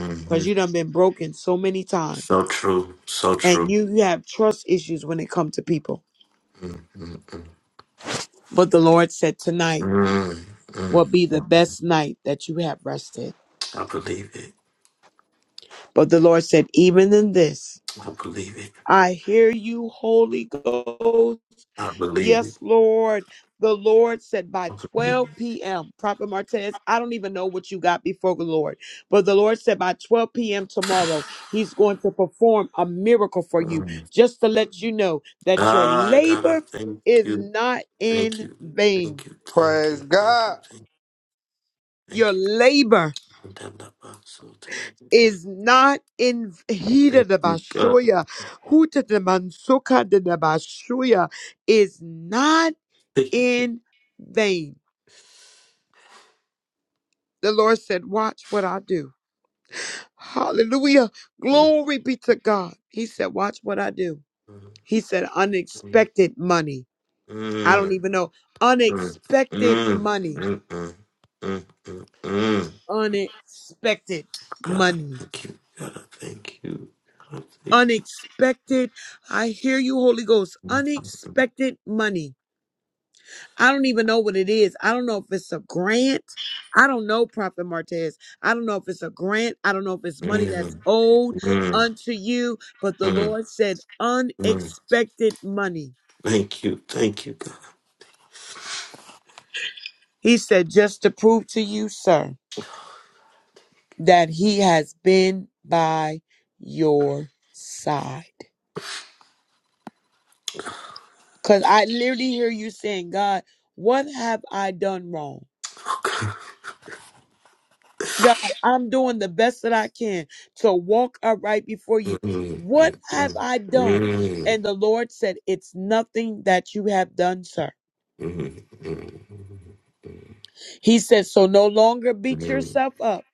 [SPEAKER 1] mm-hmm.
[SPEAKER 6] because you done been broken so many times
[SPEAKER 1] So true. So
[SPEAKER 6] and
[SPEAKER 1] true.
[SPEAKER 6] you, you have trust issues when it comes to people.
[SPEAKER 1] Mm, mm, mm.
[SPEAKER 6] But the Lord said, Tonight
[SPEAKER 1] Mm,
[SPEAKER 6] will
[SPEAKER 1] mm,
[SPEAKER 6] be the
[SPEAKER 1] mm.
[SPEAKER 6] best night that you have rested.
[SPEAKER 1] I believe it.
[SPEAKER 6] But the Lord said, Even in this,
[SPEAKER 1] I believe it.
[SPEAKER 6] I hear you, Holy Ghost.
[SPEAKER 1] I believe it.
[SPEAKER 6] Yes, Lord. The Lord said by
[SPEAKER 1] I believe it.
[SPEAKER 6] 12 p.m., Prophet Martez, I don't even know what you got before the Lord, but the Lord said by 12 p.m. tomorrow, He's going to perform a miracle for you
[SPEAKER 1] Mm.
[SPEAKER 6] just to let you know that your
[SPEAKER 1] Ah, God, I
[SPEAKER 6] labor
[SPEAKER 1] thank
[SPEAKER 6] is
[SPEAKER 1] you.
[SPEAKER 6] not
[SPEAKER 1] Thank
[SPEAKER 6] in
[SPEAKER 1] you.
[SPEAKER 6] vain.
[SPEAKER 1] Thank you. Thank you.
[SPEAKER 2] Praise
[SPEAKER 1] Thank you.
[SPEAKER 2] God.
[SPEAKER 6] Your
[SPEAKER 1] Thank
[SPEAKER 6] labor
[SPEAKER 1] you. Thank you.
[SPEAKER 6] is not in
[SPEAKER 1] Thank
[SPEAKER 6] Hida de
[SPEAKER 1] you, God.
[SPEAKER 6] bashoya, huta de mansuka de de bashoya, is not
[SPEAKER 1] Thank you.
[SPEAKER 6] in vain. The Lord said, Watch what I do. Hallelujah.
[SPEAKER 1] Mm,
[SPEAKER 6] Glory be to God. He said, Watch what I do.
[SPEAKER 1] mm,
[SPEAKER 6] He said,
[SPEAKER 1] mm,
[SPEAKER 6] Unexpected money. I don't
[SPEAKER 1] mm,
[SPEAKER 6] even know.
[SPEAKER 1] mm,
[SPEAKER 6] Unexpected
[SPEAKER 1] mm,
[SPEAKER 6] money.
[SPEAKER 1] mm, mm, mm, mm.
[SPEAKER 6] Unexpected
[SPEAKER 1] God,
[SPEAKER 6] money.
[SPEAKER 1] thank you. God, thank you. God, thank
[SPEAKER 6] Unexpected. I hear you, Holy Ghost.
[SPEAKER 1] you.
[SPEAKER 6] Unexpected money. I don't even know what it is. I don't know if it's a grant. I don't know, Prophet Martez. I don't know if it's a grant. I don't know if it's money that's
[SPEAKER 1] Mm,
[SPEAKER 6] owed
[SPEAKER 1] mm,
[SPEAKER 6] unto you. But the
[SPEAKER 1] mm,
[SPEAKER 6] Lord said,
[SPEAKER 1] mm.
[SPEAKER 6] unexpected money.
[SPEAKER 1] Thank you. Thank you, God.
[SPEAKER 6] He said, just to prove to you, sir, that He has been by your side. Because I literally hear you saying, God, what have I done wrong?
[SPEAKER 1] Oh, God.
[SPEAKER 6] God, I'm doing the best that I can to walk upright before you.
[SPEAKER 1] Mm,
[SPEAKER 6] What
[SPEAKER 1] mm,
[SPEAKER 6] have
[SPEAKER 1] mm,
[SPEAKER 6] I
[SPEAKER 1] mm,
[SPEAKER 6] done?
[SPEAKER 1] mm,
[SPEAKER 6] And the Lord said, It's nothing that you have done, sir.
[SPEAKER 1] mm,
[SPEAKER 6] He said, So no longer beat
[SPEAKER 1] mm,
[SPEAKER 6] yourself up.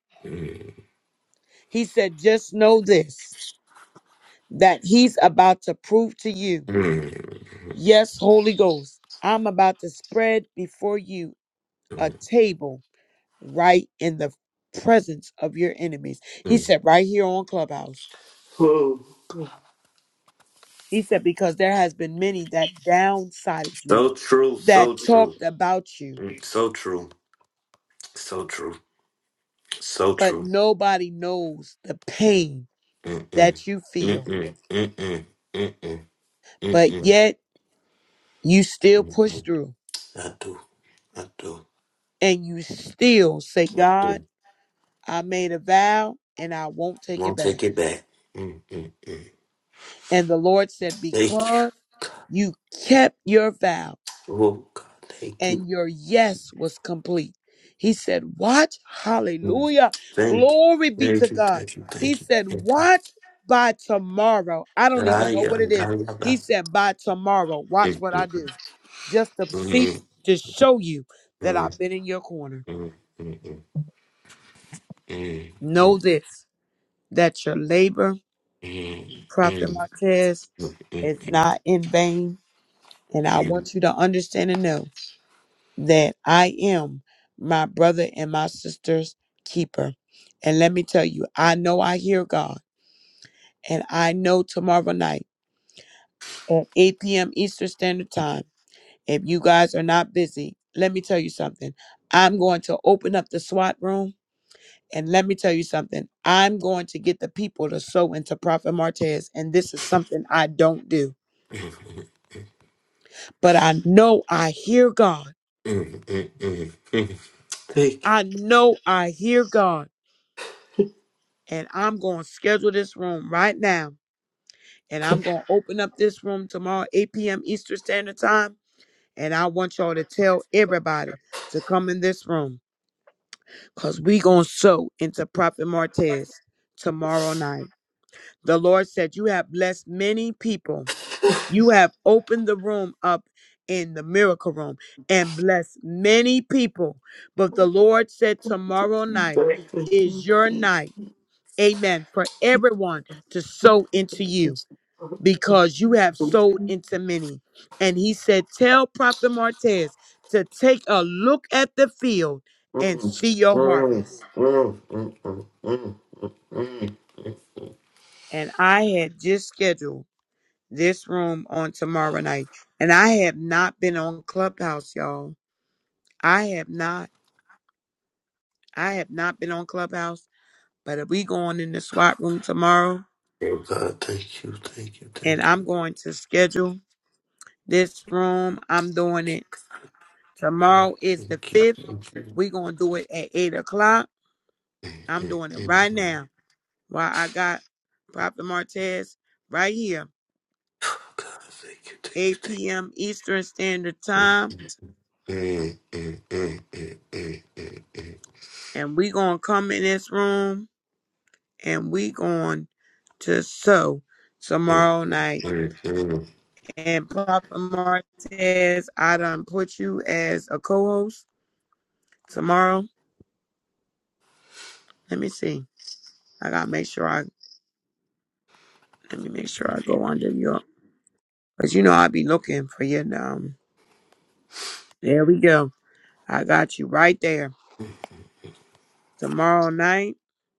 [SPEAKER 6] He said, Just know this that He's about to prove to you,
[SPEAKER 1] mm, mm,
[SPEAKER 6] yes, Holy Ghost, I'm about to spread before you a table right in the presence of your enemies. He
[SPEAKER 1] mm.
[SPEAKER 6] said, Right here on Clubhouse.
[SPEAKER 1] Oh,
[SPEAKER 6] He said, because there has been many that downsided you,
[SPEAKER 1] So true.
[SPEAKER 6] that
[SPEAKER 1] So true.
[SPEAKER 6] talked about you,
[SPEAKER 1] Mm, So true. So true. So
[SPEAKER 6] but
[SPEAKER 1] true.
[SPEAKER 6] nobody knows the pain
[SPEAKER 1] Mm-mm.
[SPEAKER 6] that you feel.
[SPEAKER 1] Mm-mm. Mm-mm. Mm-mm.
[SPEAKER 6] But
[SPEAKER 1] Mm-mm.
[SPEAKER 6] yet you still push
[SPEAKER 1] Mm-mm.
[SPEAKER 6] through
[SPEAKER 1] I do. I do.
[SPEAKER 6] and you still say,
[SPEAKER 1] I
[SPEAKER 6] God,
[SPEAKER 1] do.
[SPEAKER 6] I made a vow and I won't take it
[SPEAKER 1] Won't
[SPEAKER 6] back.
[SPEAKER 1] take it back. Mm-mm. mm.
[SPEAKER 6] And the Lord said,
[SPEAKER 1] Thank you.
[SPEAKER 6] because
[SPEAKER 1] God.
[SPEAKER 6] you kept your vow,
[SPEAKER 1] Oh, God. Thank you.
[SPEAKER 6] and your yes was complete. He said, Watch,
[SPEAKER 1] Mm.
[SPEAKER 6] hallelujah,
[SPEAKER 1] Thank you.
[SPEAKER 6] glory be to
[SPEAKER 1] Thank you.
[SPEAKER 6] God.
[SPEAKER 1] Thank you.
[SPEAKER 6] He
[SPEAKER 1] Thank you.
[SPEAKER 6] said,
[SPEAKER 1] Thank you.
[SPEAKER 6] Watch by tomorrow. I don't
[SPEAKER 1] Ah,
[SPEAKER 6] even know
[SPEAKER 1] yeah.
[SPEAKER 6] what it
[SPEAKER 1] Da,
[SPEAKER 6] is.
[SPEAKER 1] da, da.
[SPEAKER 6] He said, By tomorrow, watch
[SPEAKER 1] Mm,
[SPEAKER 6] what
[SPEAKER 1] mm,
[SPEAKER 6] I do, just to see,
[SPEAKER 1] mm.
[SPEAKER 6] to show you that
[SPEAKER 1] Mm,
[SPEAKER 6] I've been in your corner.
[SPEAKER 1] mm, mm, mm, mm, mm, mm, mm,
[SPEAKER 6] Know this that your labor, Prophet Martez,
[SPEAKER 1] mm,
[SPEAKER 6] is not in vain. And I
[SPEAKER 1] mm, mm,
[SPEAKER 6] want you to understand and know. that I am my brother and my sister's keeper. And let me tell you, I know I hear God. And I know tomorrow night at 8 p.m. Eastern Standard Time, if you guys are not busy, let me tell you something. I'm going to open up the SWAT room. And let me tell you something. I'm going to get the people to sow into Prophet Martez. And this is something I don't do.
[SPEAKER 1] mm, mm.
[SPEAKER 6] But I know I hear God.
[SPEAKER 1] Mm, mm, mm, mm. Thank you.
[SPEAKER 6] I know I hear God. And I'm going to schedule this room right now And I'm going to open up this room tomorrow, 8 p.m. Eastern Standard Time. And I want y'all to tell everybody to come in this room because we going to sow into Prophet Martez tomorrow night. The Lord said, You have blessed many people. You have opened the room up in the miracle room and blessed many people. But the Lord said, Tomorrow night
[SPEAKER 1] Thank
[SPEAKER 6] is
[SPEAKER 1] you. thank
[SPEAKER 6] your
[SPEAKER 1] you,
[SPEAKER 6] night. Amen. For everyone to sow into you because you have sold into many. And he said, Tell Prophet Martez to take a look at the field and
[SPEAKER 1] Mm,
[SPEAKER 6] see
[SPEAKER 1] mm,
[SPEAKER 6] your
[SPEAKER 1] mm,
[SPEAKER 6] harvest.
[SPEAKER 1] mm, mm, mm, mm.
[SPEAKER 6] And I had just scheduled this room on tomorrow night. And I have not been on Clubhouse, y'all. I have not. I have not been on Clubhouse. But if we going in the SWAT room tomorrow
[SPEAKER 1] Oh God, thank you, thank you,
[SPEAKER 6] and
[SPEAKER 1] thank you.
[SPEAKER 6] I'm going to schedule this room, I'm doing it.
[SPEAKER 1] God,
[SPEAKER 6] Tomorrow is the
[SPEAKER 1] thank you.
[SPEAKER 6] fifth.
[SPEAKER 1] Thank you.
[SPEAKER 6] We're gonna do it at eight o'clock
[SPEAKER 1] Mm,
[SPEAKER 6] I'm
[SPEAKER 1] mm,
[SPEAKER 6] doing it
[SPEAKER 1] mm.
[SPEAKER 6] right
[SPEAKER 1] mm.
[SPEAKER 6] now while I got Prophet Martez right here,
[SPEAKER 1] God, thank you, thank you,
[SPEAKER 6] 8
[SPEAKER 1] thank
[SPEAKER 6] p.m. Eastern Standard
[SPEAKER 1] you. Mm,
[SPEAKER 6] Time.
[SPEAKER 1] mm, mm, mm, mm, mm, mm, mm, mm, mm, mm,
[SPEAKER 6] And we going to come in this room and we going to sow
[SPEAKER 1] mm,
[SPEAKER 6] tomorrow night.
[SPEAKER 1] mm,
[SPEAKER 6] And Prophet Martez, I done put you as a co-host tomorrow. Let me see. I got to make sure I, let me make sure I go under your, because you know I'll be looking for you um, there we go. I got you right there. Tomorrow night.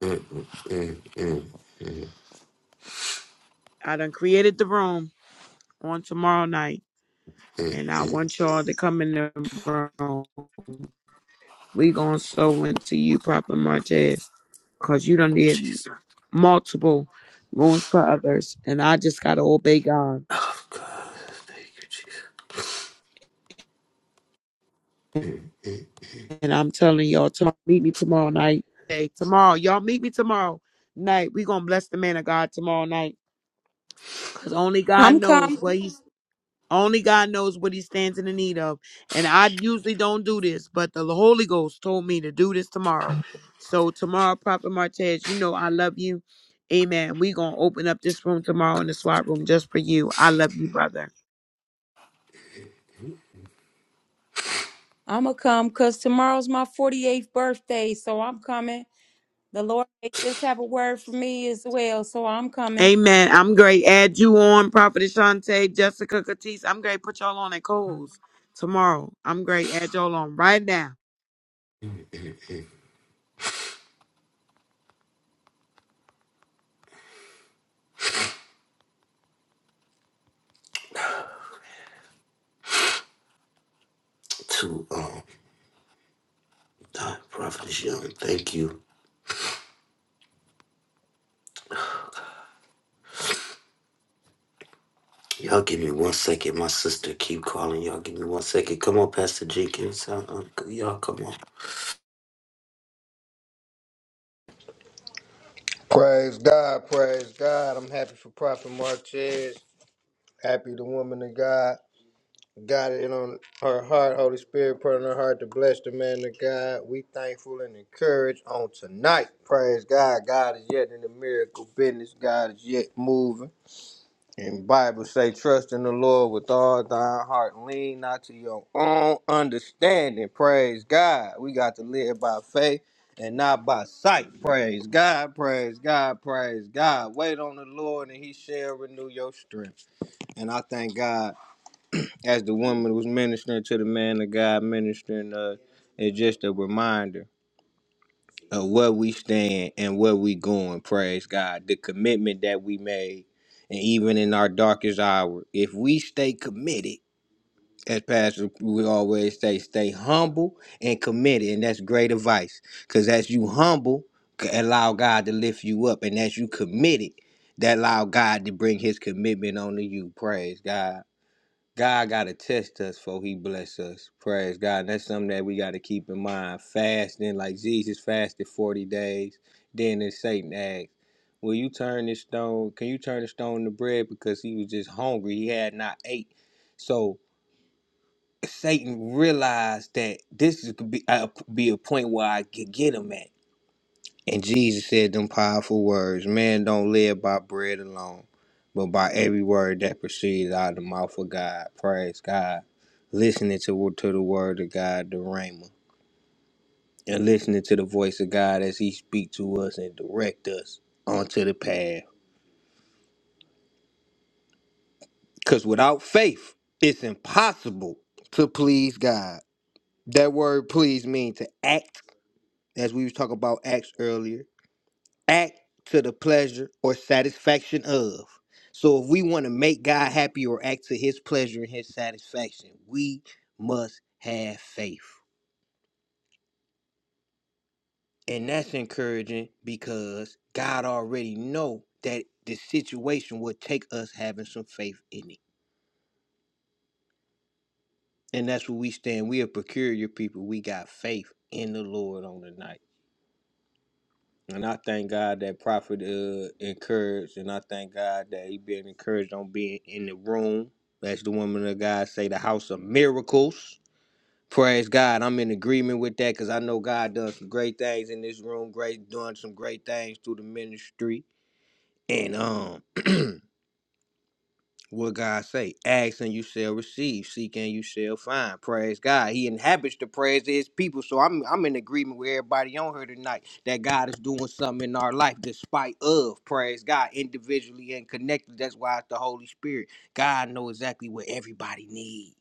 [SPEAKER 1] mm, mm,
[SPEAKER 6] I done created the room on tomorrow night,
[SPEAKER 1] mm,
[SPEAKER 6] and I
[SPEAKER 1] mm.
[SPEAKER 6] want y'all to come in the room. We gonna sow into you, Papa Martez, cause you don't need
[SPEAKER 1] Jesus.
[SPEAKER 6] multiple rooms for others, and I just gotta obey God.
[SPEAKER 1] Oh God, thank you, Jesus. Mm,
[SPEAKER 6] And I'm telling y'all, tomorrow, meet me tomorrow night. Hey, tomorrow, y'all meet me tomorrow night. We gonna bless the man of God tomorrow night, cause only God
[SPEAKER 7] I'm come.
[SPEAKER 6] knows what He's Only God knows what he stands in the need of. And I usually don't do this, but the Holy Ghost told me to do this tomorrow. So tomorrow, Prophet Martez, you know I love you. Amen. we going to open up this room tomorrow in the SWAT room just for you. I love you, brother.
[SPEAKER 7] I'ma come because tomorrow's my 48th birthday, so I'm coming. The Lord may just have a word for me as well, so I'm coming.
[SPEAKER 6] Amen. I'm great. Add you on, Prophet Ashante, Jessica Catisse. I'm great. Put y'all on at Coles tomorrow. I'm great. Add y'all on right now.
[SPEAKER 1] mm, mm. To um, uh, Prophetess Young, thank you. Y'all give me one second. My sister keep calling. Y'all give me one second. Come on, Pastor Jenkins. Uh, uh, y'all come on.
[SPEAKER 2] Praise God. Praise God. I'm happy for Prophet Martez. Happy the woman of God got it on her heart. Holy Spirit put on her heart to bless the man of God. We thankful and encouraged on tonight. Praise God. God is yet in the miracle business. God is yet moving. And Bible say, trust in the Lord with all thine heart. Lean not to your own understanding. Praise God. We got to live by faith and not by sight. Praise God. Praise God. Praise God. Wait on the Lord and he shall renew your strength. And I thank God as the woman was ministering to the man of God, ministering uh, it's just a reminder of where we stand and where we going. Praise God. The commitment that we made, and even in our darkest hour, if we stay committed, as Pastor we always say, stay humble and committed, and that's great advice. Because as you humble, c- allow God to lift you up, and as you committed, that allow God to bring His commitment onto you. Praise God. God got to test us before he bless us. Praise God. And that's something that we got to keep in mind. Fasting, like Jesus fasted 40 days. Then then Satan asked, will you turn this stone, can you turn the stone to bread? Because he was just hungry. He had not ate. So Satan realized that this is could be, uh, be a point where I could get him at. And Jesus said them powerful words Man don't live by bread alone, but by every word that proceeds out of the mouth of God. Praise God. Listening to, to the word of God, the Rhema, and listening to the voice of God as He speak to us and direct us onto the path. Because without faith, it's impossible to please God. That word please means to act, as we was talking about acts earlier act to the pleasure or satisfaction of. So if we want to make God happy or act to his pleasure and his satisfaction, we must have faith. And that's encouraging because God already know that the situation will take us having some faith in it. And that's where we stand. We are peculiar people. We got faith in the Lord on the night. And I thank God that Prophet uh, encouraged, and I thank God that he been encouraged on being in the room. As the woman of God say, the house of miracles. Praise God. I'm in agreement with that because I know God done some great things in this room, great doing some great things through the ministry. And um What God say? Ask and you shall receive. Seek and you shall find. Praise God. He inhabits the praise of his people. So I'm I'm in agreement with everybody on here tonight that God is doing something in our life despite of praise God individually and connected. That's why it's the Holy Spirit. God knows exactly what everybody needs.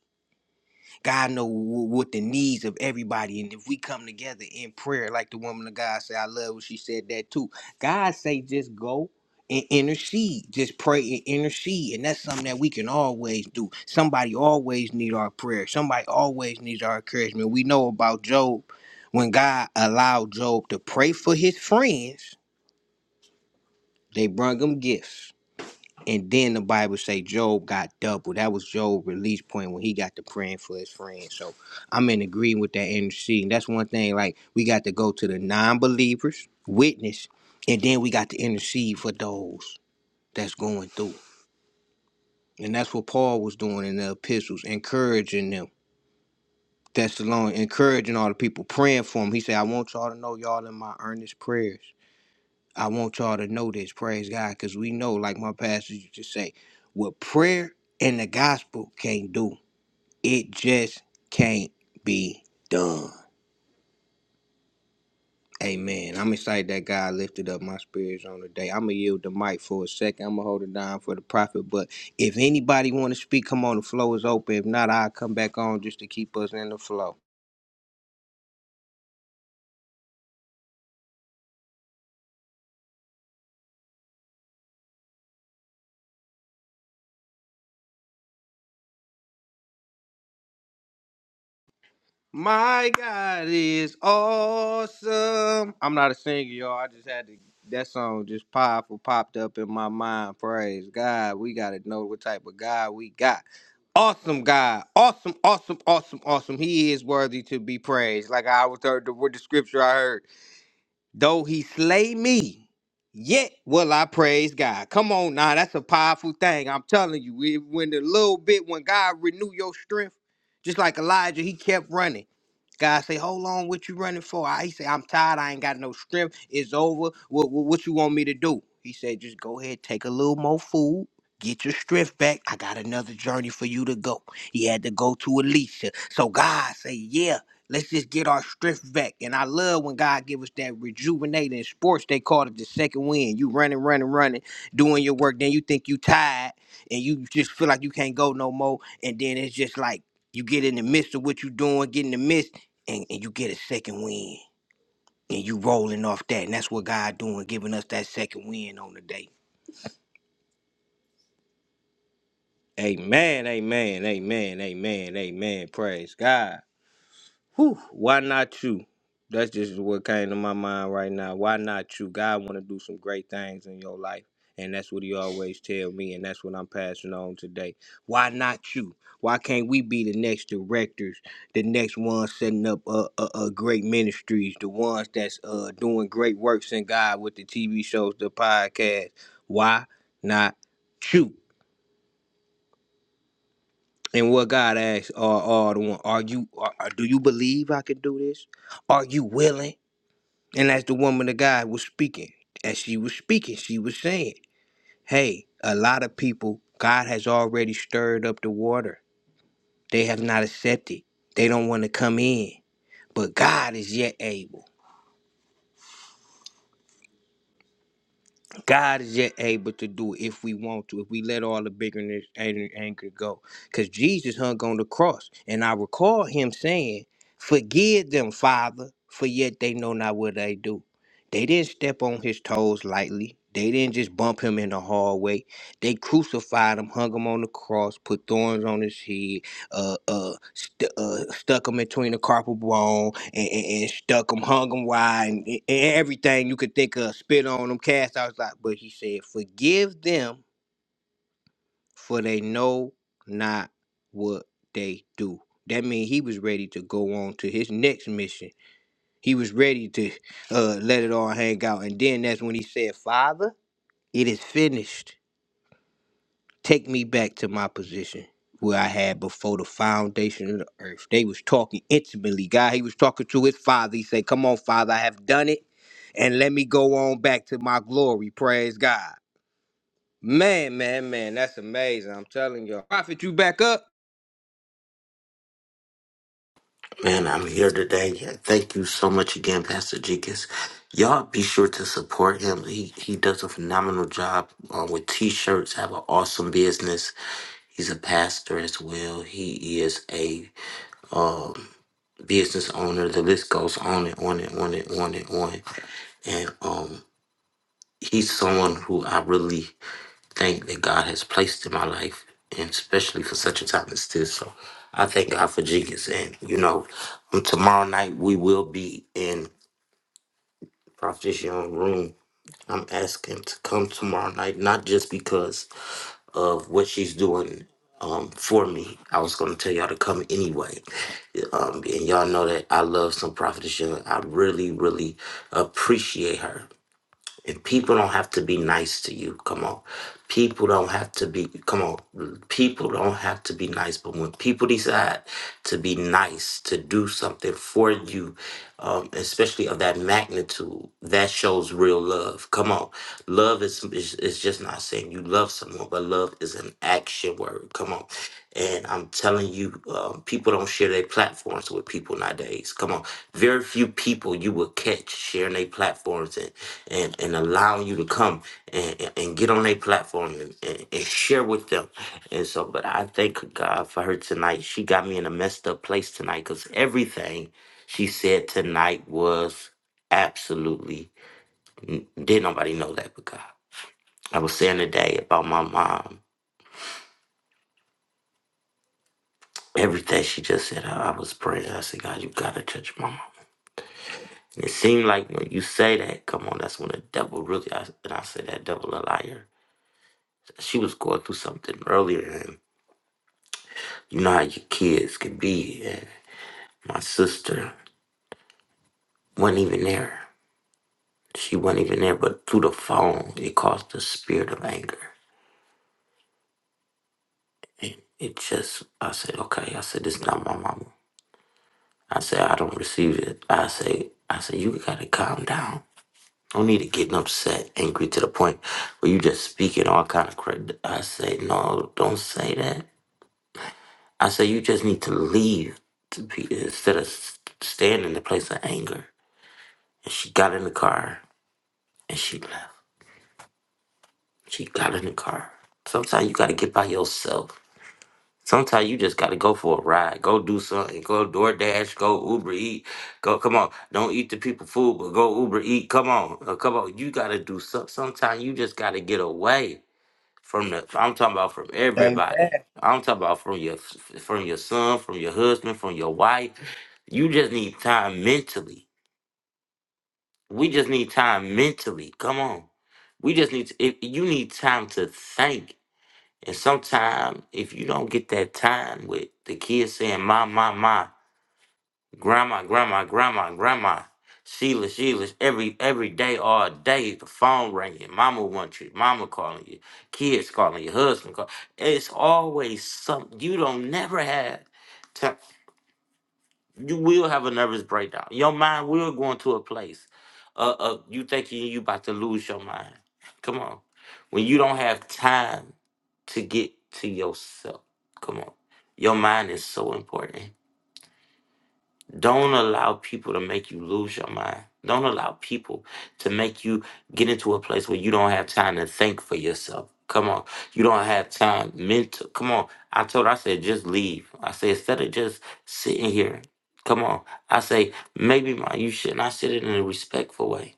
[SPEAKER 2] God know wh- what the needs of everybody, and if we come together in prayer, like the woman of God said, I love what she said that too. God say just go and intercede, just pray and intercede, and that's something that we can always do. Somebody always need our prayer. Somebody always needs our encouragement. We know about Job when God allowed Job to pray for his friends, they brung him gifts. And then the Bible say Job got double. That was Job' release point when he got to praying for his friends. So I'm in agreement with that interceding. That's one thing. Like we got to go to the non-believers, witness, and then we got to intercede for those that's going through. And that's what Paul was doing in the epistles, encouraging them. That's the Thessalonians, encouraging all the people, praying for him. He said, I want y'all to know y'all in my earnest prayers. I want y'all to know this, praise God, because we know, like my pastor used to say, what prayer and the gospel can't do, it just can't be done. Amen. I'm excited that God lifted up my spirits on the day. I'm gonna yield the mic for a second. I'm gonna hold it down for the prophet. But if anybody want to speak, come on. The flow is open. If not, I'll come back on just to keep us in the flow. My God is awesome. I'm not a singer, y'all. I just had to. That song just powerful popped up in my mind. Praise God. We got to know what type of God we got. Awesome God. Awesome, awesome, awesome, awesome. He is worthy to be praised. Like I was heard the, with the scripture I heard. Though he slay me, yet will I praise God. Come on now, that's a powerful thing. I'm telling you, it- when the little bit, when God renew your strength, just like Elijah, he kept running. God say, hold on, what you running for? I, he say, I'm tired. I ain't got no strength. It's over. What, what, what you want me to do? He said, just go ahead, take a little more food. Get your strength back. I got another journey for you to go. He had to go to Elisha. So God say, yeah, Let's just get our strength back. And I love when God give us that rejuvenating In sports. They call it the second wind. You running, running, running, doing your work. Then you think you tired and you just feel like you can't go no more. And then it's just like you get in the midst of what you doing, get in the midst, and, and you get a second wind. And you rolling off that. And that's what God doing, giving us that second wind on the day. Amen, amen, amen, amen, amen. Praise God. Whew, why not you? That's just what came to my mind right now. Why not you? God want to do some great things in your life. And that's what he always tell me, and that's what I'm passing on today. Why not you? Why can't we be the next directors, the next ones setting up uh, uh, uh, great ministries, the ones that's uh, doing great works in God with the TV shows, the podcast? Why not you? And what God asks are, are the one, are you, are, are- do you believe I can do this? Are you willing? And as the woman of God was speaking, as she was speaking, she was saying, Hey, a lot of people, God has already stirred up the water. They have not accepted. They don't want to come in. But God is yet able. God is yet able to do it if we want to, if we let all the bitterness and anger go. Because Jesus hung on the cross. And I recall him saying, Forgive them, Father, for yet they know not what they do. They didn't step on his toes lightly. They didn't just bump him in the hallway. They crucified him, hung him on the cross, put thorns on his head, uh, uh, st- uh, stuck them between the carpal bone and, and, and stuck them, hung them wide, and, and everything you could think of, spit on them, cast out. Like, but he said, forgive them, for they know not what they do. That means he was ready to go on to his next mission. He was ready to uh, let it all hang out. And then that's when he said, Father, it is finished Take me back to my position where I had before the foundation of the earth. They was talking intimately. God, he was talking to his father. He said, Come on, Father, I have done it. And let me go on back to my glory. Praise God. Man, man, man, that's amazing. I'm telling you. Prophet, you back up?
[SPEAKER 1] Man, I'm here today. Yeah, thank you so much again, Pastor Jenkins. Y'all be sure to support him. He he does a phenomenal job uh, with t-shirts. Have an awesome business. He's a pastor as well. He is a um. business owner. The list goes on and on and on and on and on. And um, he's someone who I really think that God has placed in my life, and especially for such a time as this. So I thank God for Jenkins. And, you know, um, tomorrow night we will be in Prophet Young Room. I'm asking to come tomorrow night, not just because of what she's doing um, for me. I was going to tell y'all to come anyway. Um, and y'all know that I love some prophetess. Young. I really, really appreciate her. If people don't have to be nice to you, come on. People don't have to be, come on. People don't have to be nice, but when people decide to be nice, to do something for you, um, especially of that magnitude, that shows real love. Come on. Love is, is, is just not saying you love someone, but love is an action word. Come on. And I'm telling you, um, people don't share their platforms with people nowadays. Come on. Very few people you will catch sharing their platforms and, and allowing you to come and, and and get on their platform and, and, and share with them. And so, but I thank God for her tonight. She got me in a messed up place tonight because everything she said tonight was absolutely, did nobody know that but God. I was saying today about my mom, everything she just said, I, I was praying. I said, God, you got to touch my mom. And it seemed like when you say that, come on, that's when the devil really, I, and I said, that devil a liar. She was going through something earlier You know how your kids could be. And my sister wasn't even there. She wasn't even there, but through the phone, it caused the spirit of anger. And it just, I said, okay. I said, this is not my mama. I said, I don't receive it. I say, I said, you gotta calm down. Don't need to get upset, angry to the point where you just speaking all kind of crazy. I say, no, don't say that. I say, you just need to leave to be, instead of s- staying in the place of anger. And she got in the car and she left. She got in the car. Sometimes you gotta get by yourself. Sometimes you just gotta go for a ride. Go do something. Go DoorDash. Go Uber Eat. Go come on. Don't eat the people food, but go Uber Eat. Come on. Uh, come on. You gotta do something. Sometimes you just gotta get away from the I'm talking about from
[SPEAKER 2] Amen.
[SPEAKER 1] everybody. I'm talking about from your from your son, from your husband, from your wife. You just need time mentally We just need time mentally. Come on. We just need to, if you need time to think. And sometimes if you don't get that time with the kids saying my my my grandma grandma grandma grandma Sheila Sheila every every day all day the phone ringing mama wants you mama calling you kids calling you husband calling it's always something you don't never have time you will have a nervous breakdown. Your mind will go into a place. Uh, uh you thinking you about to lose your mind. Come on, when you don't have time to get to yourself. Come on, your mind is so important. Don't allow people to make you lose your mind. Don't allow people to make you get into a place where you don't have time to think for yourself. Come on. You don't have time mental. Come on. I told her, I said, just leave. I said, instead of just sitting here, come on. I say, maybe my, you should, and I said it in a respectful way.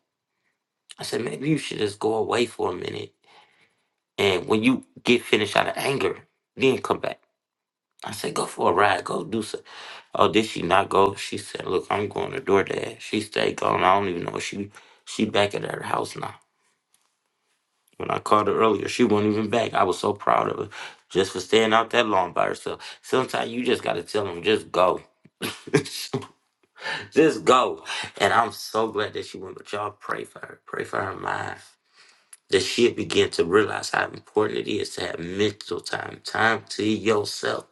[SPEAKER 1] I said, maybe you should just go away for a minute. And when you get finished out of anger, then come back. I said, go for a ride. Go do something Oh, did she not go? She said, "Look, I'm going to DoorDash." She stayed gone. I don't even know if she she back at her house now. When I called her earlier, she wasn't even back. I was so proud of her just for staying out that long by herself. Sometimes you just gotta tell them, just go, just go. And I'm so glad that she went. But y'all pray for her. Pray for her mind that she'll begin to realize how important it is to have mental time, time to yourself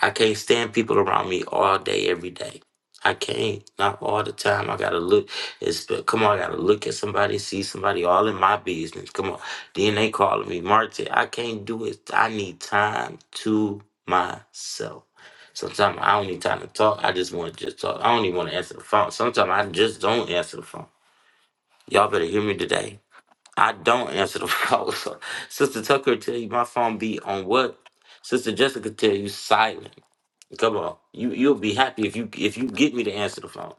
[SPEAKER 1] I can't stand people around me all day, every day. I can't. Not all the time. I gotta look. It's but come on. I gotta look at somebody, see somebody, all in my business. Come on. Then they calling me Marty. I can't do it. I need time to myself. Sometimes I don't need time to talk. I just want to just talk. I don't even want to answer the phone. Sometimes I just don't answer the phone. Y'all better hear me today. I don't answer the phone. So, Sister Tucker tell you my phone be on what? Sister Jessica tell you silent. Come on, you you'll be happy if you if you get me to answer the phone.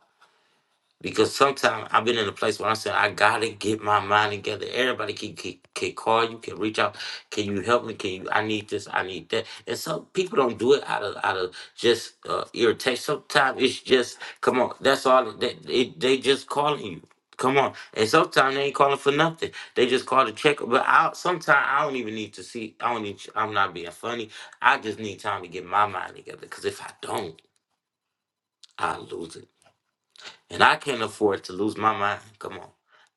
[SPEAKER 1] Because sometimes I've been in a place where I said I gotta get my mind together. Everybody can, can can call you, can reach out. Can you help me? Can you? I need this. I need that. And some people don't do it out of out of just uh, irritation. Sometimes it's just come on. That's all. They they, they just calling you. Come on. And sometimes they ain't calling for nothing. They just call to check. But I sometimes I don't even need to see. I don't need. I'm not being funny. I just need time to get my mind together. Cause if I don't. I lose it. And I can't afford to lose my mind. Come on.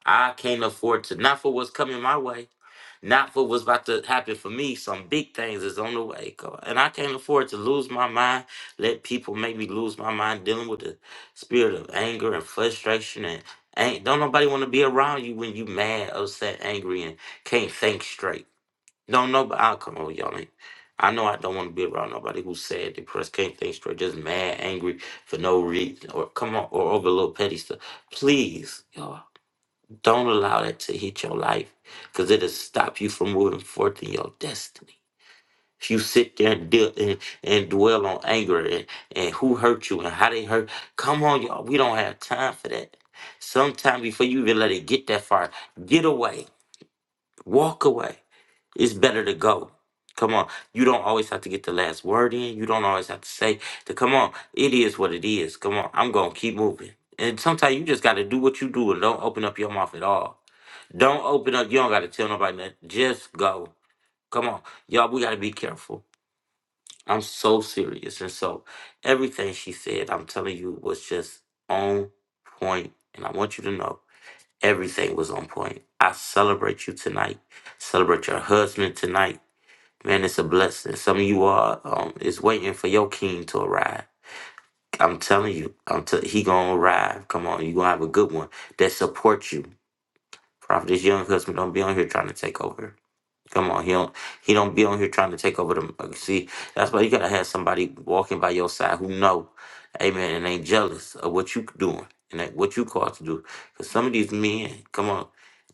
[SPEAKER 1] I can't afford to, not for what's coming my way, not for what's about to happen for me. Some big things is on the way. Come on. And I can't afford to lose my mind, let people make me lose my mind dealing with the spirit of anger and frustration and ain't don't nobody want to be around you when you mad, upset, angry, and can't think straight. Don't know, but I'll come over y'all. Ain't. I know I don't want to be around nobody who's sad, depressed, can't think straight, just mad, angry for no reason, or come on, or over little petty stuff. Please, y'all, don't allow that to hit your life, cause it'll stop you from moving forth in your destiny. If you sit there and deal and, and dwell on anger and, and who hurt you and how they hurt, come on, y'all, we don't have time for that. Sometime before you even let it get that far, get away Walk away. It's better to go. Come on. You don't always have to get the last word in. You don't always have to say to come on. It is what it is. Come on. I'm gonna keep moving. And sometimes you just gotta do what you do and don't open up your mouth at all. Don't open up. You don't gotta tell nobody nothing. Just go. Come on. Y'all, we gotta be careful. I'm so serious. And so everything she said, I'm telling you, was just on point. And I want you to know. Everything was on point. I celebrate you tonight. Celebrate your husband tonight. Man, it's a blessing. Some of you are um, is waiting for your king to arrive. I'm telling you, I'm t- he gonna arrive. Come on, you gonna have a good one that support you. Prophet, this young husband don't be on here trying to take over. Come on, he don't he don't be on here trying to take over the uh, see. That's why you gotta have somebody walking by your side who know, amen, and ain't jealous of what you doing and that what you called to do. Cause some of these men, come on,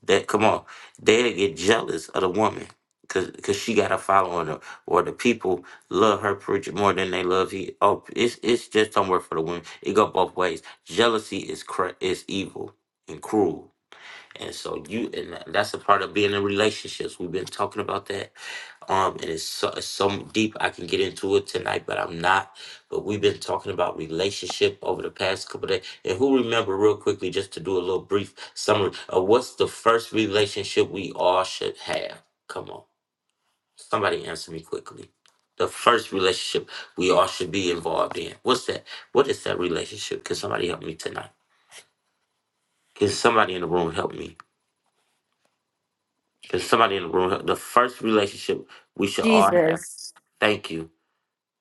[SPEAKER 1] that come on, they get jealous of the woman. Cause, Cause she got a following or, or the people love her preacher more than they love he. Oh, it's it's just don't work for the women. It go both ways. Jealousy is cra- is evil and cruel. And so you and that's a part of being in relationships. We've been talking about that. Um, and it's so it's so deep I can get into it tonight, but I'm not. But we've been talking about relationship over the past couple days. And who remember real quickly, just to do a little brief summary of what's the first relationship we all should have? Come on. Somebody answer me quickly. The first relationship we all should be involved in. What's that? What is that relationship? Can somebody help me tonight? Can somebody in the room help me? Because somebody in the room, the first relationship we should all have.
[SPEAKER 4] Jesus.
[SPEAKER 1] Thank you.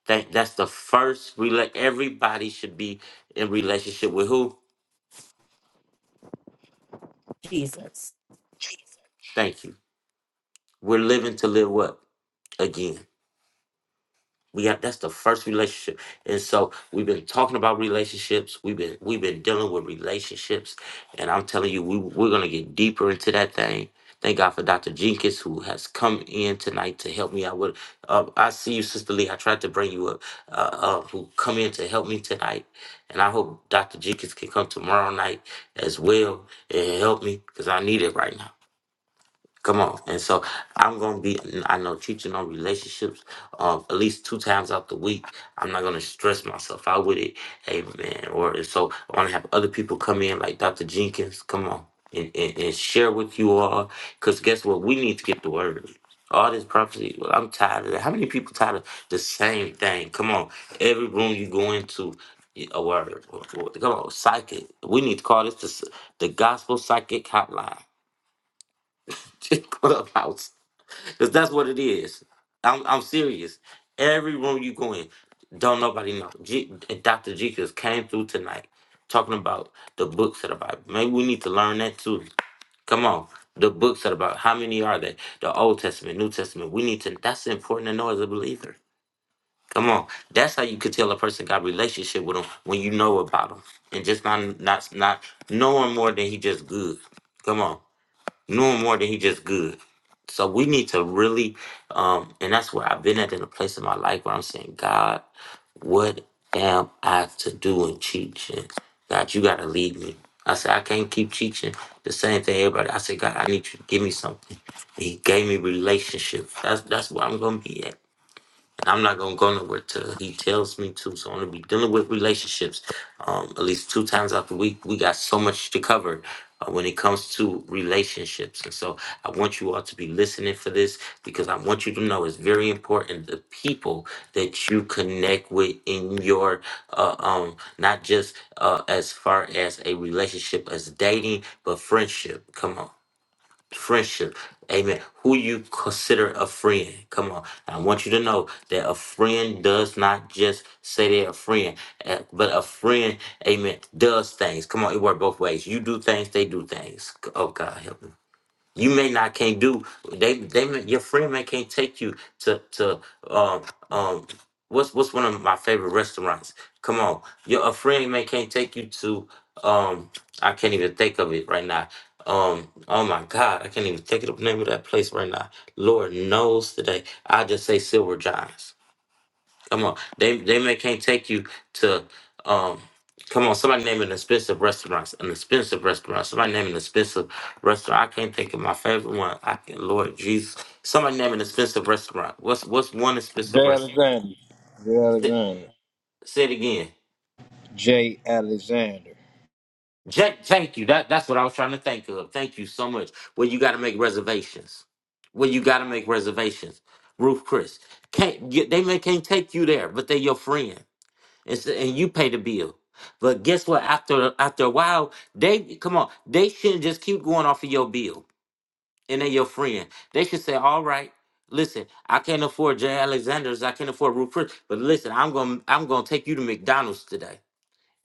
[SPEAKER 1] Thank. That's the first. Rela- everybody should be in relationship with who?
[SPEAKER 4] Jesus.
[SPEAKER 1] Thank you. We're living to live what again? We have that's the first relationship. And so we've been talking about relationships. We've been we've been dealing with relationships. And I'm telling you, we we're gonna get deeper into that thing. Thank God for Dr. Jenkins who has come in tonight to help me out with uh, I see you, Sister Lee. I tried to bring you up, uh, uh, who come in to help me tonight. And I hope Dr. Jenkins can come tomorrow night as well and help me because I need it right now. Come on. And so I'm going to be, I know, teaching on relationships uh, at least two times out the week. I'm not going to stress myself out with it. Amen. Or and so I want to have other people come in, like Dr. Jenkins, come on, and, and, and share with you all. Because guess what? We need to get the word. All this prophecy, well, I'm tired of that. How many people tired of the same thing? Come on. Every room you go into, a word. Come on, psychic. We need to call this the, the gospel psychic hotline. Clubhouse. Cause that's what it is. I'm I'm serious. Every room you go in, don't nobody know. G, Dr. Jekus came through tonight talking about the books of the Bible. Maybe we need to learn that too. Come on. The books of the Bible. How many are there? The Old Testament, New Testament. We need to that's important to know as a believer. Come on. That's how you could tell a person got a relationship with them when you know about them. And just not not not knowing more than he just good. Come on. Knowing more than he just good. So we need to really, um, and that's where I've been at in a place in my life where I'm saying, God, what am I to do in teaching? God, you gotta lead me. I said, I can't keep teaching the same thing everybody. I said, God, I need you to give me something. He gave me relationship. That's that's where I'm gonna be at. I'm not gonna go nowhere till he tells me to. So I'm gonna be dealing with relationships, um, at least two times out the week. We got so much to cover uh, when it comes to relationships, and so I want you all to be listening for this because I want you to know it's very important the people that you connect with in your, uh, um, not just uh, as far as a relationship as dating, but friendship. Come on, friendship. Amen. Who you consider a friend. Come on. I want you to know that a friend does not just say they're a friend, eh, but a friend, amen, does things. Come on, it works both ways. You do things, they do things. Oh, God, help me. You may not can't do they they may, your friend may can't take you to to um um what's what's one of my favorite restaurants? Come on, your a friend may can't take you to um I can't even think of it right now. Um oh my God, I can't even think of the name of that place right now. Lord knows today. I just say Silver Giants. Come on, they they may can't take you to um. Come on, somebody name an expensive restaurant. An expensive restaurant. Somebody name an expensive restaurant. I can't think of my favorite one. I can Lord Jesus. Somebody name an expensive restaurant. What's what's one expensive
[SPEAKER 2] Jay
[SPEAKER 1] restaurant?
[SPEAKER 2] Alexander. Jay
[SPEAKER 1] Say,
[SPEAKER 2] Alexander.
[SPEAKER 1] say it again.
[SPEAKER 2] J. Alexander.
[SPEAKER 1] Jack, thank you. That that's what I was trying to think of. Thank you so much. Well, you got to make reservations. Well, you got to make reservations. Ruth, Chris, can't you- they may can't take you there, but they're your friend. It's, and you pay the bill. But guess what? After after a while, they come on. They shouldn't just keep going off of your bill and they your friend. They should say, "All right, listen, I can't afford Jay Alexander's. I can't afford Ruth Chris, but listen, I'm gonna I'm gonna take you to McDonald's today."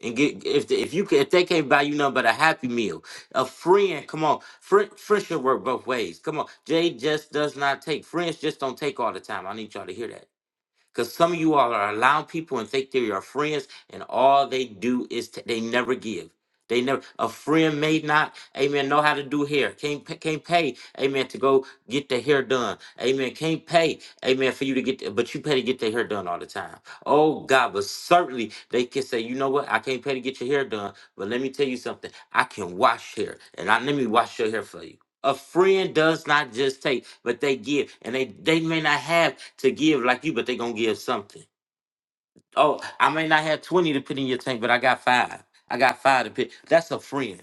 [SPEAKER 1] And get if the, if you ca- if they can't buy you nothing but a happy meal, a friend, come on, friend, friendship work both ways. Come on, Jay just does not take friends just don't take all the time. I need y'all to hear that. Because some of you all are allowing people and think they are your friends, and all they do is t- they never give. They never a friend may not, amen, know how to do hair. Can't pa- can't pay, amen, to go get the hair done. Amen. Can't pay, amen, for you to get, but you pay to get their hair done all the time. Oh God, but certainly they can say, you know what, I can't pay to get your hair done, but let me tell you something. I can wash hair, and I let me wash your hair for you. A friend does not just take, but they give. And they, they may not have to give like you, but they're going to give something. Oh, I may not have 20 to put in your tank, but I got five. I got five to put. That's a friend.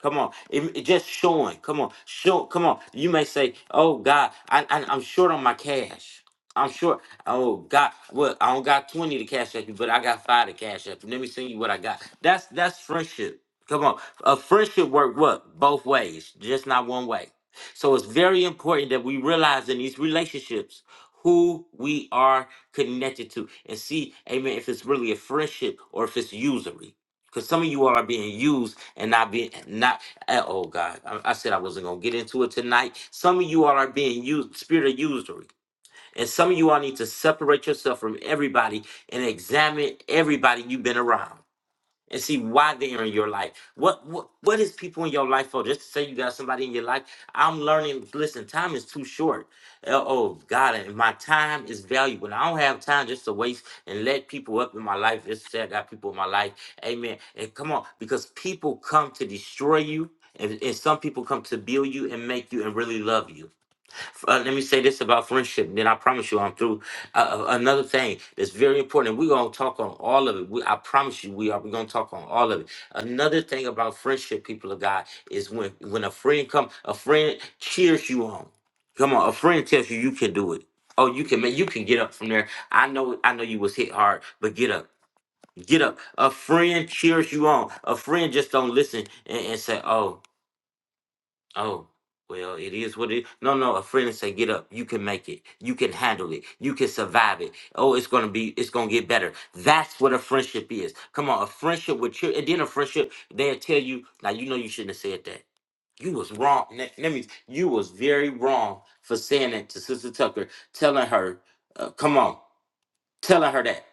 [SPEAKER 1] Come on. It, it just showing. Come on. Show. Come on. You may say, oh, God, I, I, I'm short on my cash. I'm short. Oh, God. Well, I don't got 20 to cash at you, but I got five to cash at you. Let me send you what I got. That's that's friendship. Come on. A friendship work what? Both ways, just not one way. So it's very important that we realize in these relationships who we are connected to and see, amen, if it's really a friendship or if it's usury. Because some of you all are being used and not being not. eh, Oh God, I, I said I wasn't gonna get into it tonight. Some of you all are being used, spirit of usury, and some of you all need to separate yourself from everybody and examine everybody you've been around and see why they're in your life. What what what is people in your life for? Just to say you got somebody in your life. I'm learning. Listen, time is too short. Uh, Oh God, and my time is valuable. I don't have time just to waste and let people up in my life. Just to say I got people in my life. Amen. And come on, because people come to destroy you. And, and some people come to build you and make you and really love you uh, let me say this about friendship, then I promise you I'm through. Uh, uh, another thing that's very important, and we're going to talk on all of it. We, I promise you, we are. We're going to talk on all of it. Another thing about friendship, people of God, is when when a friend come, a friend cheers you on. Come on, a friend tells you you can do it. Oh, you can make, you can get up from there. I know, I know you was hit hard, but get up, get up. A friend cheers you on. A friend just don't listen and, and say, oh. Oh, well, it is what it. No, no, a friend say, "Get up. You can make it. You can handle it. You can survive it. Oh, it's gonna be. It's gonna get better." That's what a friendship is. Come on, a friendship with you, and then a friendship. They'll tell you, "Now you know you shouldn't have said that. You was wrong." Let let me. You was very wrong for saying that to Sister Tucker, telling her, uh, "Come on, telling her that."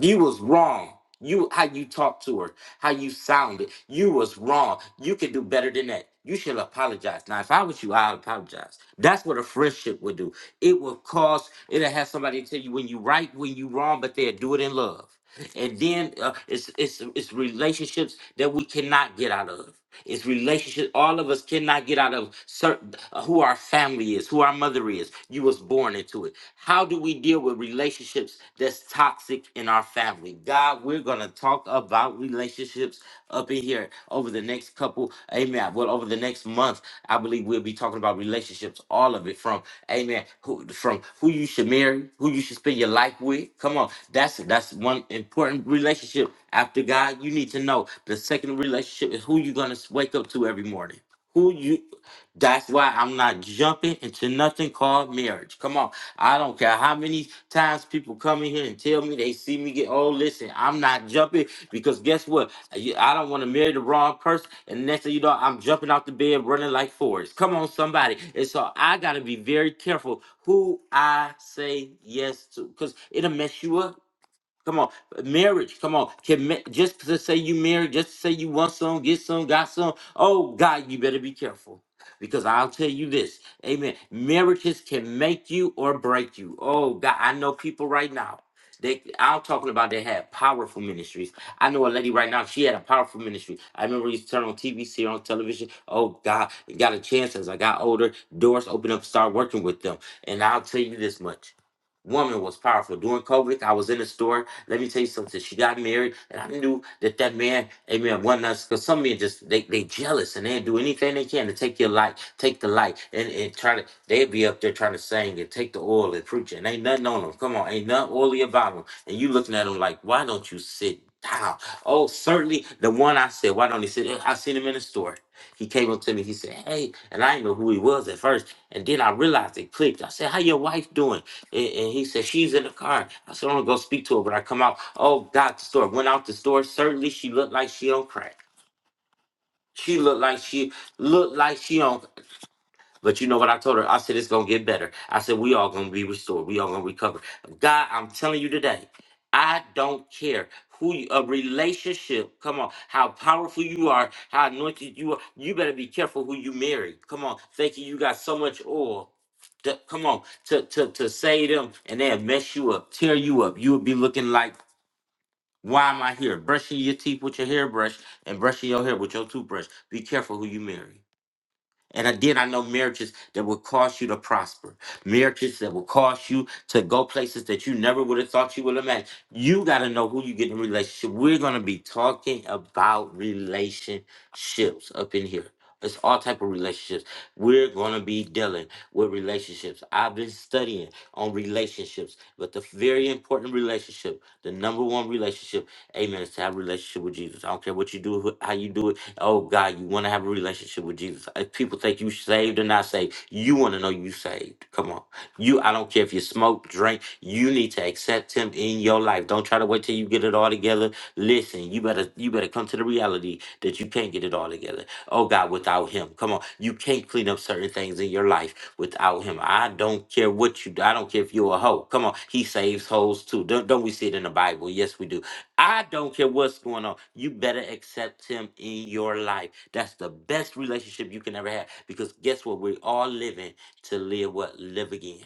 [SPEAKER 1] You was wrong. You how you talked to her, how you sounded. You was wrong. You can do better than that. You should apologize. Now, if I was you, I'd apologize. That's what a friendship would do. It will cause. It'll have somebody tell you when you right, when you wrong, but they'll do it in love. And then uh, it's it's it's relationships that we cannot get out of. It's relationships all of us cannot get out of certain uh, who our family is, who our mother is. You was born into it. How do we deal with relationships that's toxic in our family? God, we're going to talk about relationships up in here over the next couple, amen. Well, over the next month, I believe we'll be talking about relationships, all of it from, amen, who, from who you should marry, who you should spend your life with. Come on, that's that's one important relationship after God. You need to know the second relationship is who you're going to wake up to every morning. Who you that's why I'm not jumping into nothing called marriage. Come on. I don't care how many times people come in here and tell me they see me get old. Listen, I'm not jumping because guess what? You- I don't want to marry the wrong person. And next thing you know, I'm jumping out the bed running like Forrest. Come on, somebody. And so I got to be very careful who I say yes to because it'll mess you up. Come on, marriage. Come on, can ma- just to say you married, just to say you want some, get some, got some. Oh God, you better be careful because I'll tell you this. Amen. Marriages can make you or break you. Oh God, I know people right now. They, I'm talking about they had powerful ministries. I know a lady right now. She had a powerful ministry. I remember we used to turn on TV, see her on television. Oh God, got a chance as I got older. Doors opened up, start working with them. And I'll tell you this much woman was powerful. During COVID, I was in the store. Let me tell you something. She got married, and I knew that that man, amen, one us because some men just they they jealous and they do anything they can to take your light, take the light, and and try to they be up there trying to sing and take the oil and preach, and ain't nothing on them. Come on, ain't nothing oily about them. And you looking at them like, why don't you sit? down? Oh, certainly the one I said, why don't he sit? I seen him in the store. He came up to me. He said, "Hey," and I didn't know who he was at first. And then I realized it clicked. I said, "How your wife doing?" And, and he said, She's in the car. I said, I'm gonna go speak to her. But I come out, oh, got the store. Went out the store. Certainly she looked like she on crack. She looked like she looked like she on but you know what I told her? I said, it's going to get better. I said, we all going to be restored. We all going to recover. God, I'm telling you today, I don't care who you, a relationship, come on, how powerful you are, how anointed you are. You better be careful who you marry. Come on, thinking you got so much oil. to- come on, to, to, to say them and they'll mess you up, tear you up. You would be looking like, why am I here? Brushing your teeth with your hairbrush and brushing your hair with your toothbrush. Be careful who you marry. And I- then I know marriages that will cause you to prosper, marriages that will cause you to go places that you never would have thought you would imagine. You got to know who you get in a relationship. We're going to be talking about relationships up in here. It's all type of relationships. We're going to be dealing with relationships. I've been studying on relationships, but the very important relationship, the number one relationship Amen. It's To have a relationship with Jesus. I don't care what you do, who- how you do it. Oh God, you want to have a relationship with Jesus. If people think you saved or not saved, you want to know you saved. Come on. You I don't care if you smoke, drink, you need to accept him in your life. Don't try to wait till you get it all together. Listen, you better you better come to the reality that you can't get it all together. Oh God, without him. Come on. You can't clean up certain things in your life without him. I don't care what you do. I don't care if you're a hoe. Come on. He saves hoes too. Don't, don't we see it in the Bible? Yes, we do. I don't care what's going on. You better accept him in your life. That's the best relationship you can ever have. Because guess what? We're all living to live what? Live again.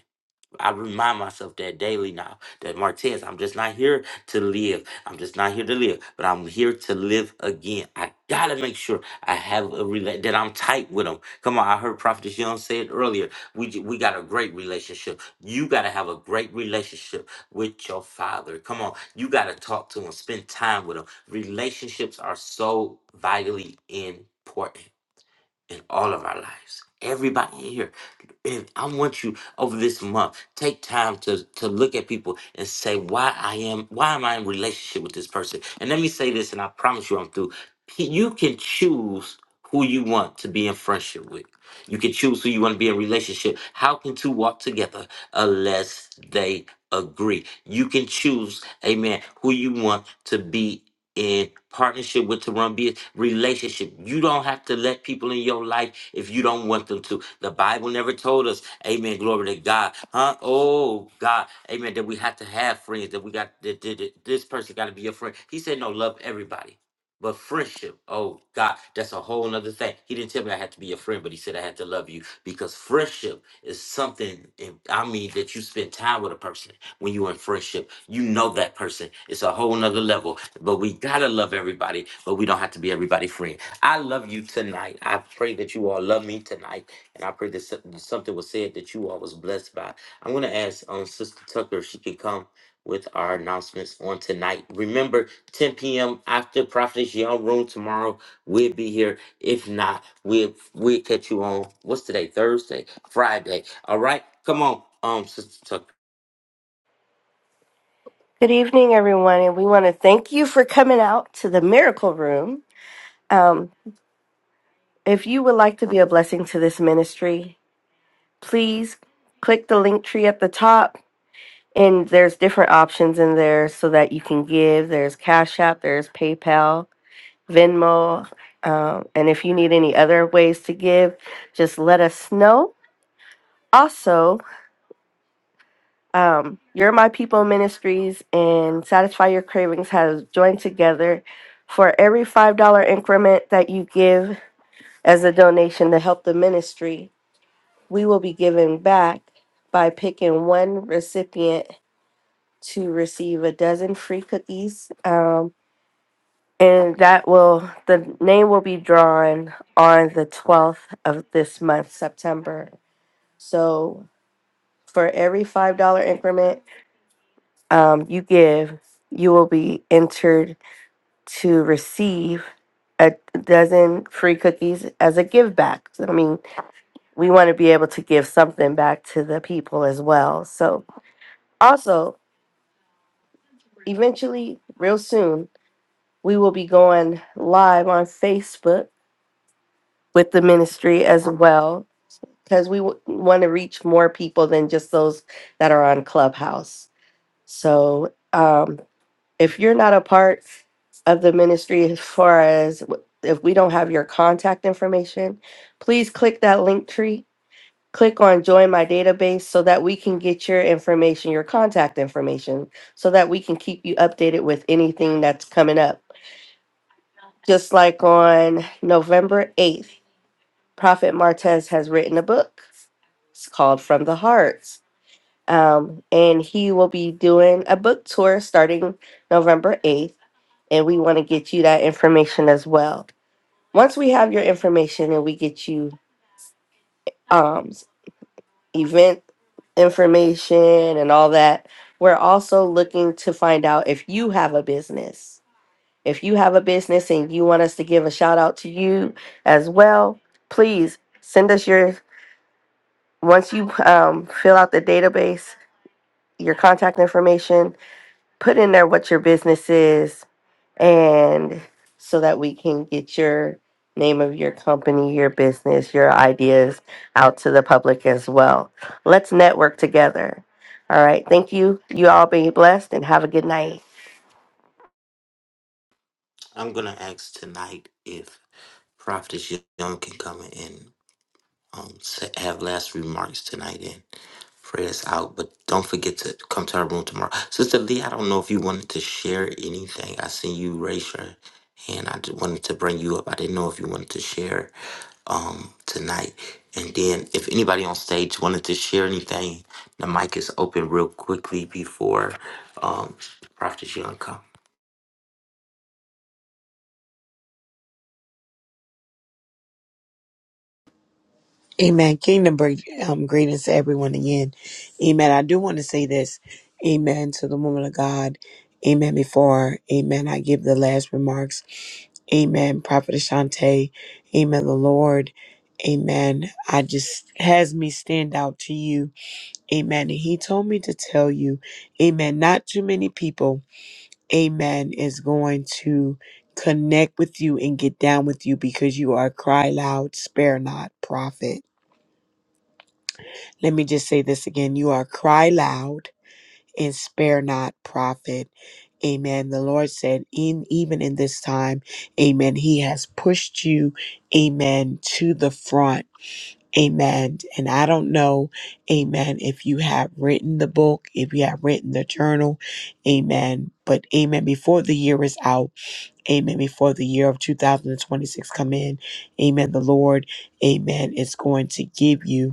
[SPEAKER 1] I remind myself that daily now that Martez, I'm just not here to live. I'm just not here to live, but I'm here to live again. I gotta make sure I have a rela- that I'm tight with him. Come on, I heard Prophet Young say it earlier. We j- we got a great relationship. You gotta have a great relationship with your father. Come on, you gotta talk to him, spend time with him. Relationships are so vitally important in all of our lives. Everybody in here. And I want you over this month, take time to to look at people and say why I am why am I in relationship with this person? And let me say this, and I promise you I'm through. You can choose who you want to be in friendship with. You can choose who you want to be in relationship. How can two walk together unless they agree? You can choose, amen, who you want to be in partnership with Tarumbia, relationship. You don't have to let people in your life if you don't want them to. The Bible never told us, Amen, glory to God. Huh? Oh God, Amen, that we have to have friends, that we got that, that- that this person gotta be your friend. He said no, love everybody. But friendship, oh God, that's a whole nother thing. He didn't tell me I had to be your friend, but he said I had to love you because friendship is something, eh, I mean, that you spend time with a person when you in friendship. You know that person. It's a whole nother level. But we gotta love everybody, but we don't have to be everybody friend. I love you tonight. I pray that you all love me tonight. And I pray that some- something was said that you all was blessed by. I'm gonna ask um Sister Tucker if she can come with our announcements on tonight. Remember, 10 p.m. after Prophetess Young Room tomorrow, we'll be here. If not, we'll we'll catch you on what's today? Thursday, Friday. All right. Come on, um, Sister Tucker.
[SPEAKER 4] Good evening, everyone, and we want to thank you for coming out to the Miracle Room. Um, if you would like to be a blessing to this ministry, please click the link tree at the top, and there's different options in there so that you can give. There's Cash App, there's PayPal, Venmo. Um, and if you need any other ways to give, just let us know. Also, um, You're My People Ministries and Satisfy Your Cravings has joined together for every $5 increment that you give as a donation to help the ministry. We will be giving back by picking one recipient to receive a dozen free cookies. Um, And that will, the name will be drawn on the 12th of this month, September. So for every $5 increment um, you give, you will be entered to receive a dozen free cookies as a give back. So, I mean, we want to be able to give something back to the people as well. So, also, eventually, real soon, we will be going live on Facebook with the ministry as well. because we w- want to reach more people than just those that are on Clubhouse. So um, if you're not a part of the ministry, as far as w- if we don't have your contact information, please click that link tree. Click on join my database so that we can get your information, your contact information, so that we can keep you updated with anything that's coming up. Just like on November 8th, Prophet Martez has written a book. It's called From the Heart Um, and he will be doing a book tour starting November 8th. And we want to get you that information as well. Once we have your information and we get you um, event information and all that, we're also looking to find out if you have a business. If you have a business and you want us to give a shout out to you as well, please send us your, once you um, fill out the database, your contact information, put in there what your business is and so that we can get your name of your company, your business, your ideas out to the public as well. Let's network together. All right. Thank you. You all be blessed and have a good night.
[SPEAKER 1] I'm gonna ask tonight if Prophetess Young can come in and um sa- have last remarks tonight and pray us out. But don't forget to come to our room tomorrow, Sister Lee. I don't know if you wanted to share anything. I seen you raise your hand. I just wanted to bring you up. I didn't know if you wanted to share um tonight. And then if anybody on stage wanted to share anything, the mic is open real quickly before um Prophetess Young come.
[SPEAKER 6] Amen. Kingdom break, um, greetings to everyone again. Amen. I do want to say this. Amen to the woman of God. Amen. Before, amen. I give the last remarks. Amen. Prophet Ashante. Amen. The Lord. Amen. I just has me stand out to you. Amen. And he told me to tell you, amen. Not too many people, amen, is going to connect with you and get down with you because you are a cry loud, spare not prophet. Let me just say this again. You are cry loud and spare not prophet. Amen. The Lord said, in even in this time, amen, he has pushed you, amen, to the front. Amen. And I don't know, amen, if you have written the book, if you have written the journal, amen. But amen, before the year is out, amen, before the year of 2026 come in, amen, the Lord, amen, is going to give you.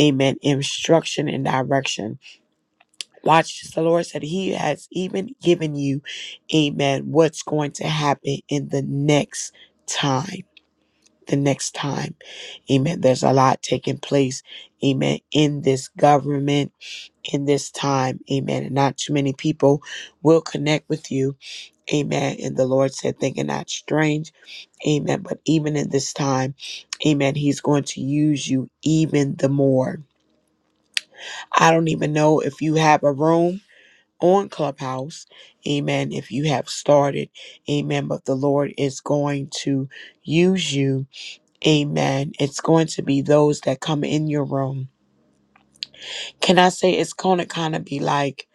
[SPEAKER 6] Amen. Instruction and direction. Watch the Lord said He has even given you, Amen, what's going to happen in the next time. The next time. Amen. There's a lot taking place, Amen, in this government, in this time. Amen. And not too many people will connect with you. Amen. And the Lord said, thinking not strange. Amen. But even in this time, Amen, He's going to use you even the more. I don't even know if you have a room on Clubhouse. Amen. If you have started, amen. But the Lord is going to use you. Amen. It's going to be those that come in your room. Can I say it's going to kind of be like,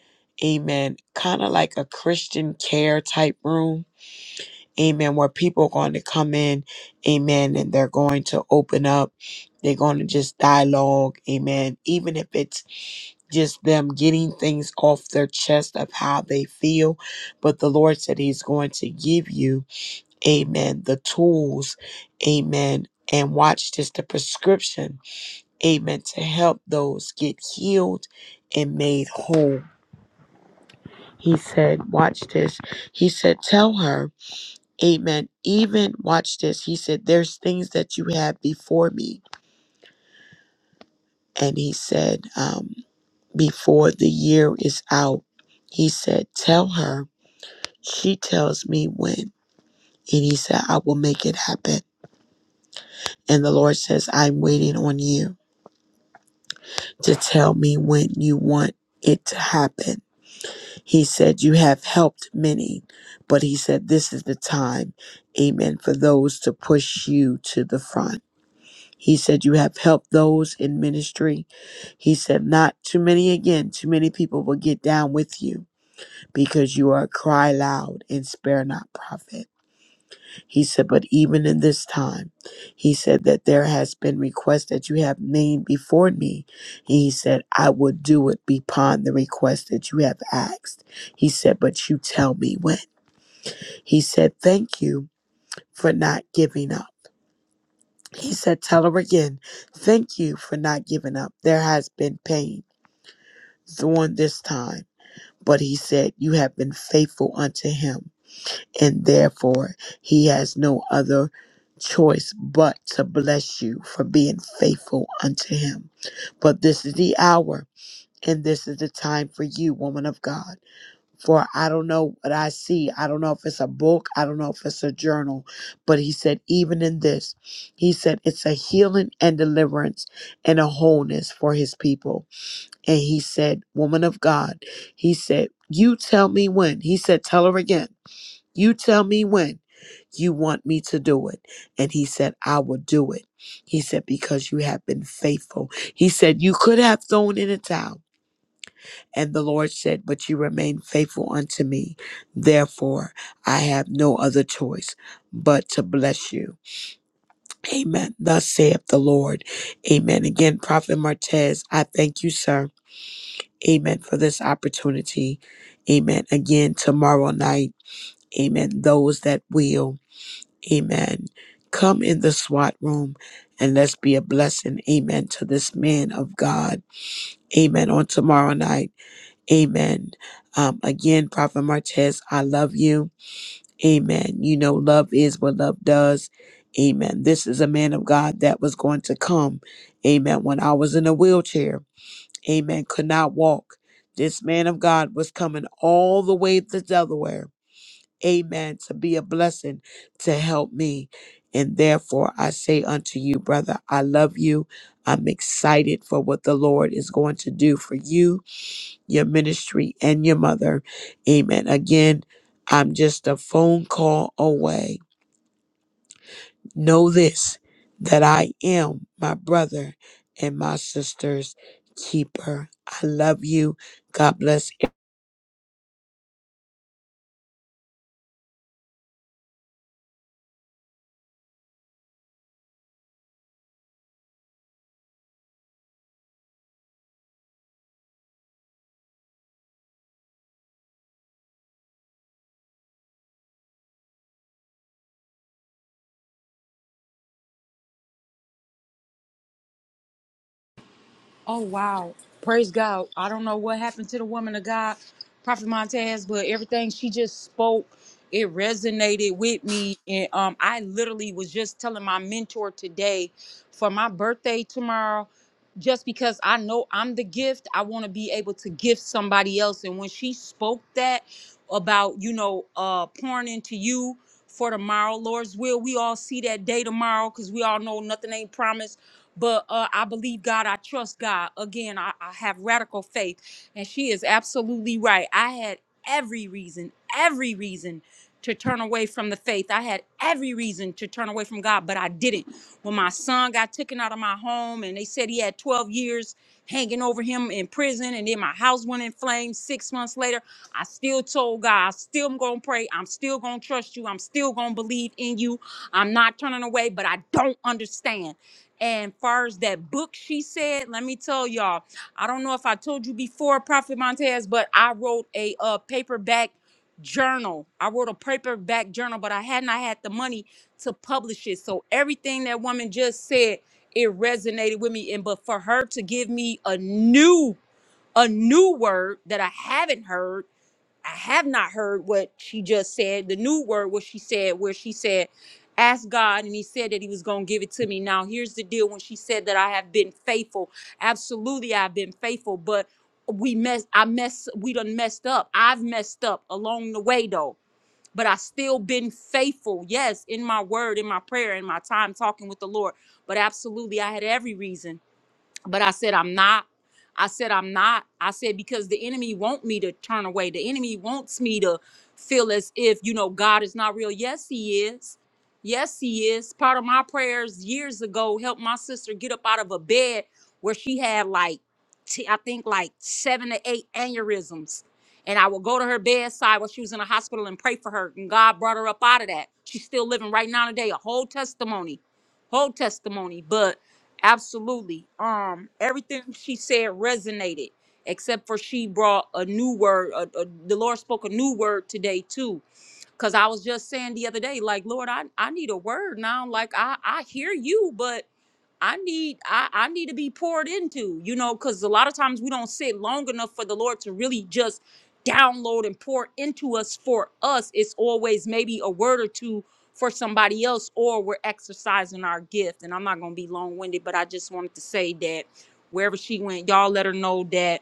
[SPEAKER 6] amen, kind of like a Christian care type room. Amen. Where people are going to come in. Amen. And they're going to open up. They're going to just dialogue. Amen. Even if it's just them getting things off their chest of how they feel. But the Lord said He's going to give you, amen, the tools, amen. And watch this the prescription, amen, to help those get healed and made whole. He said, Watch this. He said, Tell her, amen. Even watch this. He said, There's things that you have before me. And he said, um, Before the year is out, he said, Tell her She tells me when. And he said, I will make it happen. And the Lord says, I'm waiting on you to tell me when you want it to happen. He said, You have helped many, but he said, This is the time, amen, for those to push you to the front. He said, You have helped those in ministry. He said, Not too many again. Too many people will get down with you because you are a cry loud and spare not prophet. He said, But even in this time, he said that there has been requests that you have made before me. And he said, I will do it beyond the request that you have asked. He said, But you tell me when. He said, Thank you for not giving up. He said, Tell her again, thank you for not giving up. There has been pain during this time. But he said, You have been faithful unto him. and therefore he has no other choice but to bless you for being faithful unto him. But this is the hour and this is the time for you, woman of God. For I don't know what I see. I don't know if it's a book. I don't know if it's a journal. But he said, even in this, he said, it's a healing and deliverance and a wholeness for his people. And he said, woman of God, he said, you tell me when. He said, tell her again. You tell me when you want me to do it. And he said, I will do it. He said, because you have been faithful. He said, you could have thrown in a towel. And the Lord said, but you remain faithful unto me. Therefore, I have no other choice but to bless you. Amen. Thus saith the Lord. Amen. Again, Prophet Martez, I thank you, sir. Amen for this opportunity. Amen. Again, tomorrow night. Amen. Those that will. Amen. Come in the SWAT room and let's be a blessing. Amen. To this man of God. Amen. On tomorrow night. Amen. Um, again, Prophet Martez, I love you. Amen. You know, love is what love does. Amen. This is a man of God that was going to come. Amen. When I was in a wheelchair. Amen. Could not walk. This man of God was coming all the way to Delaware amen, to be a blessing to help me. And therefore, I say unto you, brother, I love you. I'm excited for what the Lord is going to do for you, your ministry, and your mother. Amen. Again, I'm just a phone call away. Know this that I am my brother and my sister's keeper. I love you. God bless
[SPEAKER 7] Oh wow. Praise God. I don't know what happened to the woman of God, Prophet Montez, but everything she just spoke, it resonated with me. And um I literally was just telling my mentor today for my birthday tomorrow, just because I know I'm the gift, I want to be able to gift somebody else. And when she spoke that about, you know, uh pouring into you for tomorrow, Lord's will, we all see that day tomorrow because we all know nothing ain't promised but uh, I believe God. I trust God. Again, I, I have radical faith, and she is absolutely right. I had every reason, every reason to turn away from the faith. I had every reason to turn away from God, but I didn't. When my son got taken out of my home, and they said he had 12 years hanging over him in prison, and then my house went in flames six months later, I still told God, I still am gonna pray. I'm still gonna trust you. I'm still gonna believe in you. I'm not turning away, but I don't understand. And far as that book she said, let me tell y'all, I don't know if I told you before, Prophet Montez, but I wrote a uh, paperback journal. I wrote a paperback journal, but I had not had the money to publish it. So everything that woman just said, it resonated with me. And but for her to give me a new, a new word that I haven't heard I have not heard what she just said, the new word, what she said, where she said, Ask God, and He said that He was going to give it to me. Now, here's the deal when she said that I have been faithful. Absolutely, I've been faithful, but we mess, I mess, we done messed up. I've messed up along the way, though. But I still been faithful, yes, in my word, in my prayer, in my time talking with the Lord. But absolutely, I had every reason but I said I'm not. I said I'm not. I said because the enemy wants me to turn away. The enemy wants me to feel as if you know God is not real. Yes, He is. Yes, He is. Part of my prayers years ago helped my sister get up out of a bed where she had like t- I think like seven to eight aneurysms. And I would go to her bedside while she was in the hospital and pray for her. And God brought her up out of that. She's still living right now today, a whole testimony, whole testimony. But Absolutely. Um, everything she said resonated, except for she brought a new word. A, a- the Lord spoke a new word today too. Cause I was just saying the other day, like Lord, I I need a word now. Like I I hear you, but I need I, I need to be poured into, you know, because a lot of times we don't sit long enough for the Lord to really just download and pour into us for us. It's always maybe a word or two for somebody else, or we're exercising our gift. And I'm not gonna be long-winded, but I just wanted to say that wherever she went, y'all let her know that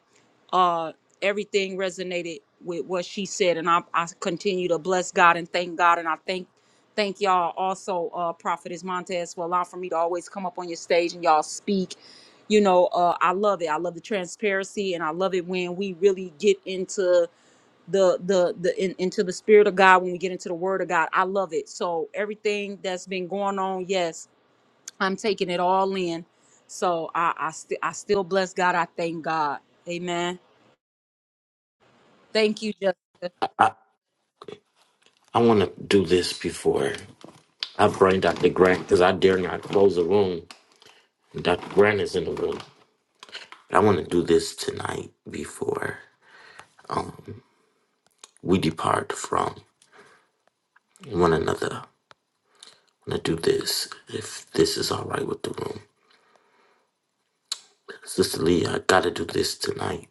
[SPEAKER 7] uh everything resonated with what she said. And I, I continue to bless God and thank God. And I thank thank y'all also uh prophetess montez for allowing for me to always come up on your stage and y'all speak you know uh i love it i love the transparency and i love it when we really get into the the the in, into the spirit of god when we get into the word of god i love it so everything that's been going on yes i'm taking it all in so i i, st- I still bless god i thank god amen thank you Jessica.
[SPEAKER 1] I, I want to do this before. I pray Dr. Grant because I dare not close the room. Dr. Grant is in the room. I want to do this tonight before um, we depart from one another. I want to do this if this is all right with the room. Sister Leah. I got to do this tonight.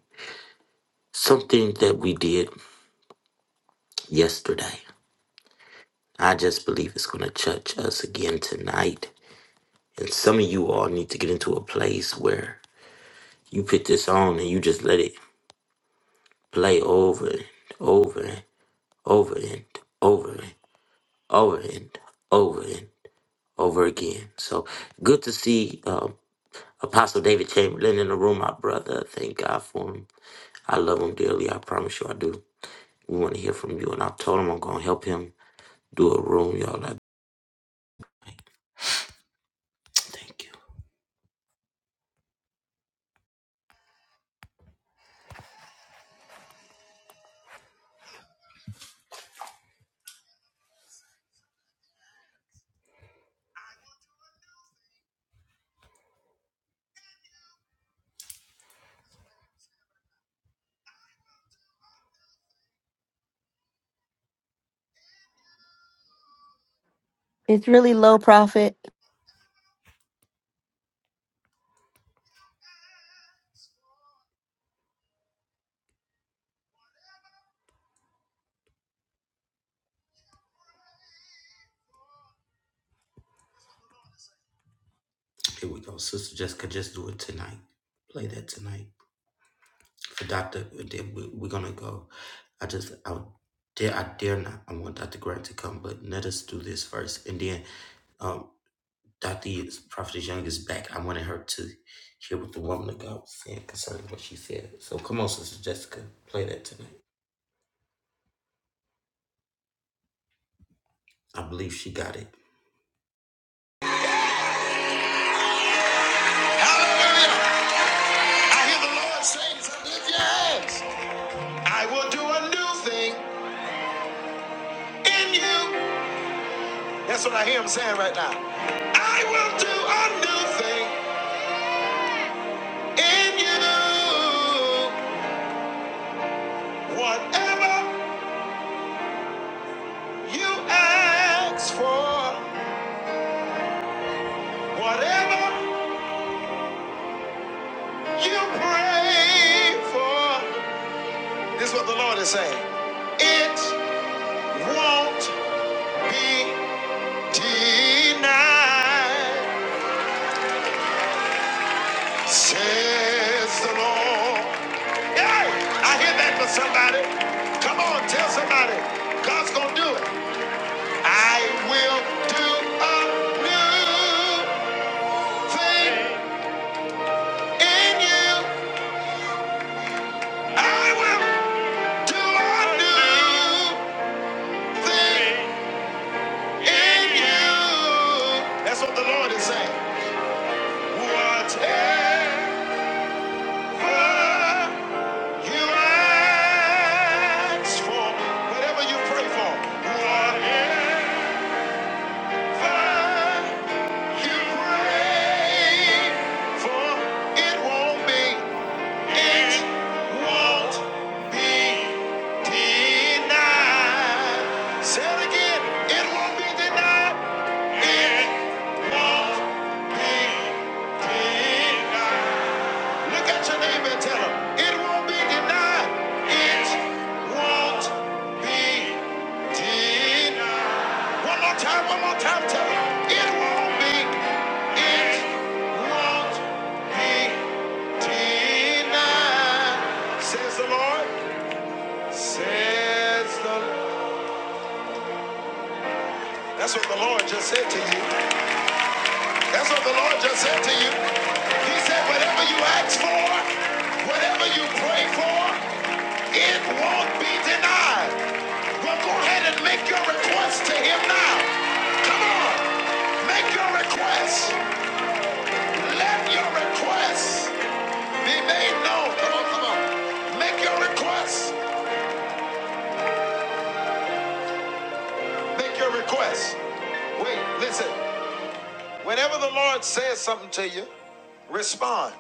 [SPEAKER 1] Something that we did yesterday. I just believe it's going to touch us again tonight. And some of you all need to get into a place where you put this on and you just let it play over and over. over and over and over and over and over again. So good to see um, Apostle David Chamberlain in the room, my brother. Thank God for him. I love him dearly. I promise you I do. We want to hear from you. And I told him I'm going to help him do a room, y'all. I- Thank you.
[SPEAKER 4] It's really low profit.
[SPEAKER 1] Here we go. Sister Jessica, just do it tonight. Play that tonight. For Dr. we- are going to go. I just, I dare, I dare not. I want Dr. Grant to come, but let us do this first. And then Dr. Yeats, Prophet Young is back. I wanted her to hear what the woman of God was saying concerning what she said. So come on, Sister Jessica, play that tonight. I believe she got it.
[SPEAKER 5] Hallelujah. I hear the Lord saying, lift your hands. I will do a new thing in you. That's what I hear him saying right now. I will do a new thing in you. Whatever you ask for, whatever you pray for. This is what the Lord is saying. It won't be denied. Says the Lord. Hey, I hear that for somebody. Come on, tell somebody. God's gonna do it. I will do a new thing in you. I will do a new thing in you. That's what the Lord is saying. Whatever. You ask for whatever you pray for. Whatever you pray for, it won't be. It won't be denied. Say again. It won't be denied. It won't be denied. Look at your neighbor and tell him, it won't be denied. It won't be denied. One more time, one more time, tell him, it won't be, it won't be denied. Says the Lord, says the That's what the Lord just said to you. That's what the Lord just said to you. He said, whatever you ask for, whatever you pray for, It won't be denied. Well, go ahead and make your request to him now. Come on. Make your request. Let your request be made known. Come on, come on. Make your request. Make your request. Wait, listen. Whenever the Lord says something to you, respond.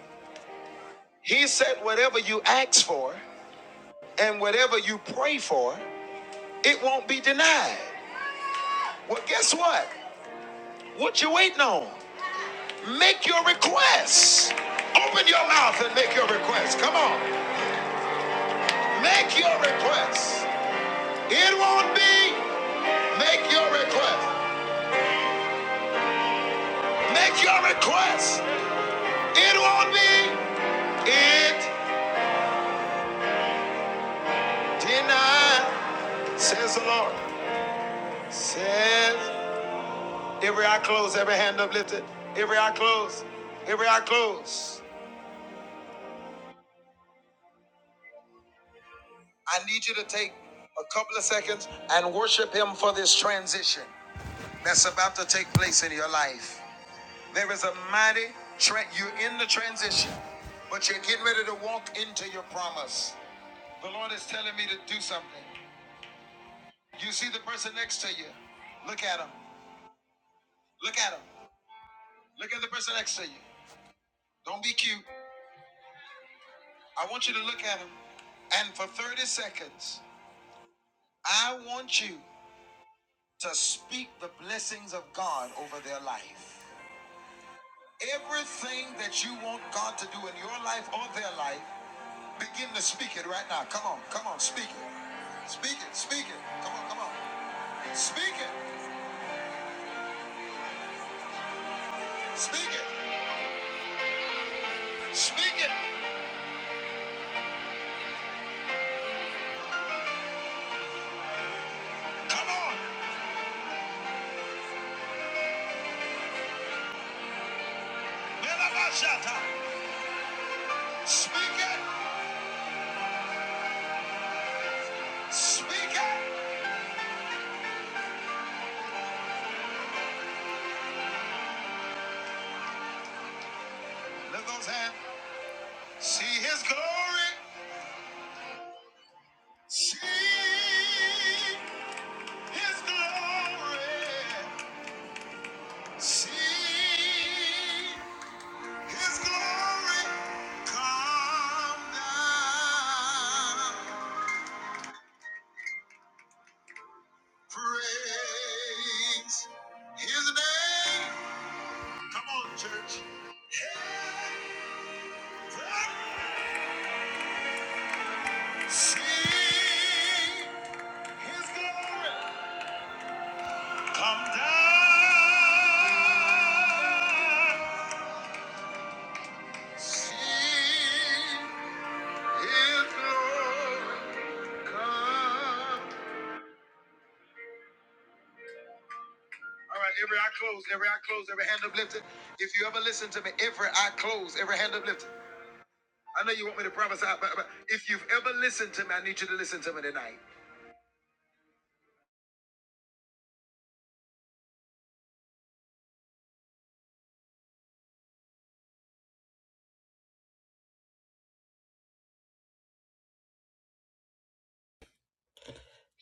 [SPEAKER 5] He said, whatever you ask for and whatever you pray for, it won't be denied. Well, guess what? What you waiting on? Make your requests. Open your mouth and make your requests. Come on. Make your requests. It won't be. Make your request. Make your request. It won't be. It denied. Says the Lord. Says every eye closed, every hand uplifted. Every eye closed. Every eye closed. I need you to take a couple of seconds and worship him for this transition that's about to take place in your life. There is a mighty tra You're in the transition, but you're getting ready to walk into your promise. The Lord is telling me to do something. You see the person next to you. Look at him. Look at him. Look at the person next to you. Don't be cute. I want you to look at him. And for 30 seconds, I want you to speak the blessings of God over their life. Everything that you want God to do in your life or their life, Begin to speak it right now. Come on, come on, speak it. Speak it, speak it. Come on, come on. Speak it, speak it, speak it. Come on. Melabashata. Speak it, speak it. Lift those hands. See his glory. See his glory. See his glory. Come down. Praise his name. Come on, church. Sing his glory. Come down. Sing his glory. Come. All right, every eye closed, every eye closed, every hand uplifted. If you ever listen to me, every eye closed, every hand uplifted. I know you want me to prophesy, but, but if you've ever listened to me, I need you to listen to me tonight.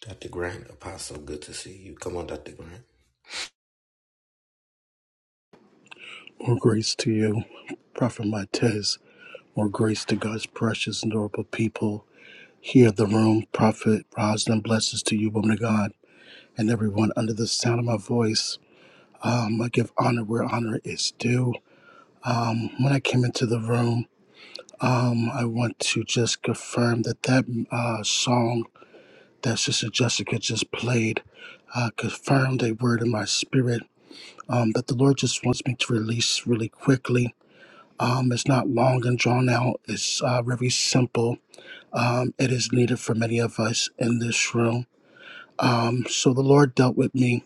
[SPEAKER 1] Dr. Grant, Apostle, good to see you. Come on, Dr. Grant.
[SPEAKER 8] More grace to you, Prophet Matez. More grace to God's precious and adorable people. Here in the room, Prophet Rosalind, blessings to you, woman of God, and everyone under the sound of my voice. Um, I give honor where honor is due. When I came into the room, um, I want to just confirm that that uh, song that Sister Jessica just played uh, confirmed a word in my spirit um, that the Lord just wants me to release really quickly Um, it's not long and drawn out. It's uh, very simple. Um, it is needed for many of us in this room. Um, so the Lord dealt with me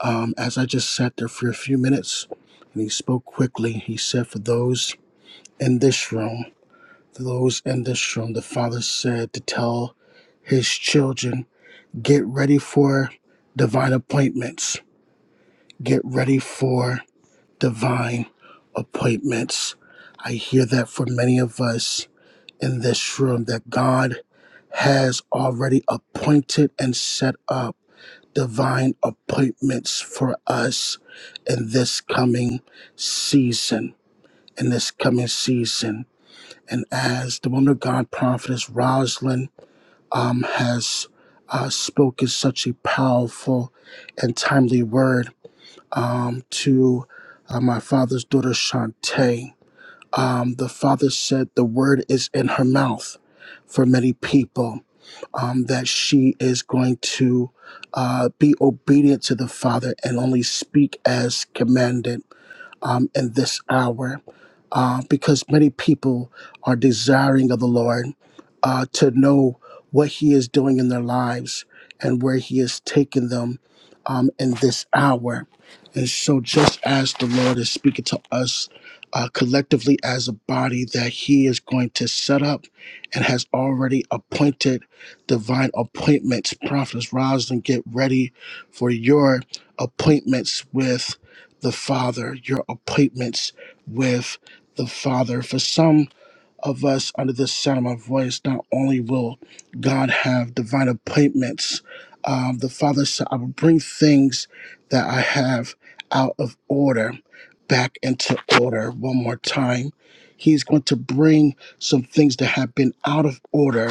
[SPEAKER 8] um, as I just sat there for a few minutes, and He spoke quickly. He said, "For those in this room, for those in this room, the Father said to tell His children, get ready for divine appointments. Get ready for divine appointments." I hear that for many of us in this room that God has already appointed and set up divine appointments for us in this coming season. In this coming season. And as the woman of God, prophetess Rosalind, um, has uh, spoken such a powerful and timely word um, to uh, my father's daughter, Shantae um, the father said the word is in her mouth for many people um, that she is going to uh, be obedient to the father and only speak as commanded um, in this hour uh, because many people are desiring of the Lord uh, to know what He is doing in their lives and where He is taking them um, in this hour. And so, just as the Lord is speaking to us uh, collectively as a body, that He is going to set up and has already appointed divine appointments. Prophetess Rosalind, get ready for your appointments with the Father, your appointments with the Father. For some of us under the sound of my voice, not only will God have divine appointments, um, the Father said, I will bring things that I have out of order back into order one more time. He's going to bring some things that have been out of order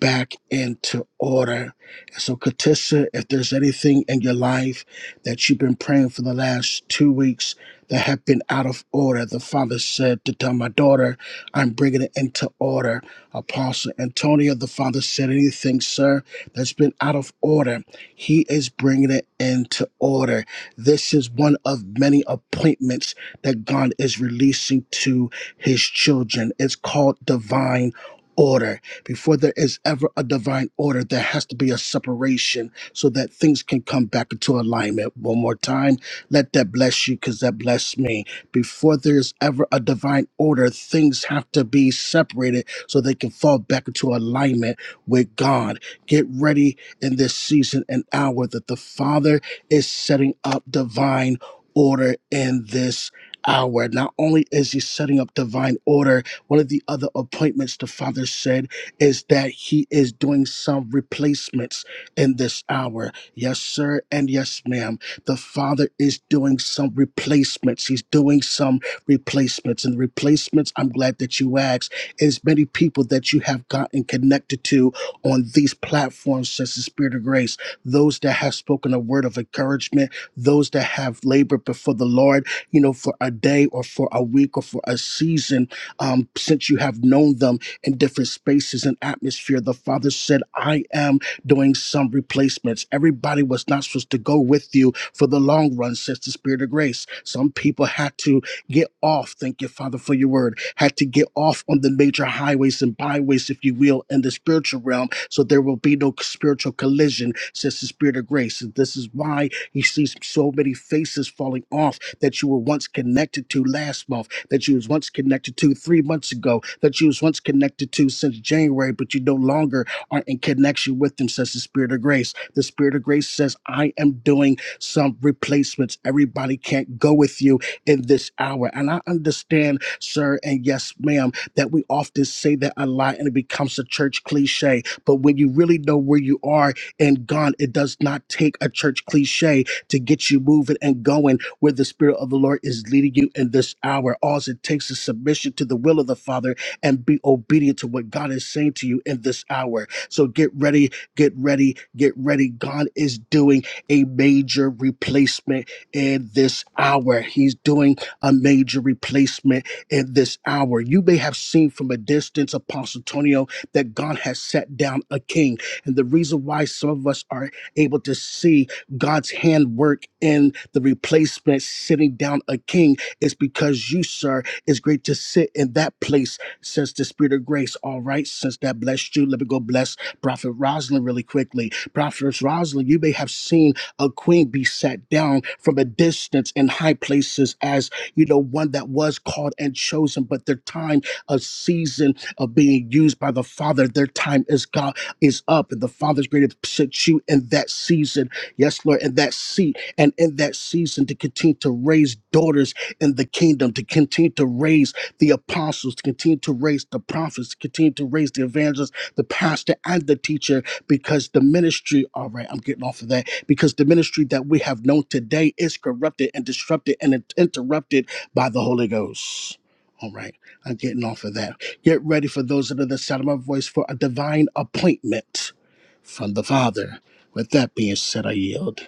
[SPEAKER 8] back into order. And so, Katissa, if there's anything in your life that you've been praying for the last two weeks that have been out of order, the Father said to tell my daughter, I'm bringing it into order. Apostle Antonio, the Father said, anything, sir, that's been out of order, he is bringing it into order. This is one of many appointments that God is releasing to his children. It's called divine order before there is ever a divine order, there has to be a separation so that things can come back into alignment. One more time, let that bless you because that blessed me. Before there is ever a divine order, things have to be separated so they can fall back into alignment with God. Get ready in this season and hour that the Father is setting up divine order in this hour. Not only is He setting up divine order, one of the other appointments the Father said is that he is doing some replacements in this hour. Yes, sir, and yes, ma'am. The Father is doing some replacements. He's doing some replacements. And replacements, I'm glad that you asked, is many people that you have gotten connected to on these platforms, says the Spirit of Grace. Those that have spoken a word of encouragement, those that have labored before the Lord, you know, for a day or for a week or for a season, um, since you have known them in different spaces and atmosphere. The Father said, I am doing some replacements. Everybody was not supposed to go with you for the long run, says the Spirit of Grace. Some people had to get off, thank you, Father, for your word, had to get off on the major highways and byways, if you will, in the spiritual realm, so there will be no spiritual collision, says the Spirit of Grace. And this is why he sees so many faces falling off that you were once connected to last month, that you was once connected to three months ago, that you was once connected to since January, but you no longer are in connection with them, says the Spirit of Grace. The Spirit of Grace says, I am doing some replacements. Everybody can't go with you in this hour. And I understand, sir, and yes, ma'am, that we often say that a lot and it becomes a church cliche. But when you really know where you are and gone, it does not take a church cliche to get you moving and going where the Spirit of the Lord is leading you in this hour. All it takes is submission to the will of the Father and be obedient to what God is saying to you in this hour. So get ready, get ready, get ready. God is doing a major replacement in this hour. He's doing a major replacement in this hour. You may have seen from a distance, Apostle Antonio, that God has set down a king. And the reason why some of us are able to see God's handwork in the replacement sitting down a king is because you, sir, is great to sit in that place, says the Spirit of grace. All right, since that blessed you, let me go bless Prophet Rosalind really quickly. Prophet Rosalind, you may have seen a queen be sat down from a distance in high places as, you know, one that was called and chosen, but their time, a season of being used by the Father, their time is God is up, and the Father's great to sit you in that season Yes, Lord, in that seat and in that season to continue to raise daughters in the kingdom, to continue to raise the apostles, to continue to raise the prophets, to continue to raise the evangelists, the pastor, and the teacher, because the ministry, all right, I'm getting off of that, because the ministry that we have known today is corrupted and disrupted and in- interrupted by the Holy Ghost. All right, I'm getting off of that. Get ready for those that are the sound of my voice for a divine appointment from the Father with that being said, I yield.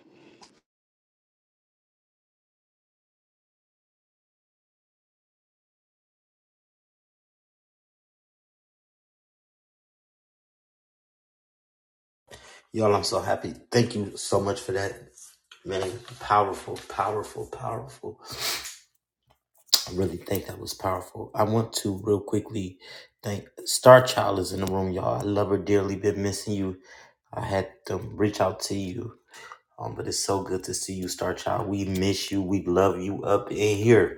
[SPEAKER 1] Y'all, I'm so happy. Thank you so much for that. Man, powerful, powerful, powerful. I really think that was powerful. I want to real quickly thank Star Child is in the room, y'all. I love her dearly. Been missing you. I had to reach out to you Um, but it's so good to see you, Star Child. We miss you. We love you up in here.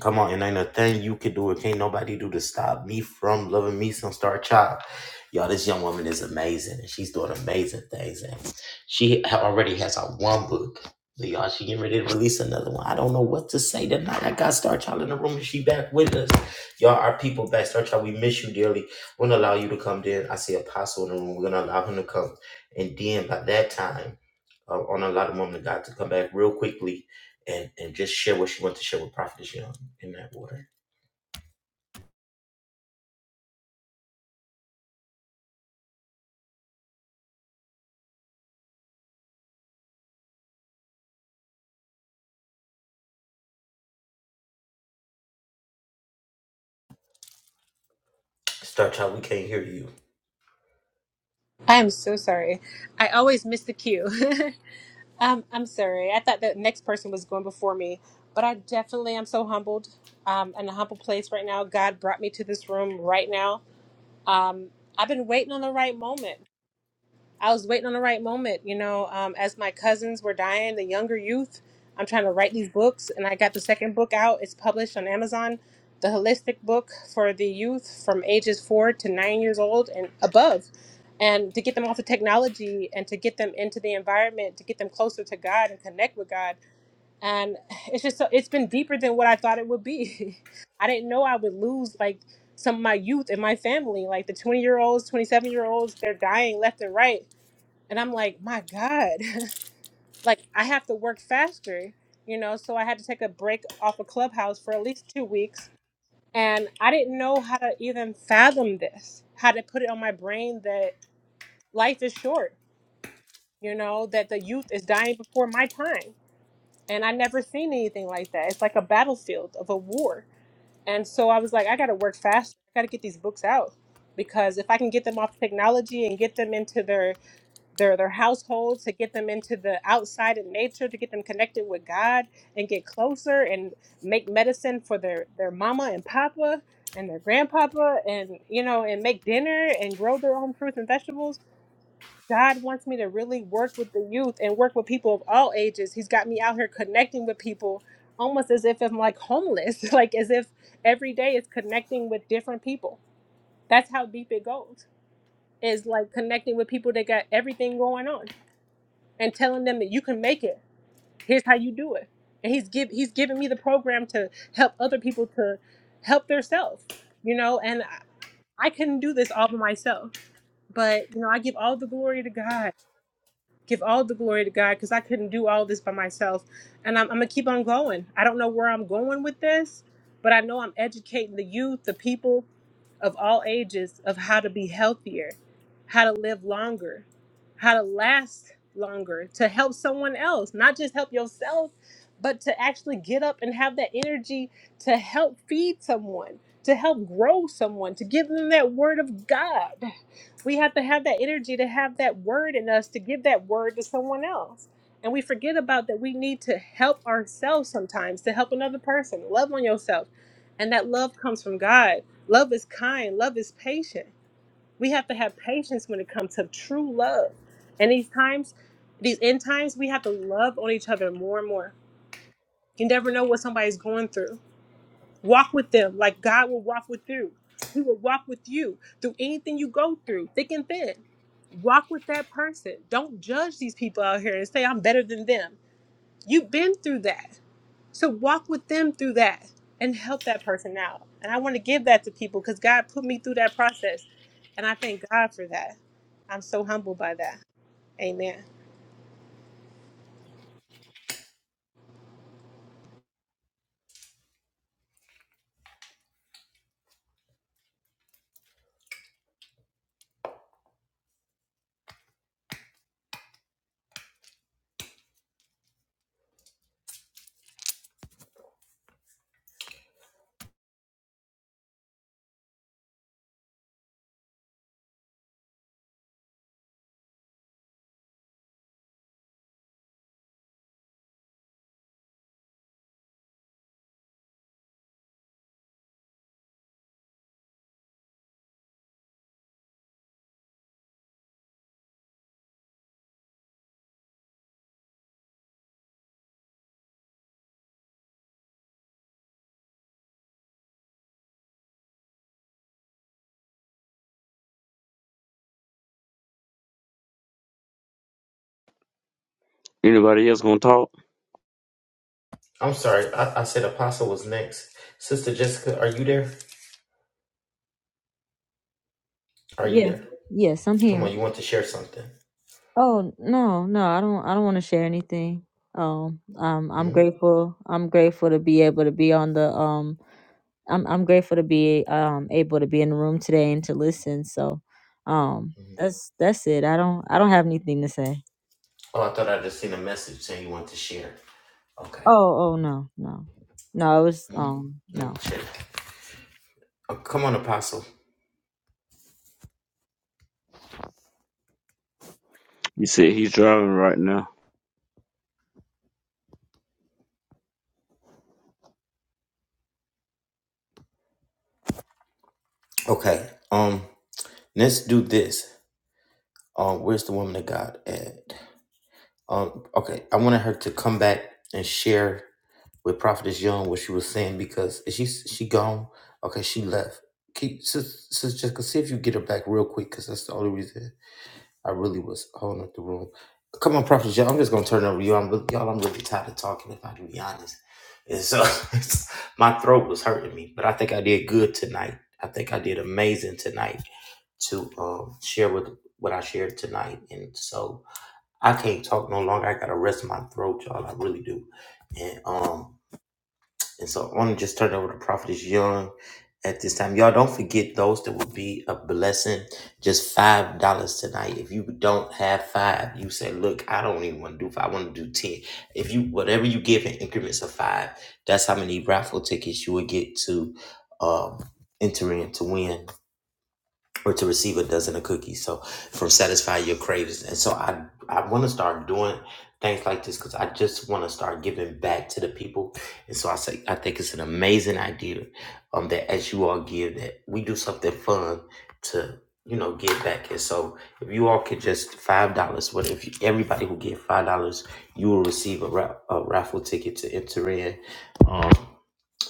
[SPEAKER 1] Come on, and ain't a thing you could do. It can't nobody do to stop me from loving me some star child. Y'all, this young woman is amazing, and she's doing amazing things. And she ha- already has out one book. But y'all, she getting ready to release another one. I don't know what to say tonight. I got Star Child in the room, and she back with us. Y'all, our people back. Star Child, we miss you dearly. We're gonna allow you to come in. I see Apostle in the room. We're gonna allow him to come, and then by that time, uh, on a lot of women of God to come back real quickly and and just share what you want to share with Prophetess Young in that order. Star Child, we can't hear you.
[SPEAKER 9] I am so sorry. I always miss the cue. um, I'm sorry. I thought the next person was going before me, but I definitely am so humbled. Um, in a humble place right now. God brought me to this room right now. Um, I've been waiting on the right moment. I was waiting on the right moment, you know. Um, as my cousins were dying, the younger youth, I'm trying to write these books, and I got the second book out. It's published on Amazon, the holistic book for the youth from ages four to nine years old and above, and to get them off of technology and to get them into the environment, to get them closer to God and connect with God. And it's just so it's been deeper than what I thought it would be. I didn't know I would lose like some of my youth in my family, like the 20 year olds, 27 year olds, they're dying left and right and I'm like, my God, like I have to work faster, you know? So I had to take a break off of Clubhouse for at least two weeks. And I didn't know how to even fathom this, how to put it on my brain that life is short, you know, that the youth is dying before my time. And I never seen anything like that. It's like a battlefield of a war. And so I was like, I got to work faster. I got to get these books out because if I can get them off technology and get them into their their their households to get them into the outside of nature to get them connected with god and get closer and make medicine for their their mama and papa and their grandpapa and you know and make dinner and grow their own fruits and vegetables god wants me to really work with the youth and work with people of all ages he's got me out here connecting with people almost as if i'm like homeless like as if every day is connecting with different people that's how deep it goes is like connecting with people that got everything going on and telling them that you can make it. Here's how you do it. And he's give he's giving me the program to help other people to help themselves, you know. And I, I couldn't do this all by myself, but you know, I give all the glory to God Give all the glory to God because I couldn't do all this by myself. And I'm, I'm going to keep on going. I don't know where I'm going with this, but I know I'm educating the youth, the people of all ages, of how to be healthier, how to live longer, how to last longer, to help someone else, not just help yourself, but to actually get up and have that energy to help feed someone, to help grow someone, to give them that word of God. We have to have that energy to have that word in us to give that word to someone else. And we forget about that we need to help ourselves sometimes to help another person. Love on yourself. And that love comes from God. Love is kind, love is patient. We have to have patience when it comes to true love. And these times, these end times, we have to love on each other more and more. You never know what somebody's going through. Walk with them like God will walk with you. He will walk with you through anything you go through, thick and thin walk with that person. Don't judge these people out here and say, I'm better than them. You've been through that. So walk with them through that and help that person out. And I want to give that to people because God put me through that process. And I thank God for that. I'm so humbled by that. Amen.
[SPEAKER 10] Anybody else gonna talk?
[SPEAKER 1] I'm sorry. I, I said Apostle was next. Sister Jessica, are you there? Are you
[SPEAKER 5] Yes,
[SPEAKER 1] there?
[SPEAKER 5] yes, I'm
[SPEAKER 1] Come
[SPEAKER 5] here.
[SPEAKER 1] on, you want to share something?
[SPEAKER 5] Oh no, no, I don't. I don't want to share anything. Um, um, I'm
[SPEAKER 1] Hmm?
[SPEAKER 5] grateful. I'm grateful to be able to be on the um. I'm I'm grateful to be um able to be in the room today and to listen. So, um,
[SPEAKER 1] Mhm.
[SPEAKER 5] that's that's it. I don't I don't have anything to say.
[SPEAKER 1] Oh, I thought I just seen a message saying you want to share. Okay.
[SPEAKER 5] Oh oh no no no. It was
[SPEAKER 1] Hmm?
[SPEAKER 5] um
[SPEAKER 1] Let me
[SPEAKER 5] no.
[SPEAKER 1] check. Oh, come on, Apostle.
[SPEAKER 10] You said he's driving right now.
[SPEAKER 1] Okay. Um, let's do this. Um, where's the woman of God at? Um, okay, I wanted her to come back and share with Prophetess Young what she was saying because is she she gone? Okay, she left. Keep sis, sis Jessica, see if you get her back real quick because that's the only reason I really was holding up the room. Come on, Prophetess Young, I'm just gonna turn it over to you. I'm really- y'all. I'm really tired of talking. If I can be honest, and so my throat was hurting me, but I think I did good tonight. I think I did amazing tonight to um, share with what I shared tonight, and so. I can't talk no longer. I gotta rest my throat, y'all. I really do. And um, and so I want to just turn it over to Prophetess Young at this time. Y'all don't forget those that will be a blessing. Just five dollars tonight. If you don't have five, you say, look, I don't even want to do five. I want to do ten. If you whatever you give in increments of five, that's how many raffle tickets you will get to um enter in to win or to receive a dozen of cookies. So from satisfying your cravings. And so I I want to start doing things like this because I just want to start giving back to the people. And so I say I think it's an amazing idea um that as you all give that we do something fun to you know give back. And so if you all could just five dollars, what if you, everybody who give five dollars, you will receive a, ra- a raffle ticket to enter in. Um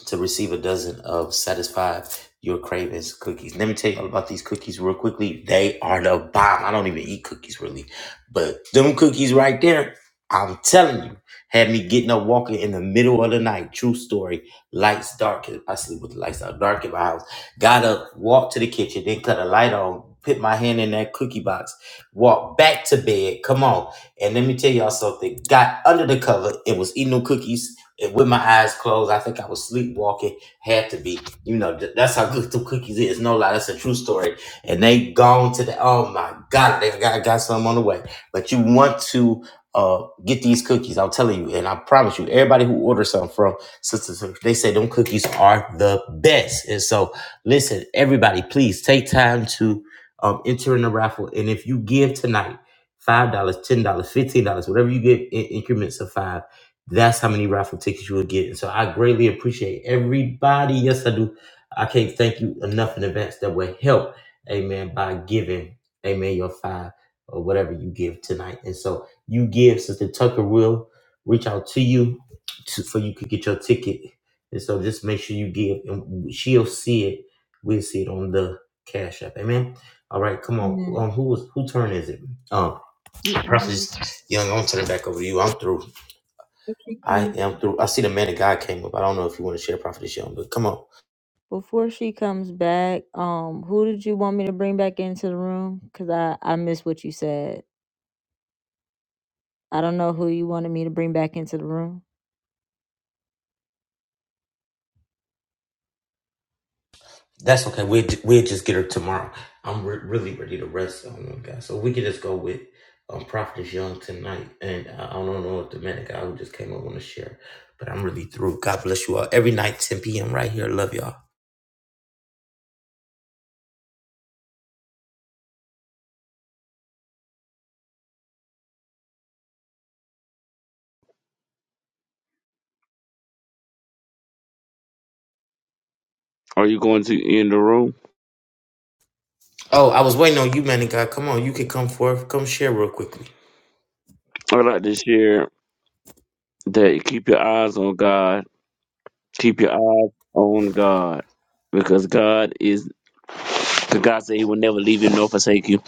[SPEAKER 1] to receive a dozen of satisfy your cravings cookies. Let me tell you all about these cookies real quickly. They are the bomb. I don't even eat cookies really, but them cookies right there, I'm telling you, had me getting up walking in the middle of the night. True story. Lights dark. I sleep with the lights out dark in my house. Got up, walked to the kitchen, then cut a light on. Put my hand in that cookie box, walked back to bed. Come on. And let me tell y'all something. Got under the cover and was eating them cookies and with my eyes closed, I think I was sleepwalking. Had to be, you know. th- that's how good the cookies is. No lie, that's a true story. And they gone to the. Oh my God, they got got some on the way. But you want to uh get these cookies? I'm telling you, and I promise you, everybody who orders something from sisters, they say them cookies are the best. And so, listen, everybody, please take time to um enter in the raffle. And if you give tonight, five dollars, ten dollars, fifteen dollars, whatever you get in increments of five that's how many raffle tickets you will get. And so I greatly appreciate everybody. Yes, I do. I can't thank you enough in advance that will help, amen, by giving, amen, your five or whatever you give tonight. And so you give, Sister Tucker will reach out to you to, so you could get your ticket. And so just make sure you give, and she'll see it. We'll see it on the Cash App. Amen. All right, come on.
[SPEAKER 5] Yeah.
[SPEAKER 1] Um, who was who turn is it? Um,
[SPEAKER 5] You
[SPEAKER 1] Prophet
[SPEAKER 5] already-
[SPEAKER 1] Young, I'm gonna turn it back over to you. I'm through.
[SPEAKER 5] it keeps
[SPEAKER 1] I am
[SPEAKER 5] on.
[SPEAKER 1] through. I see the man of God came up. I don't know if you want to share Prophetess Young, but come on.
[SPEAKER 5] Before she comes back, um, who did you want me to bring back into the room? Cause I I missed what you said. I don't know who you wanted me to bring back into the room.
[SPEAKER 1] That's okay. We'll, ju- we'll just get her tomorrow. I'm re- really ready to rest on them guys. So we can just go with um, Prophet Young tonight. And I I don't know if the man of God who just came up want to share, but I'm really through. God bless you all. Every night, 10 p.m. right here. Love y'all.
[SPEAKER 10] Are you going to end the room?
[SPEAKER 1] Oh, I was waiting on you, man of God. Come on. You can come forth. Come share real quickly.
[SPEAKER 10] I'd like to share that keep your eyes on God. Keep your eyes on God. Because God is because God said he will never leave you nor forsake you.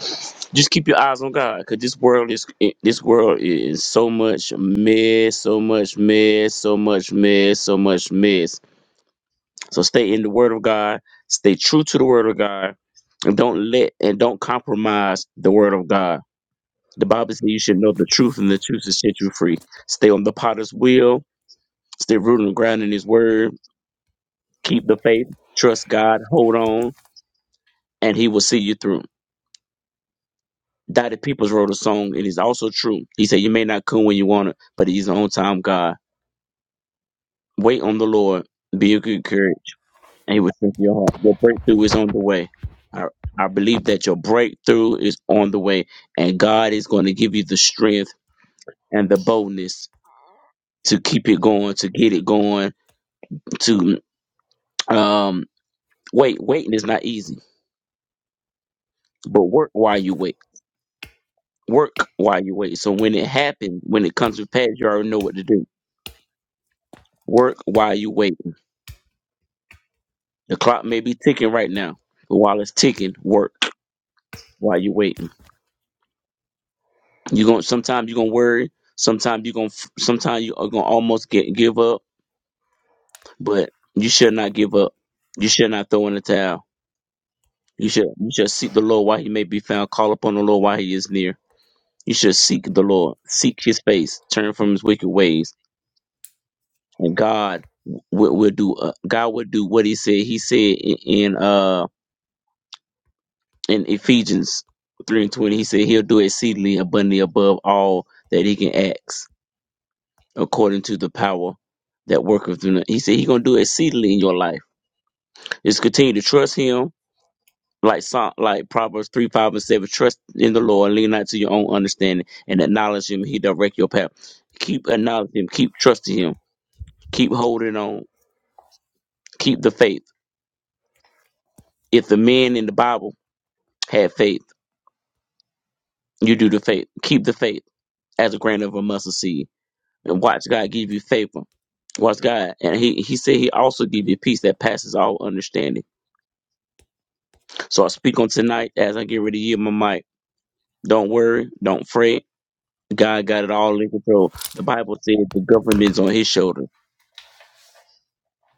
[SPEAKER 10] Just keep your eyes on God. Cause this world is this world is so much mess, so much mess, so much mess, so much mess. So stay in the word of God, stay true to the word of God, and don't let and don't compromise the word of God The Bible says you should know the truth, and the truth will set you free. Stay on the potter's wheel, stay rooted and grounded in his word, keep the faith, trust God, hold on, and he will see you through. Dottie Peoples wrote a song, and it's also true. He said, You may not come when you want it, but he's an on time, God. Wait on the Lord, be of good courage, and he will strengthen your heart. Your breakthrough is on the way. I, I believe that your breakthrough is on the way, and God is going to give you the strength and the boldness to keep it going, to get it going, to Um, wait, waiting is not easy, but work while you wait. Work while you wait. So when it happens, when it comes to pass, you already know what to do. Work while you wait. The clock may be ticking right now, but while it's ticking, work while you waiting. You going sometimes you're gonna worry. Sometimes you're gonna sometimes you're gonna almost get give up, but you should not give up. You should not throw in the towel. You should you should seek the Lord while he may be found. Call upon the Lord while he is near. You should seek the Lord. Seek his face. Turn from his wicked ways and God will, will do uh, God will do what He said. He said in, in uh in Ephesians three and twenty, He said He'll do exceedingly abundantly above all that He can ask, according to the power that worketh through. He said He's gonna do exceedingly in your life. Just continue to trust Him. Like Psalm, like Proverbs three, five, and seven. Trust in the Lord, lean not to your own understanding, and acknowledge Him. He direct your path. Keep acknowledging Him. Keep trusting Him. Keep holding on. Keep the faith. If the men in the Bible Have faith. You do the faith. Keep the faith as a grain of a mustard seed. And watch God give you favor. Watch God. And he, he said he also give you peace that passes all understanding. So I speak on tonight as I get ready to yield my mic. Don't worry. Don't fret. God got it all in control. The Bible said the government is on his shoulder.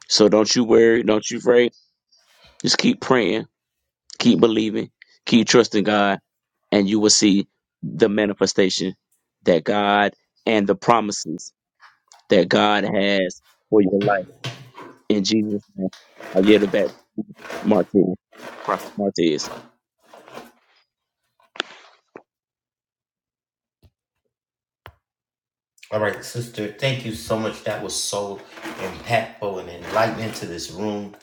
[SPEAKER 10] So don't you worry. Don't you fret. Just keep praying. Keep believing. Keep trusting God. And you will see the manifestation that God and the promises that God has for your life. In Jesus' name, I yield it back to Martez. Prophet Martez.
[SPEAKER 1] All right, sister, thank you so much. That was so impactful and enlightening to this room.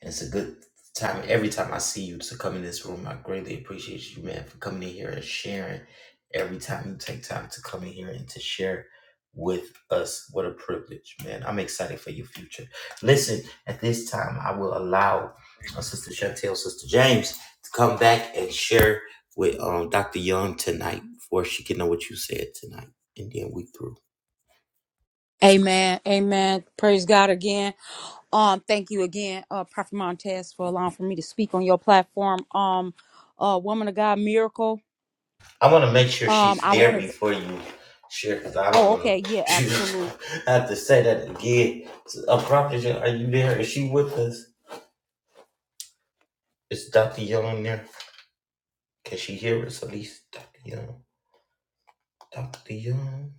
[SPEAKER 1] And it's a good time every time I see you to come in this room. I greatly appreciate you, man, for coming in here and sharing. Every time you take time to come in here and to share with us, what a privilege, man. I'm excited for your future. Listen, at this time, I will allow uh, Sister Chantel, Sister James, to come back and share with um, Dr. Young tonight before she can know what you said tonight. And then we through.
[SPEAKER 7] Amen. Amen. Praise God again. Um, thank you again, uh, Prophet Montez, for allowing for me to speak on your platform. Um, uh, woman of God, miracle.
[SPEAKER 1] I want to make sure
[SPEAKER 7] Um,
[SPEAKER 1] she's
[SPEAKER 7] I
[SPEAKER 1] there
[SPEAKER 7] wanted. To,
[SPEAKER 1] before you share because I
[SPEAKER 7] oh,
[SPEAKER 1] don't
[SPEAKER 7] okay,
[SPEAKER 1] want
[SPEAKER 7] yeah,
[SPEAKER 1] to
[SPEAKER 7] absolutely.
[SPEAKER 1] have to say that again. So, uh, Prophet, Young, are you there? Is she with us? Is Dr. Young there? Can she hear us at least? Dr. Young, Dr. Young,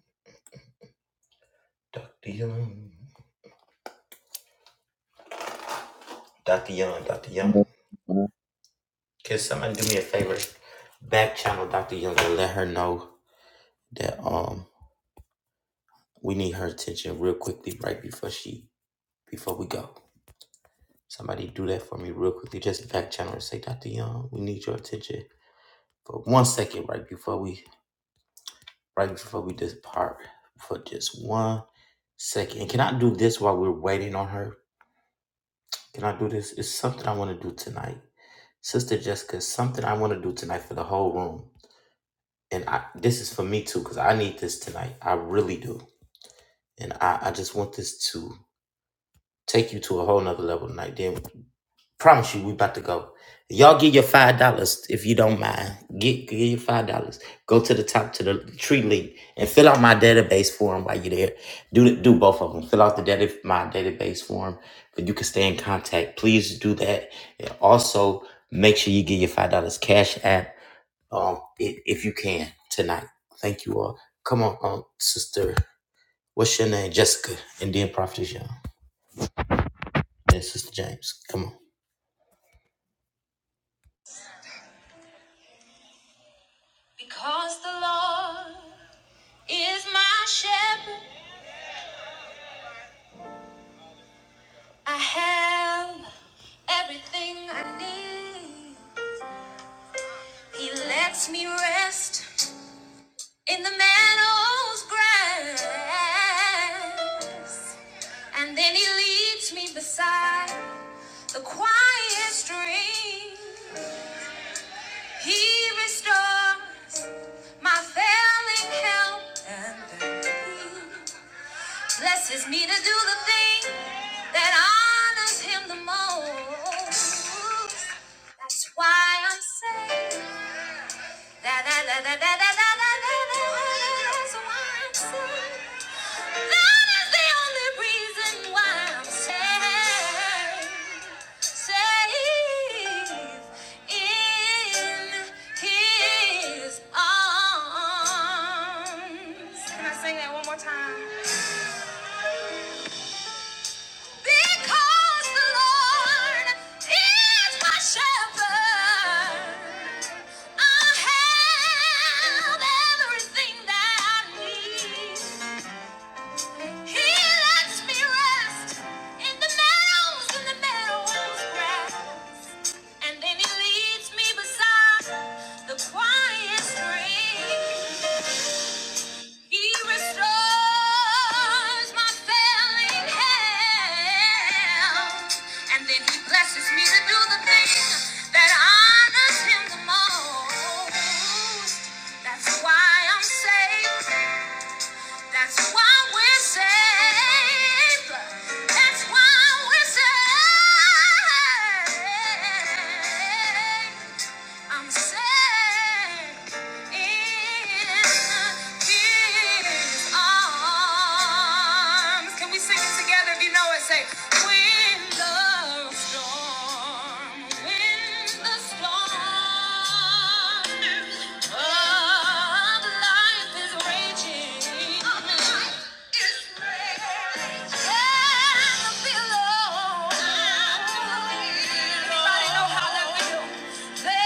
[SPEAKER 1] Dr. Young, Dr. Young, Dr. Young. Can somebody do me a favor? Back channel Dr. Young and let her know that um we need her attention real quickly right before she before we go. Somebody do that for me real quickly. Just back channel and say, Dr. Young, we need your attention for one second right before we right before we depart for just one second. And can I do this while we're waiting on her? Can I do this? It's something I want to do tonight. Sister Jessica, it's something I want to do tonight for the whole room. And I, this is for me too, because I need this tonight. I really do. And I, I just want this to Take you to a whole nother level tonight. Then promise you we about to go. Y'all give your five dollars if you don't mind. Get give your five dollars. Go to the top to the tree link and fill out my database form while you're there. Do the- do both of them. Fill out the data my database form, but you can stay in contact. Please do that. And also make sure you get your five dollars cash app um i- if you can tonight. Thank you all. Come on, um, sister. What's your name? Jessica, and then Prophet Young. Hey, Sister James, come on.
[SPEAKER 5] Because the Lord is my shepherd, I have everything I need. He lets me rest in the meadow's grass. And then he leads me beside the quiet stream. He restores my failing health and strength. blesses me to do the thing that honors him the most. That's why I'm saved. Can I sing that one more time? Because the Lord is my shepherd, I have everything that I need. He lets me rest in the meadows, in the meadows grass, and then He leads me beside the quiet stream. He restores my failing health, and then he blesses me to do the thing that honors him the most. That's why I'm saved. That's why we're saved. That's why we're saved. I'm safe in His arms. Can we sing it together if you know it? Say, when the storm, when the storm of life is raging, of life is raging, and the billows. Anybody know how that feels? Thank you.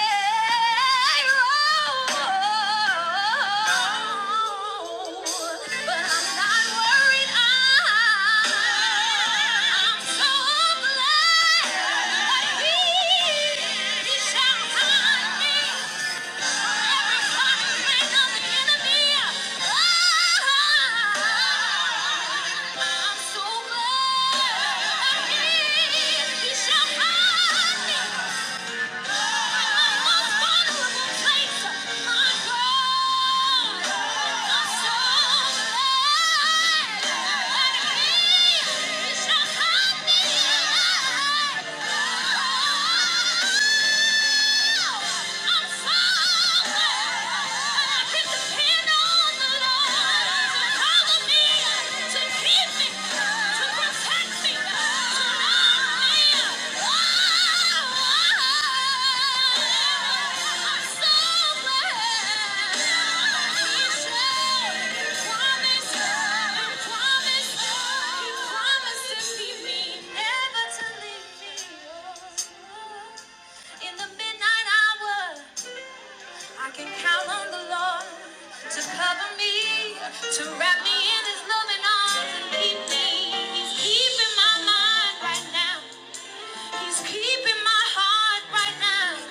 [SPEAKER 5] Yeah. Yeah. In the midnight hour, I can count on the Lord to cover me, to wrap me in His loving arms and keep me. He's keeping my mind right now. He's keeping my heart right now.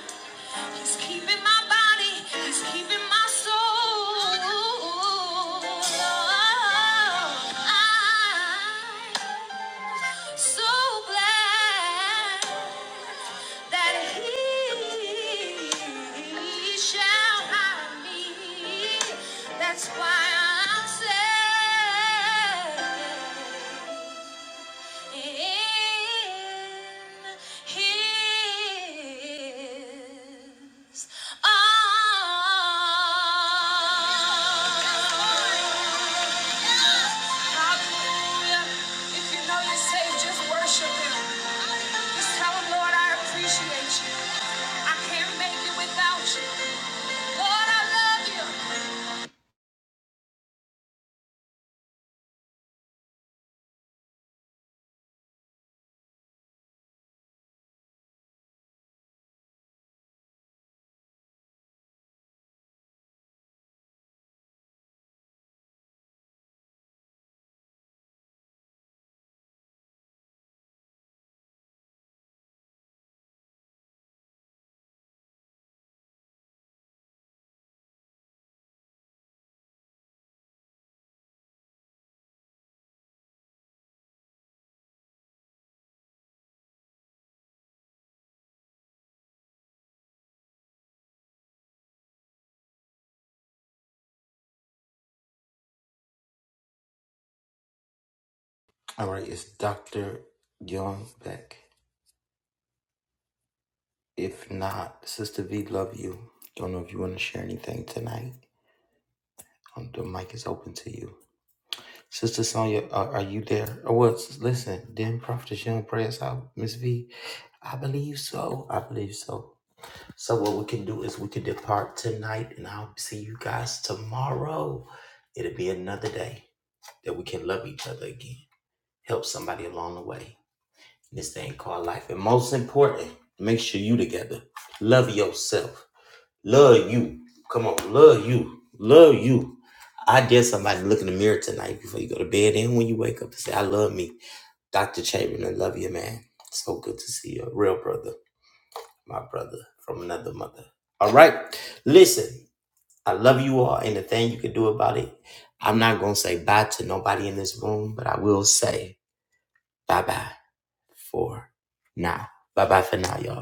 [SPEAKER 5] He's keeping my body. He's keeping my soul. I'm so glad that He shall hide me. That's why I'm saved in his arms. Hallelujah. If you know you're saved, just worship him. Just tell him, Lord, I appreciate you. I can't make it without you. Lord, I love you.
[SPEAKER 1] All right, it's Dr. John Beck. If not, Sister V, love you. Don't know if you want to share anything tonight. Um, The mic is open to you. Sister Sonia, are, are you there? Oh, well, s- listen, then Prophetess Young prayers out, Miss V. I believe so. I believe so. So what we can do is we can depart tonight, and I'll see you guys tomorrow. It'll be another day that we can love each other again, help somebody along the way. This thing called life. And most important, make sure you together. Love yourself. Love you. Come on, love you. Love you. I dare somebody to look in the mirror tonight before you go to bed and when you wake up and say, I love me. Dr. Chapman, I love you, man. So good to see you. A real brother, my brother from another mother. All right. Listen, I love you all. And the thing you can do about it, I'm not going to say bye to nobody in this room, but I will say bye bye for now. Bye bye for now, y'all.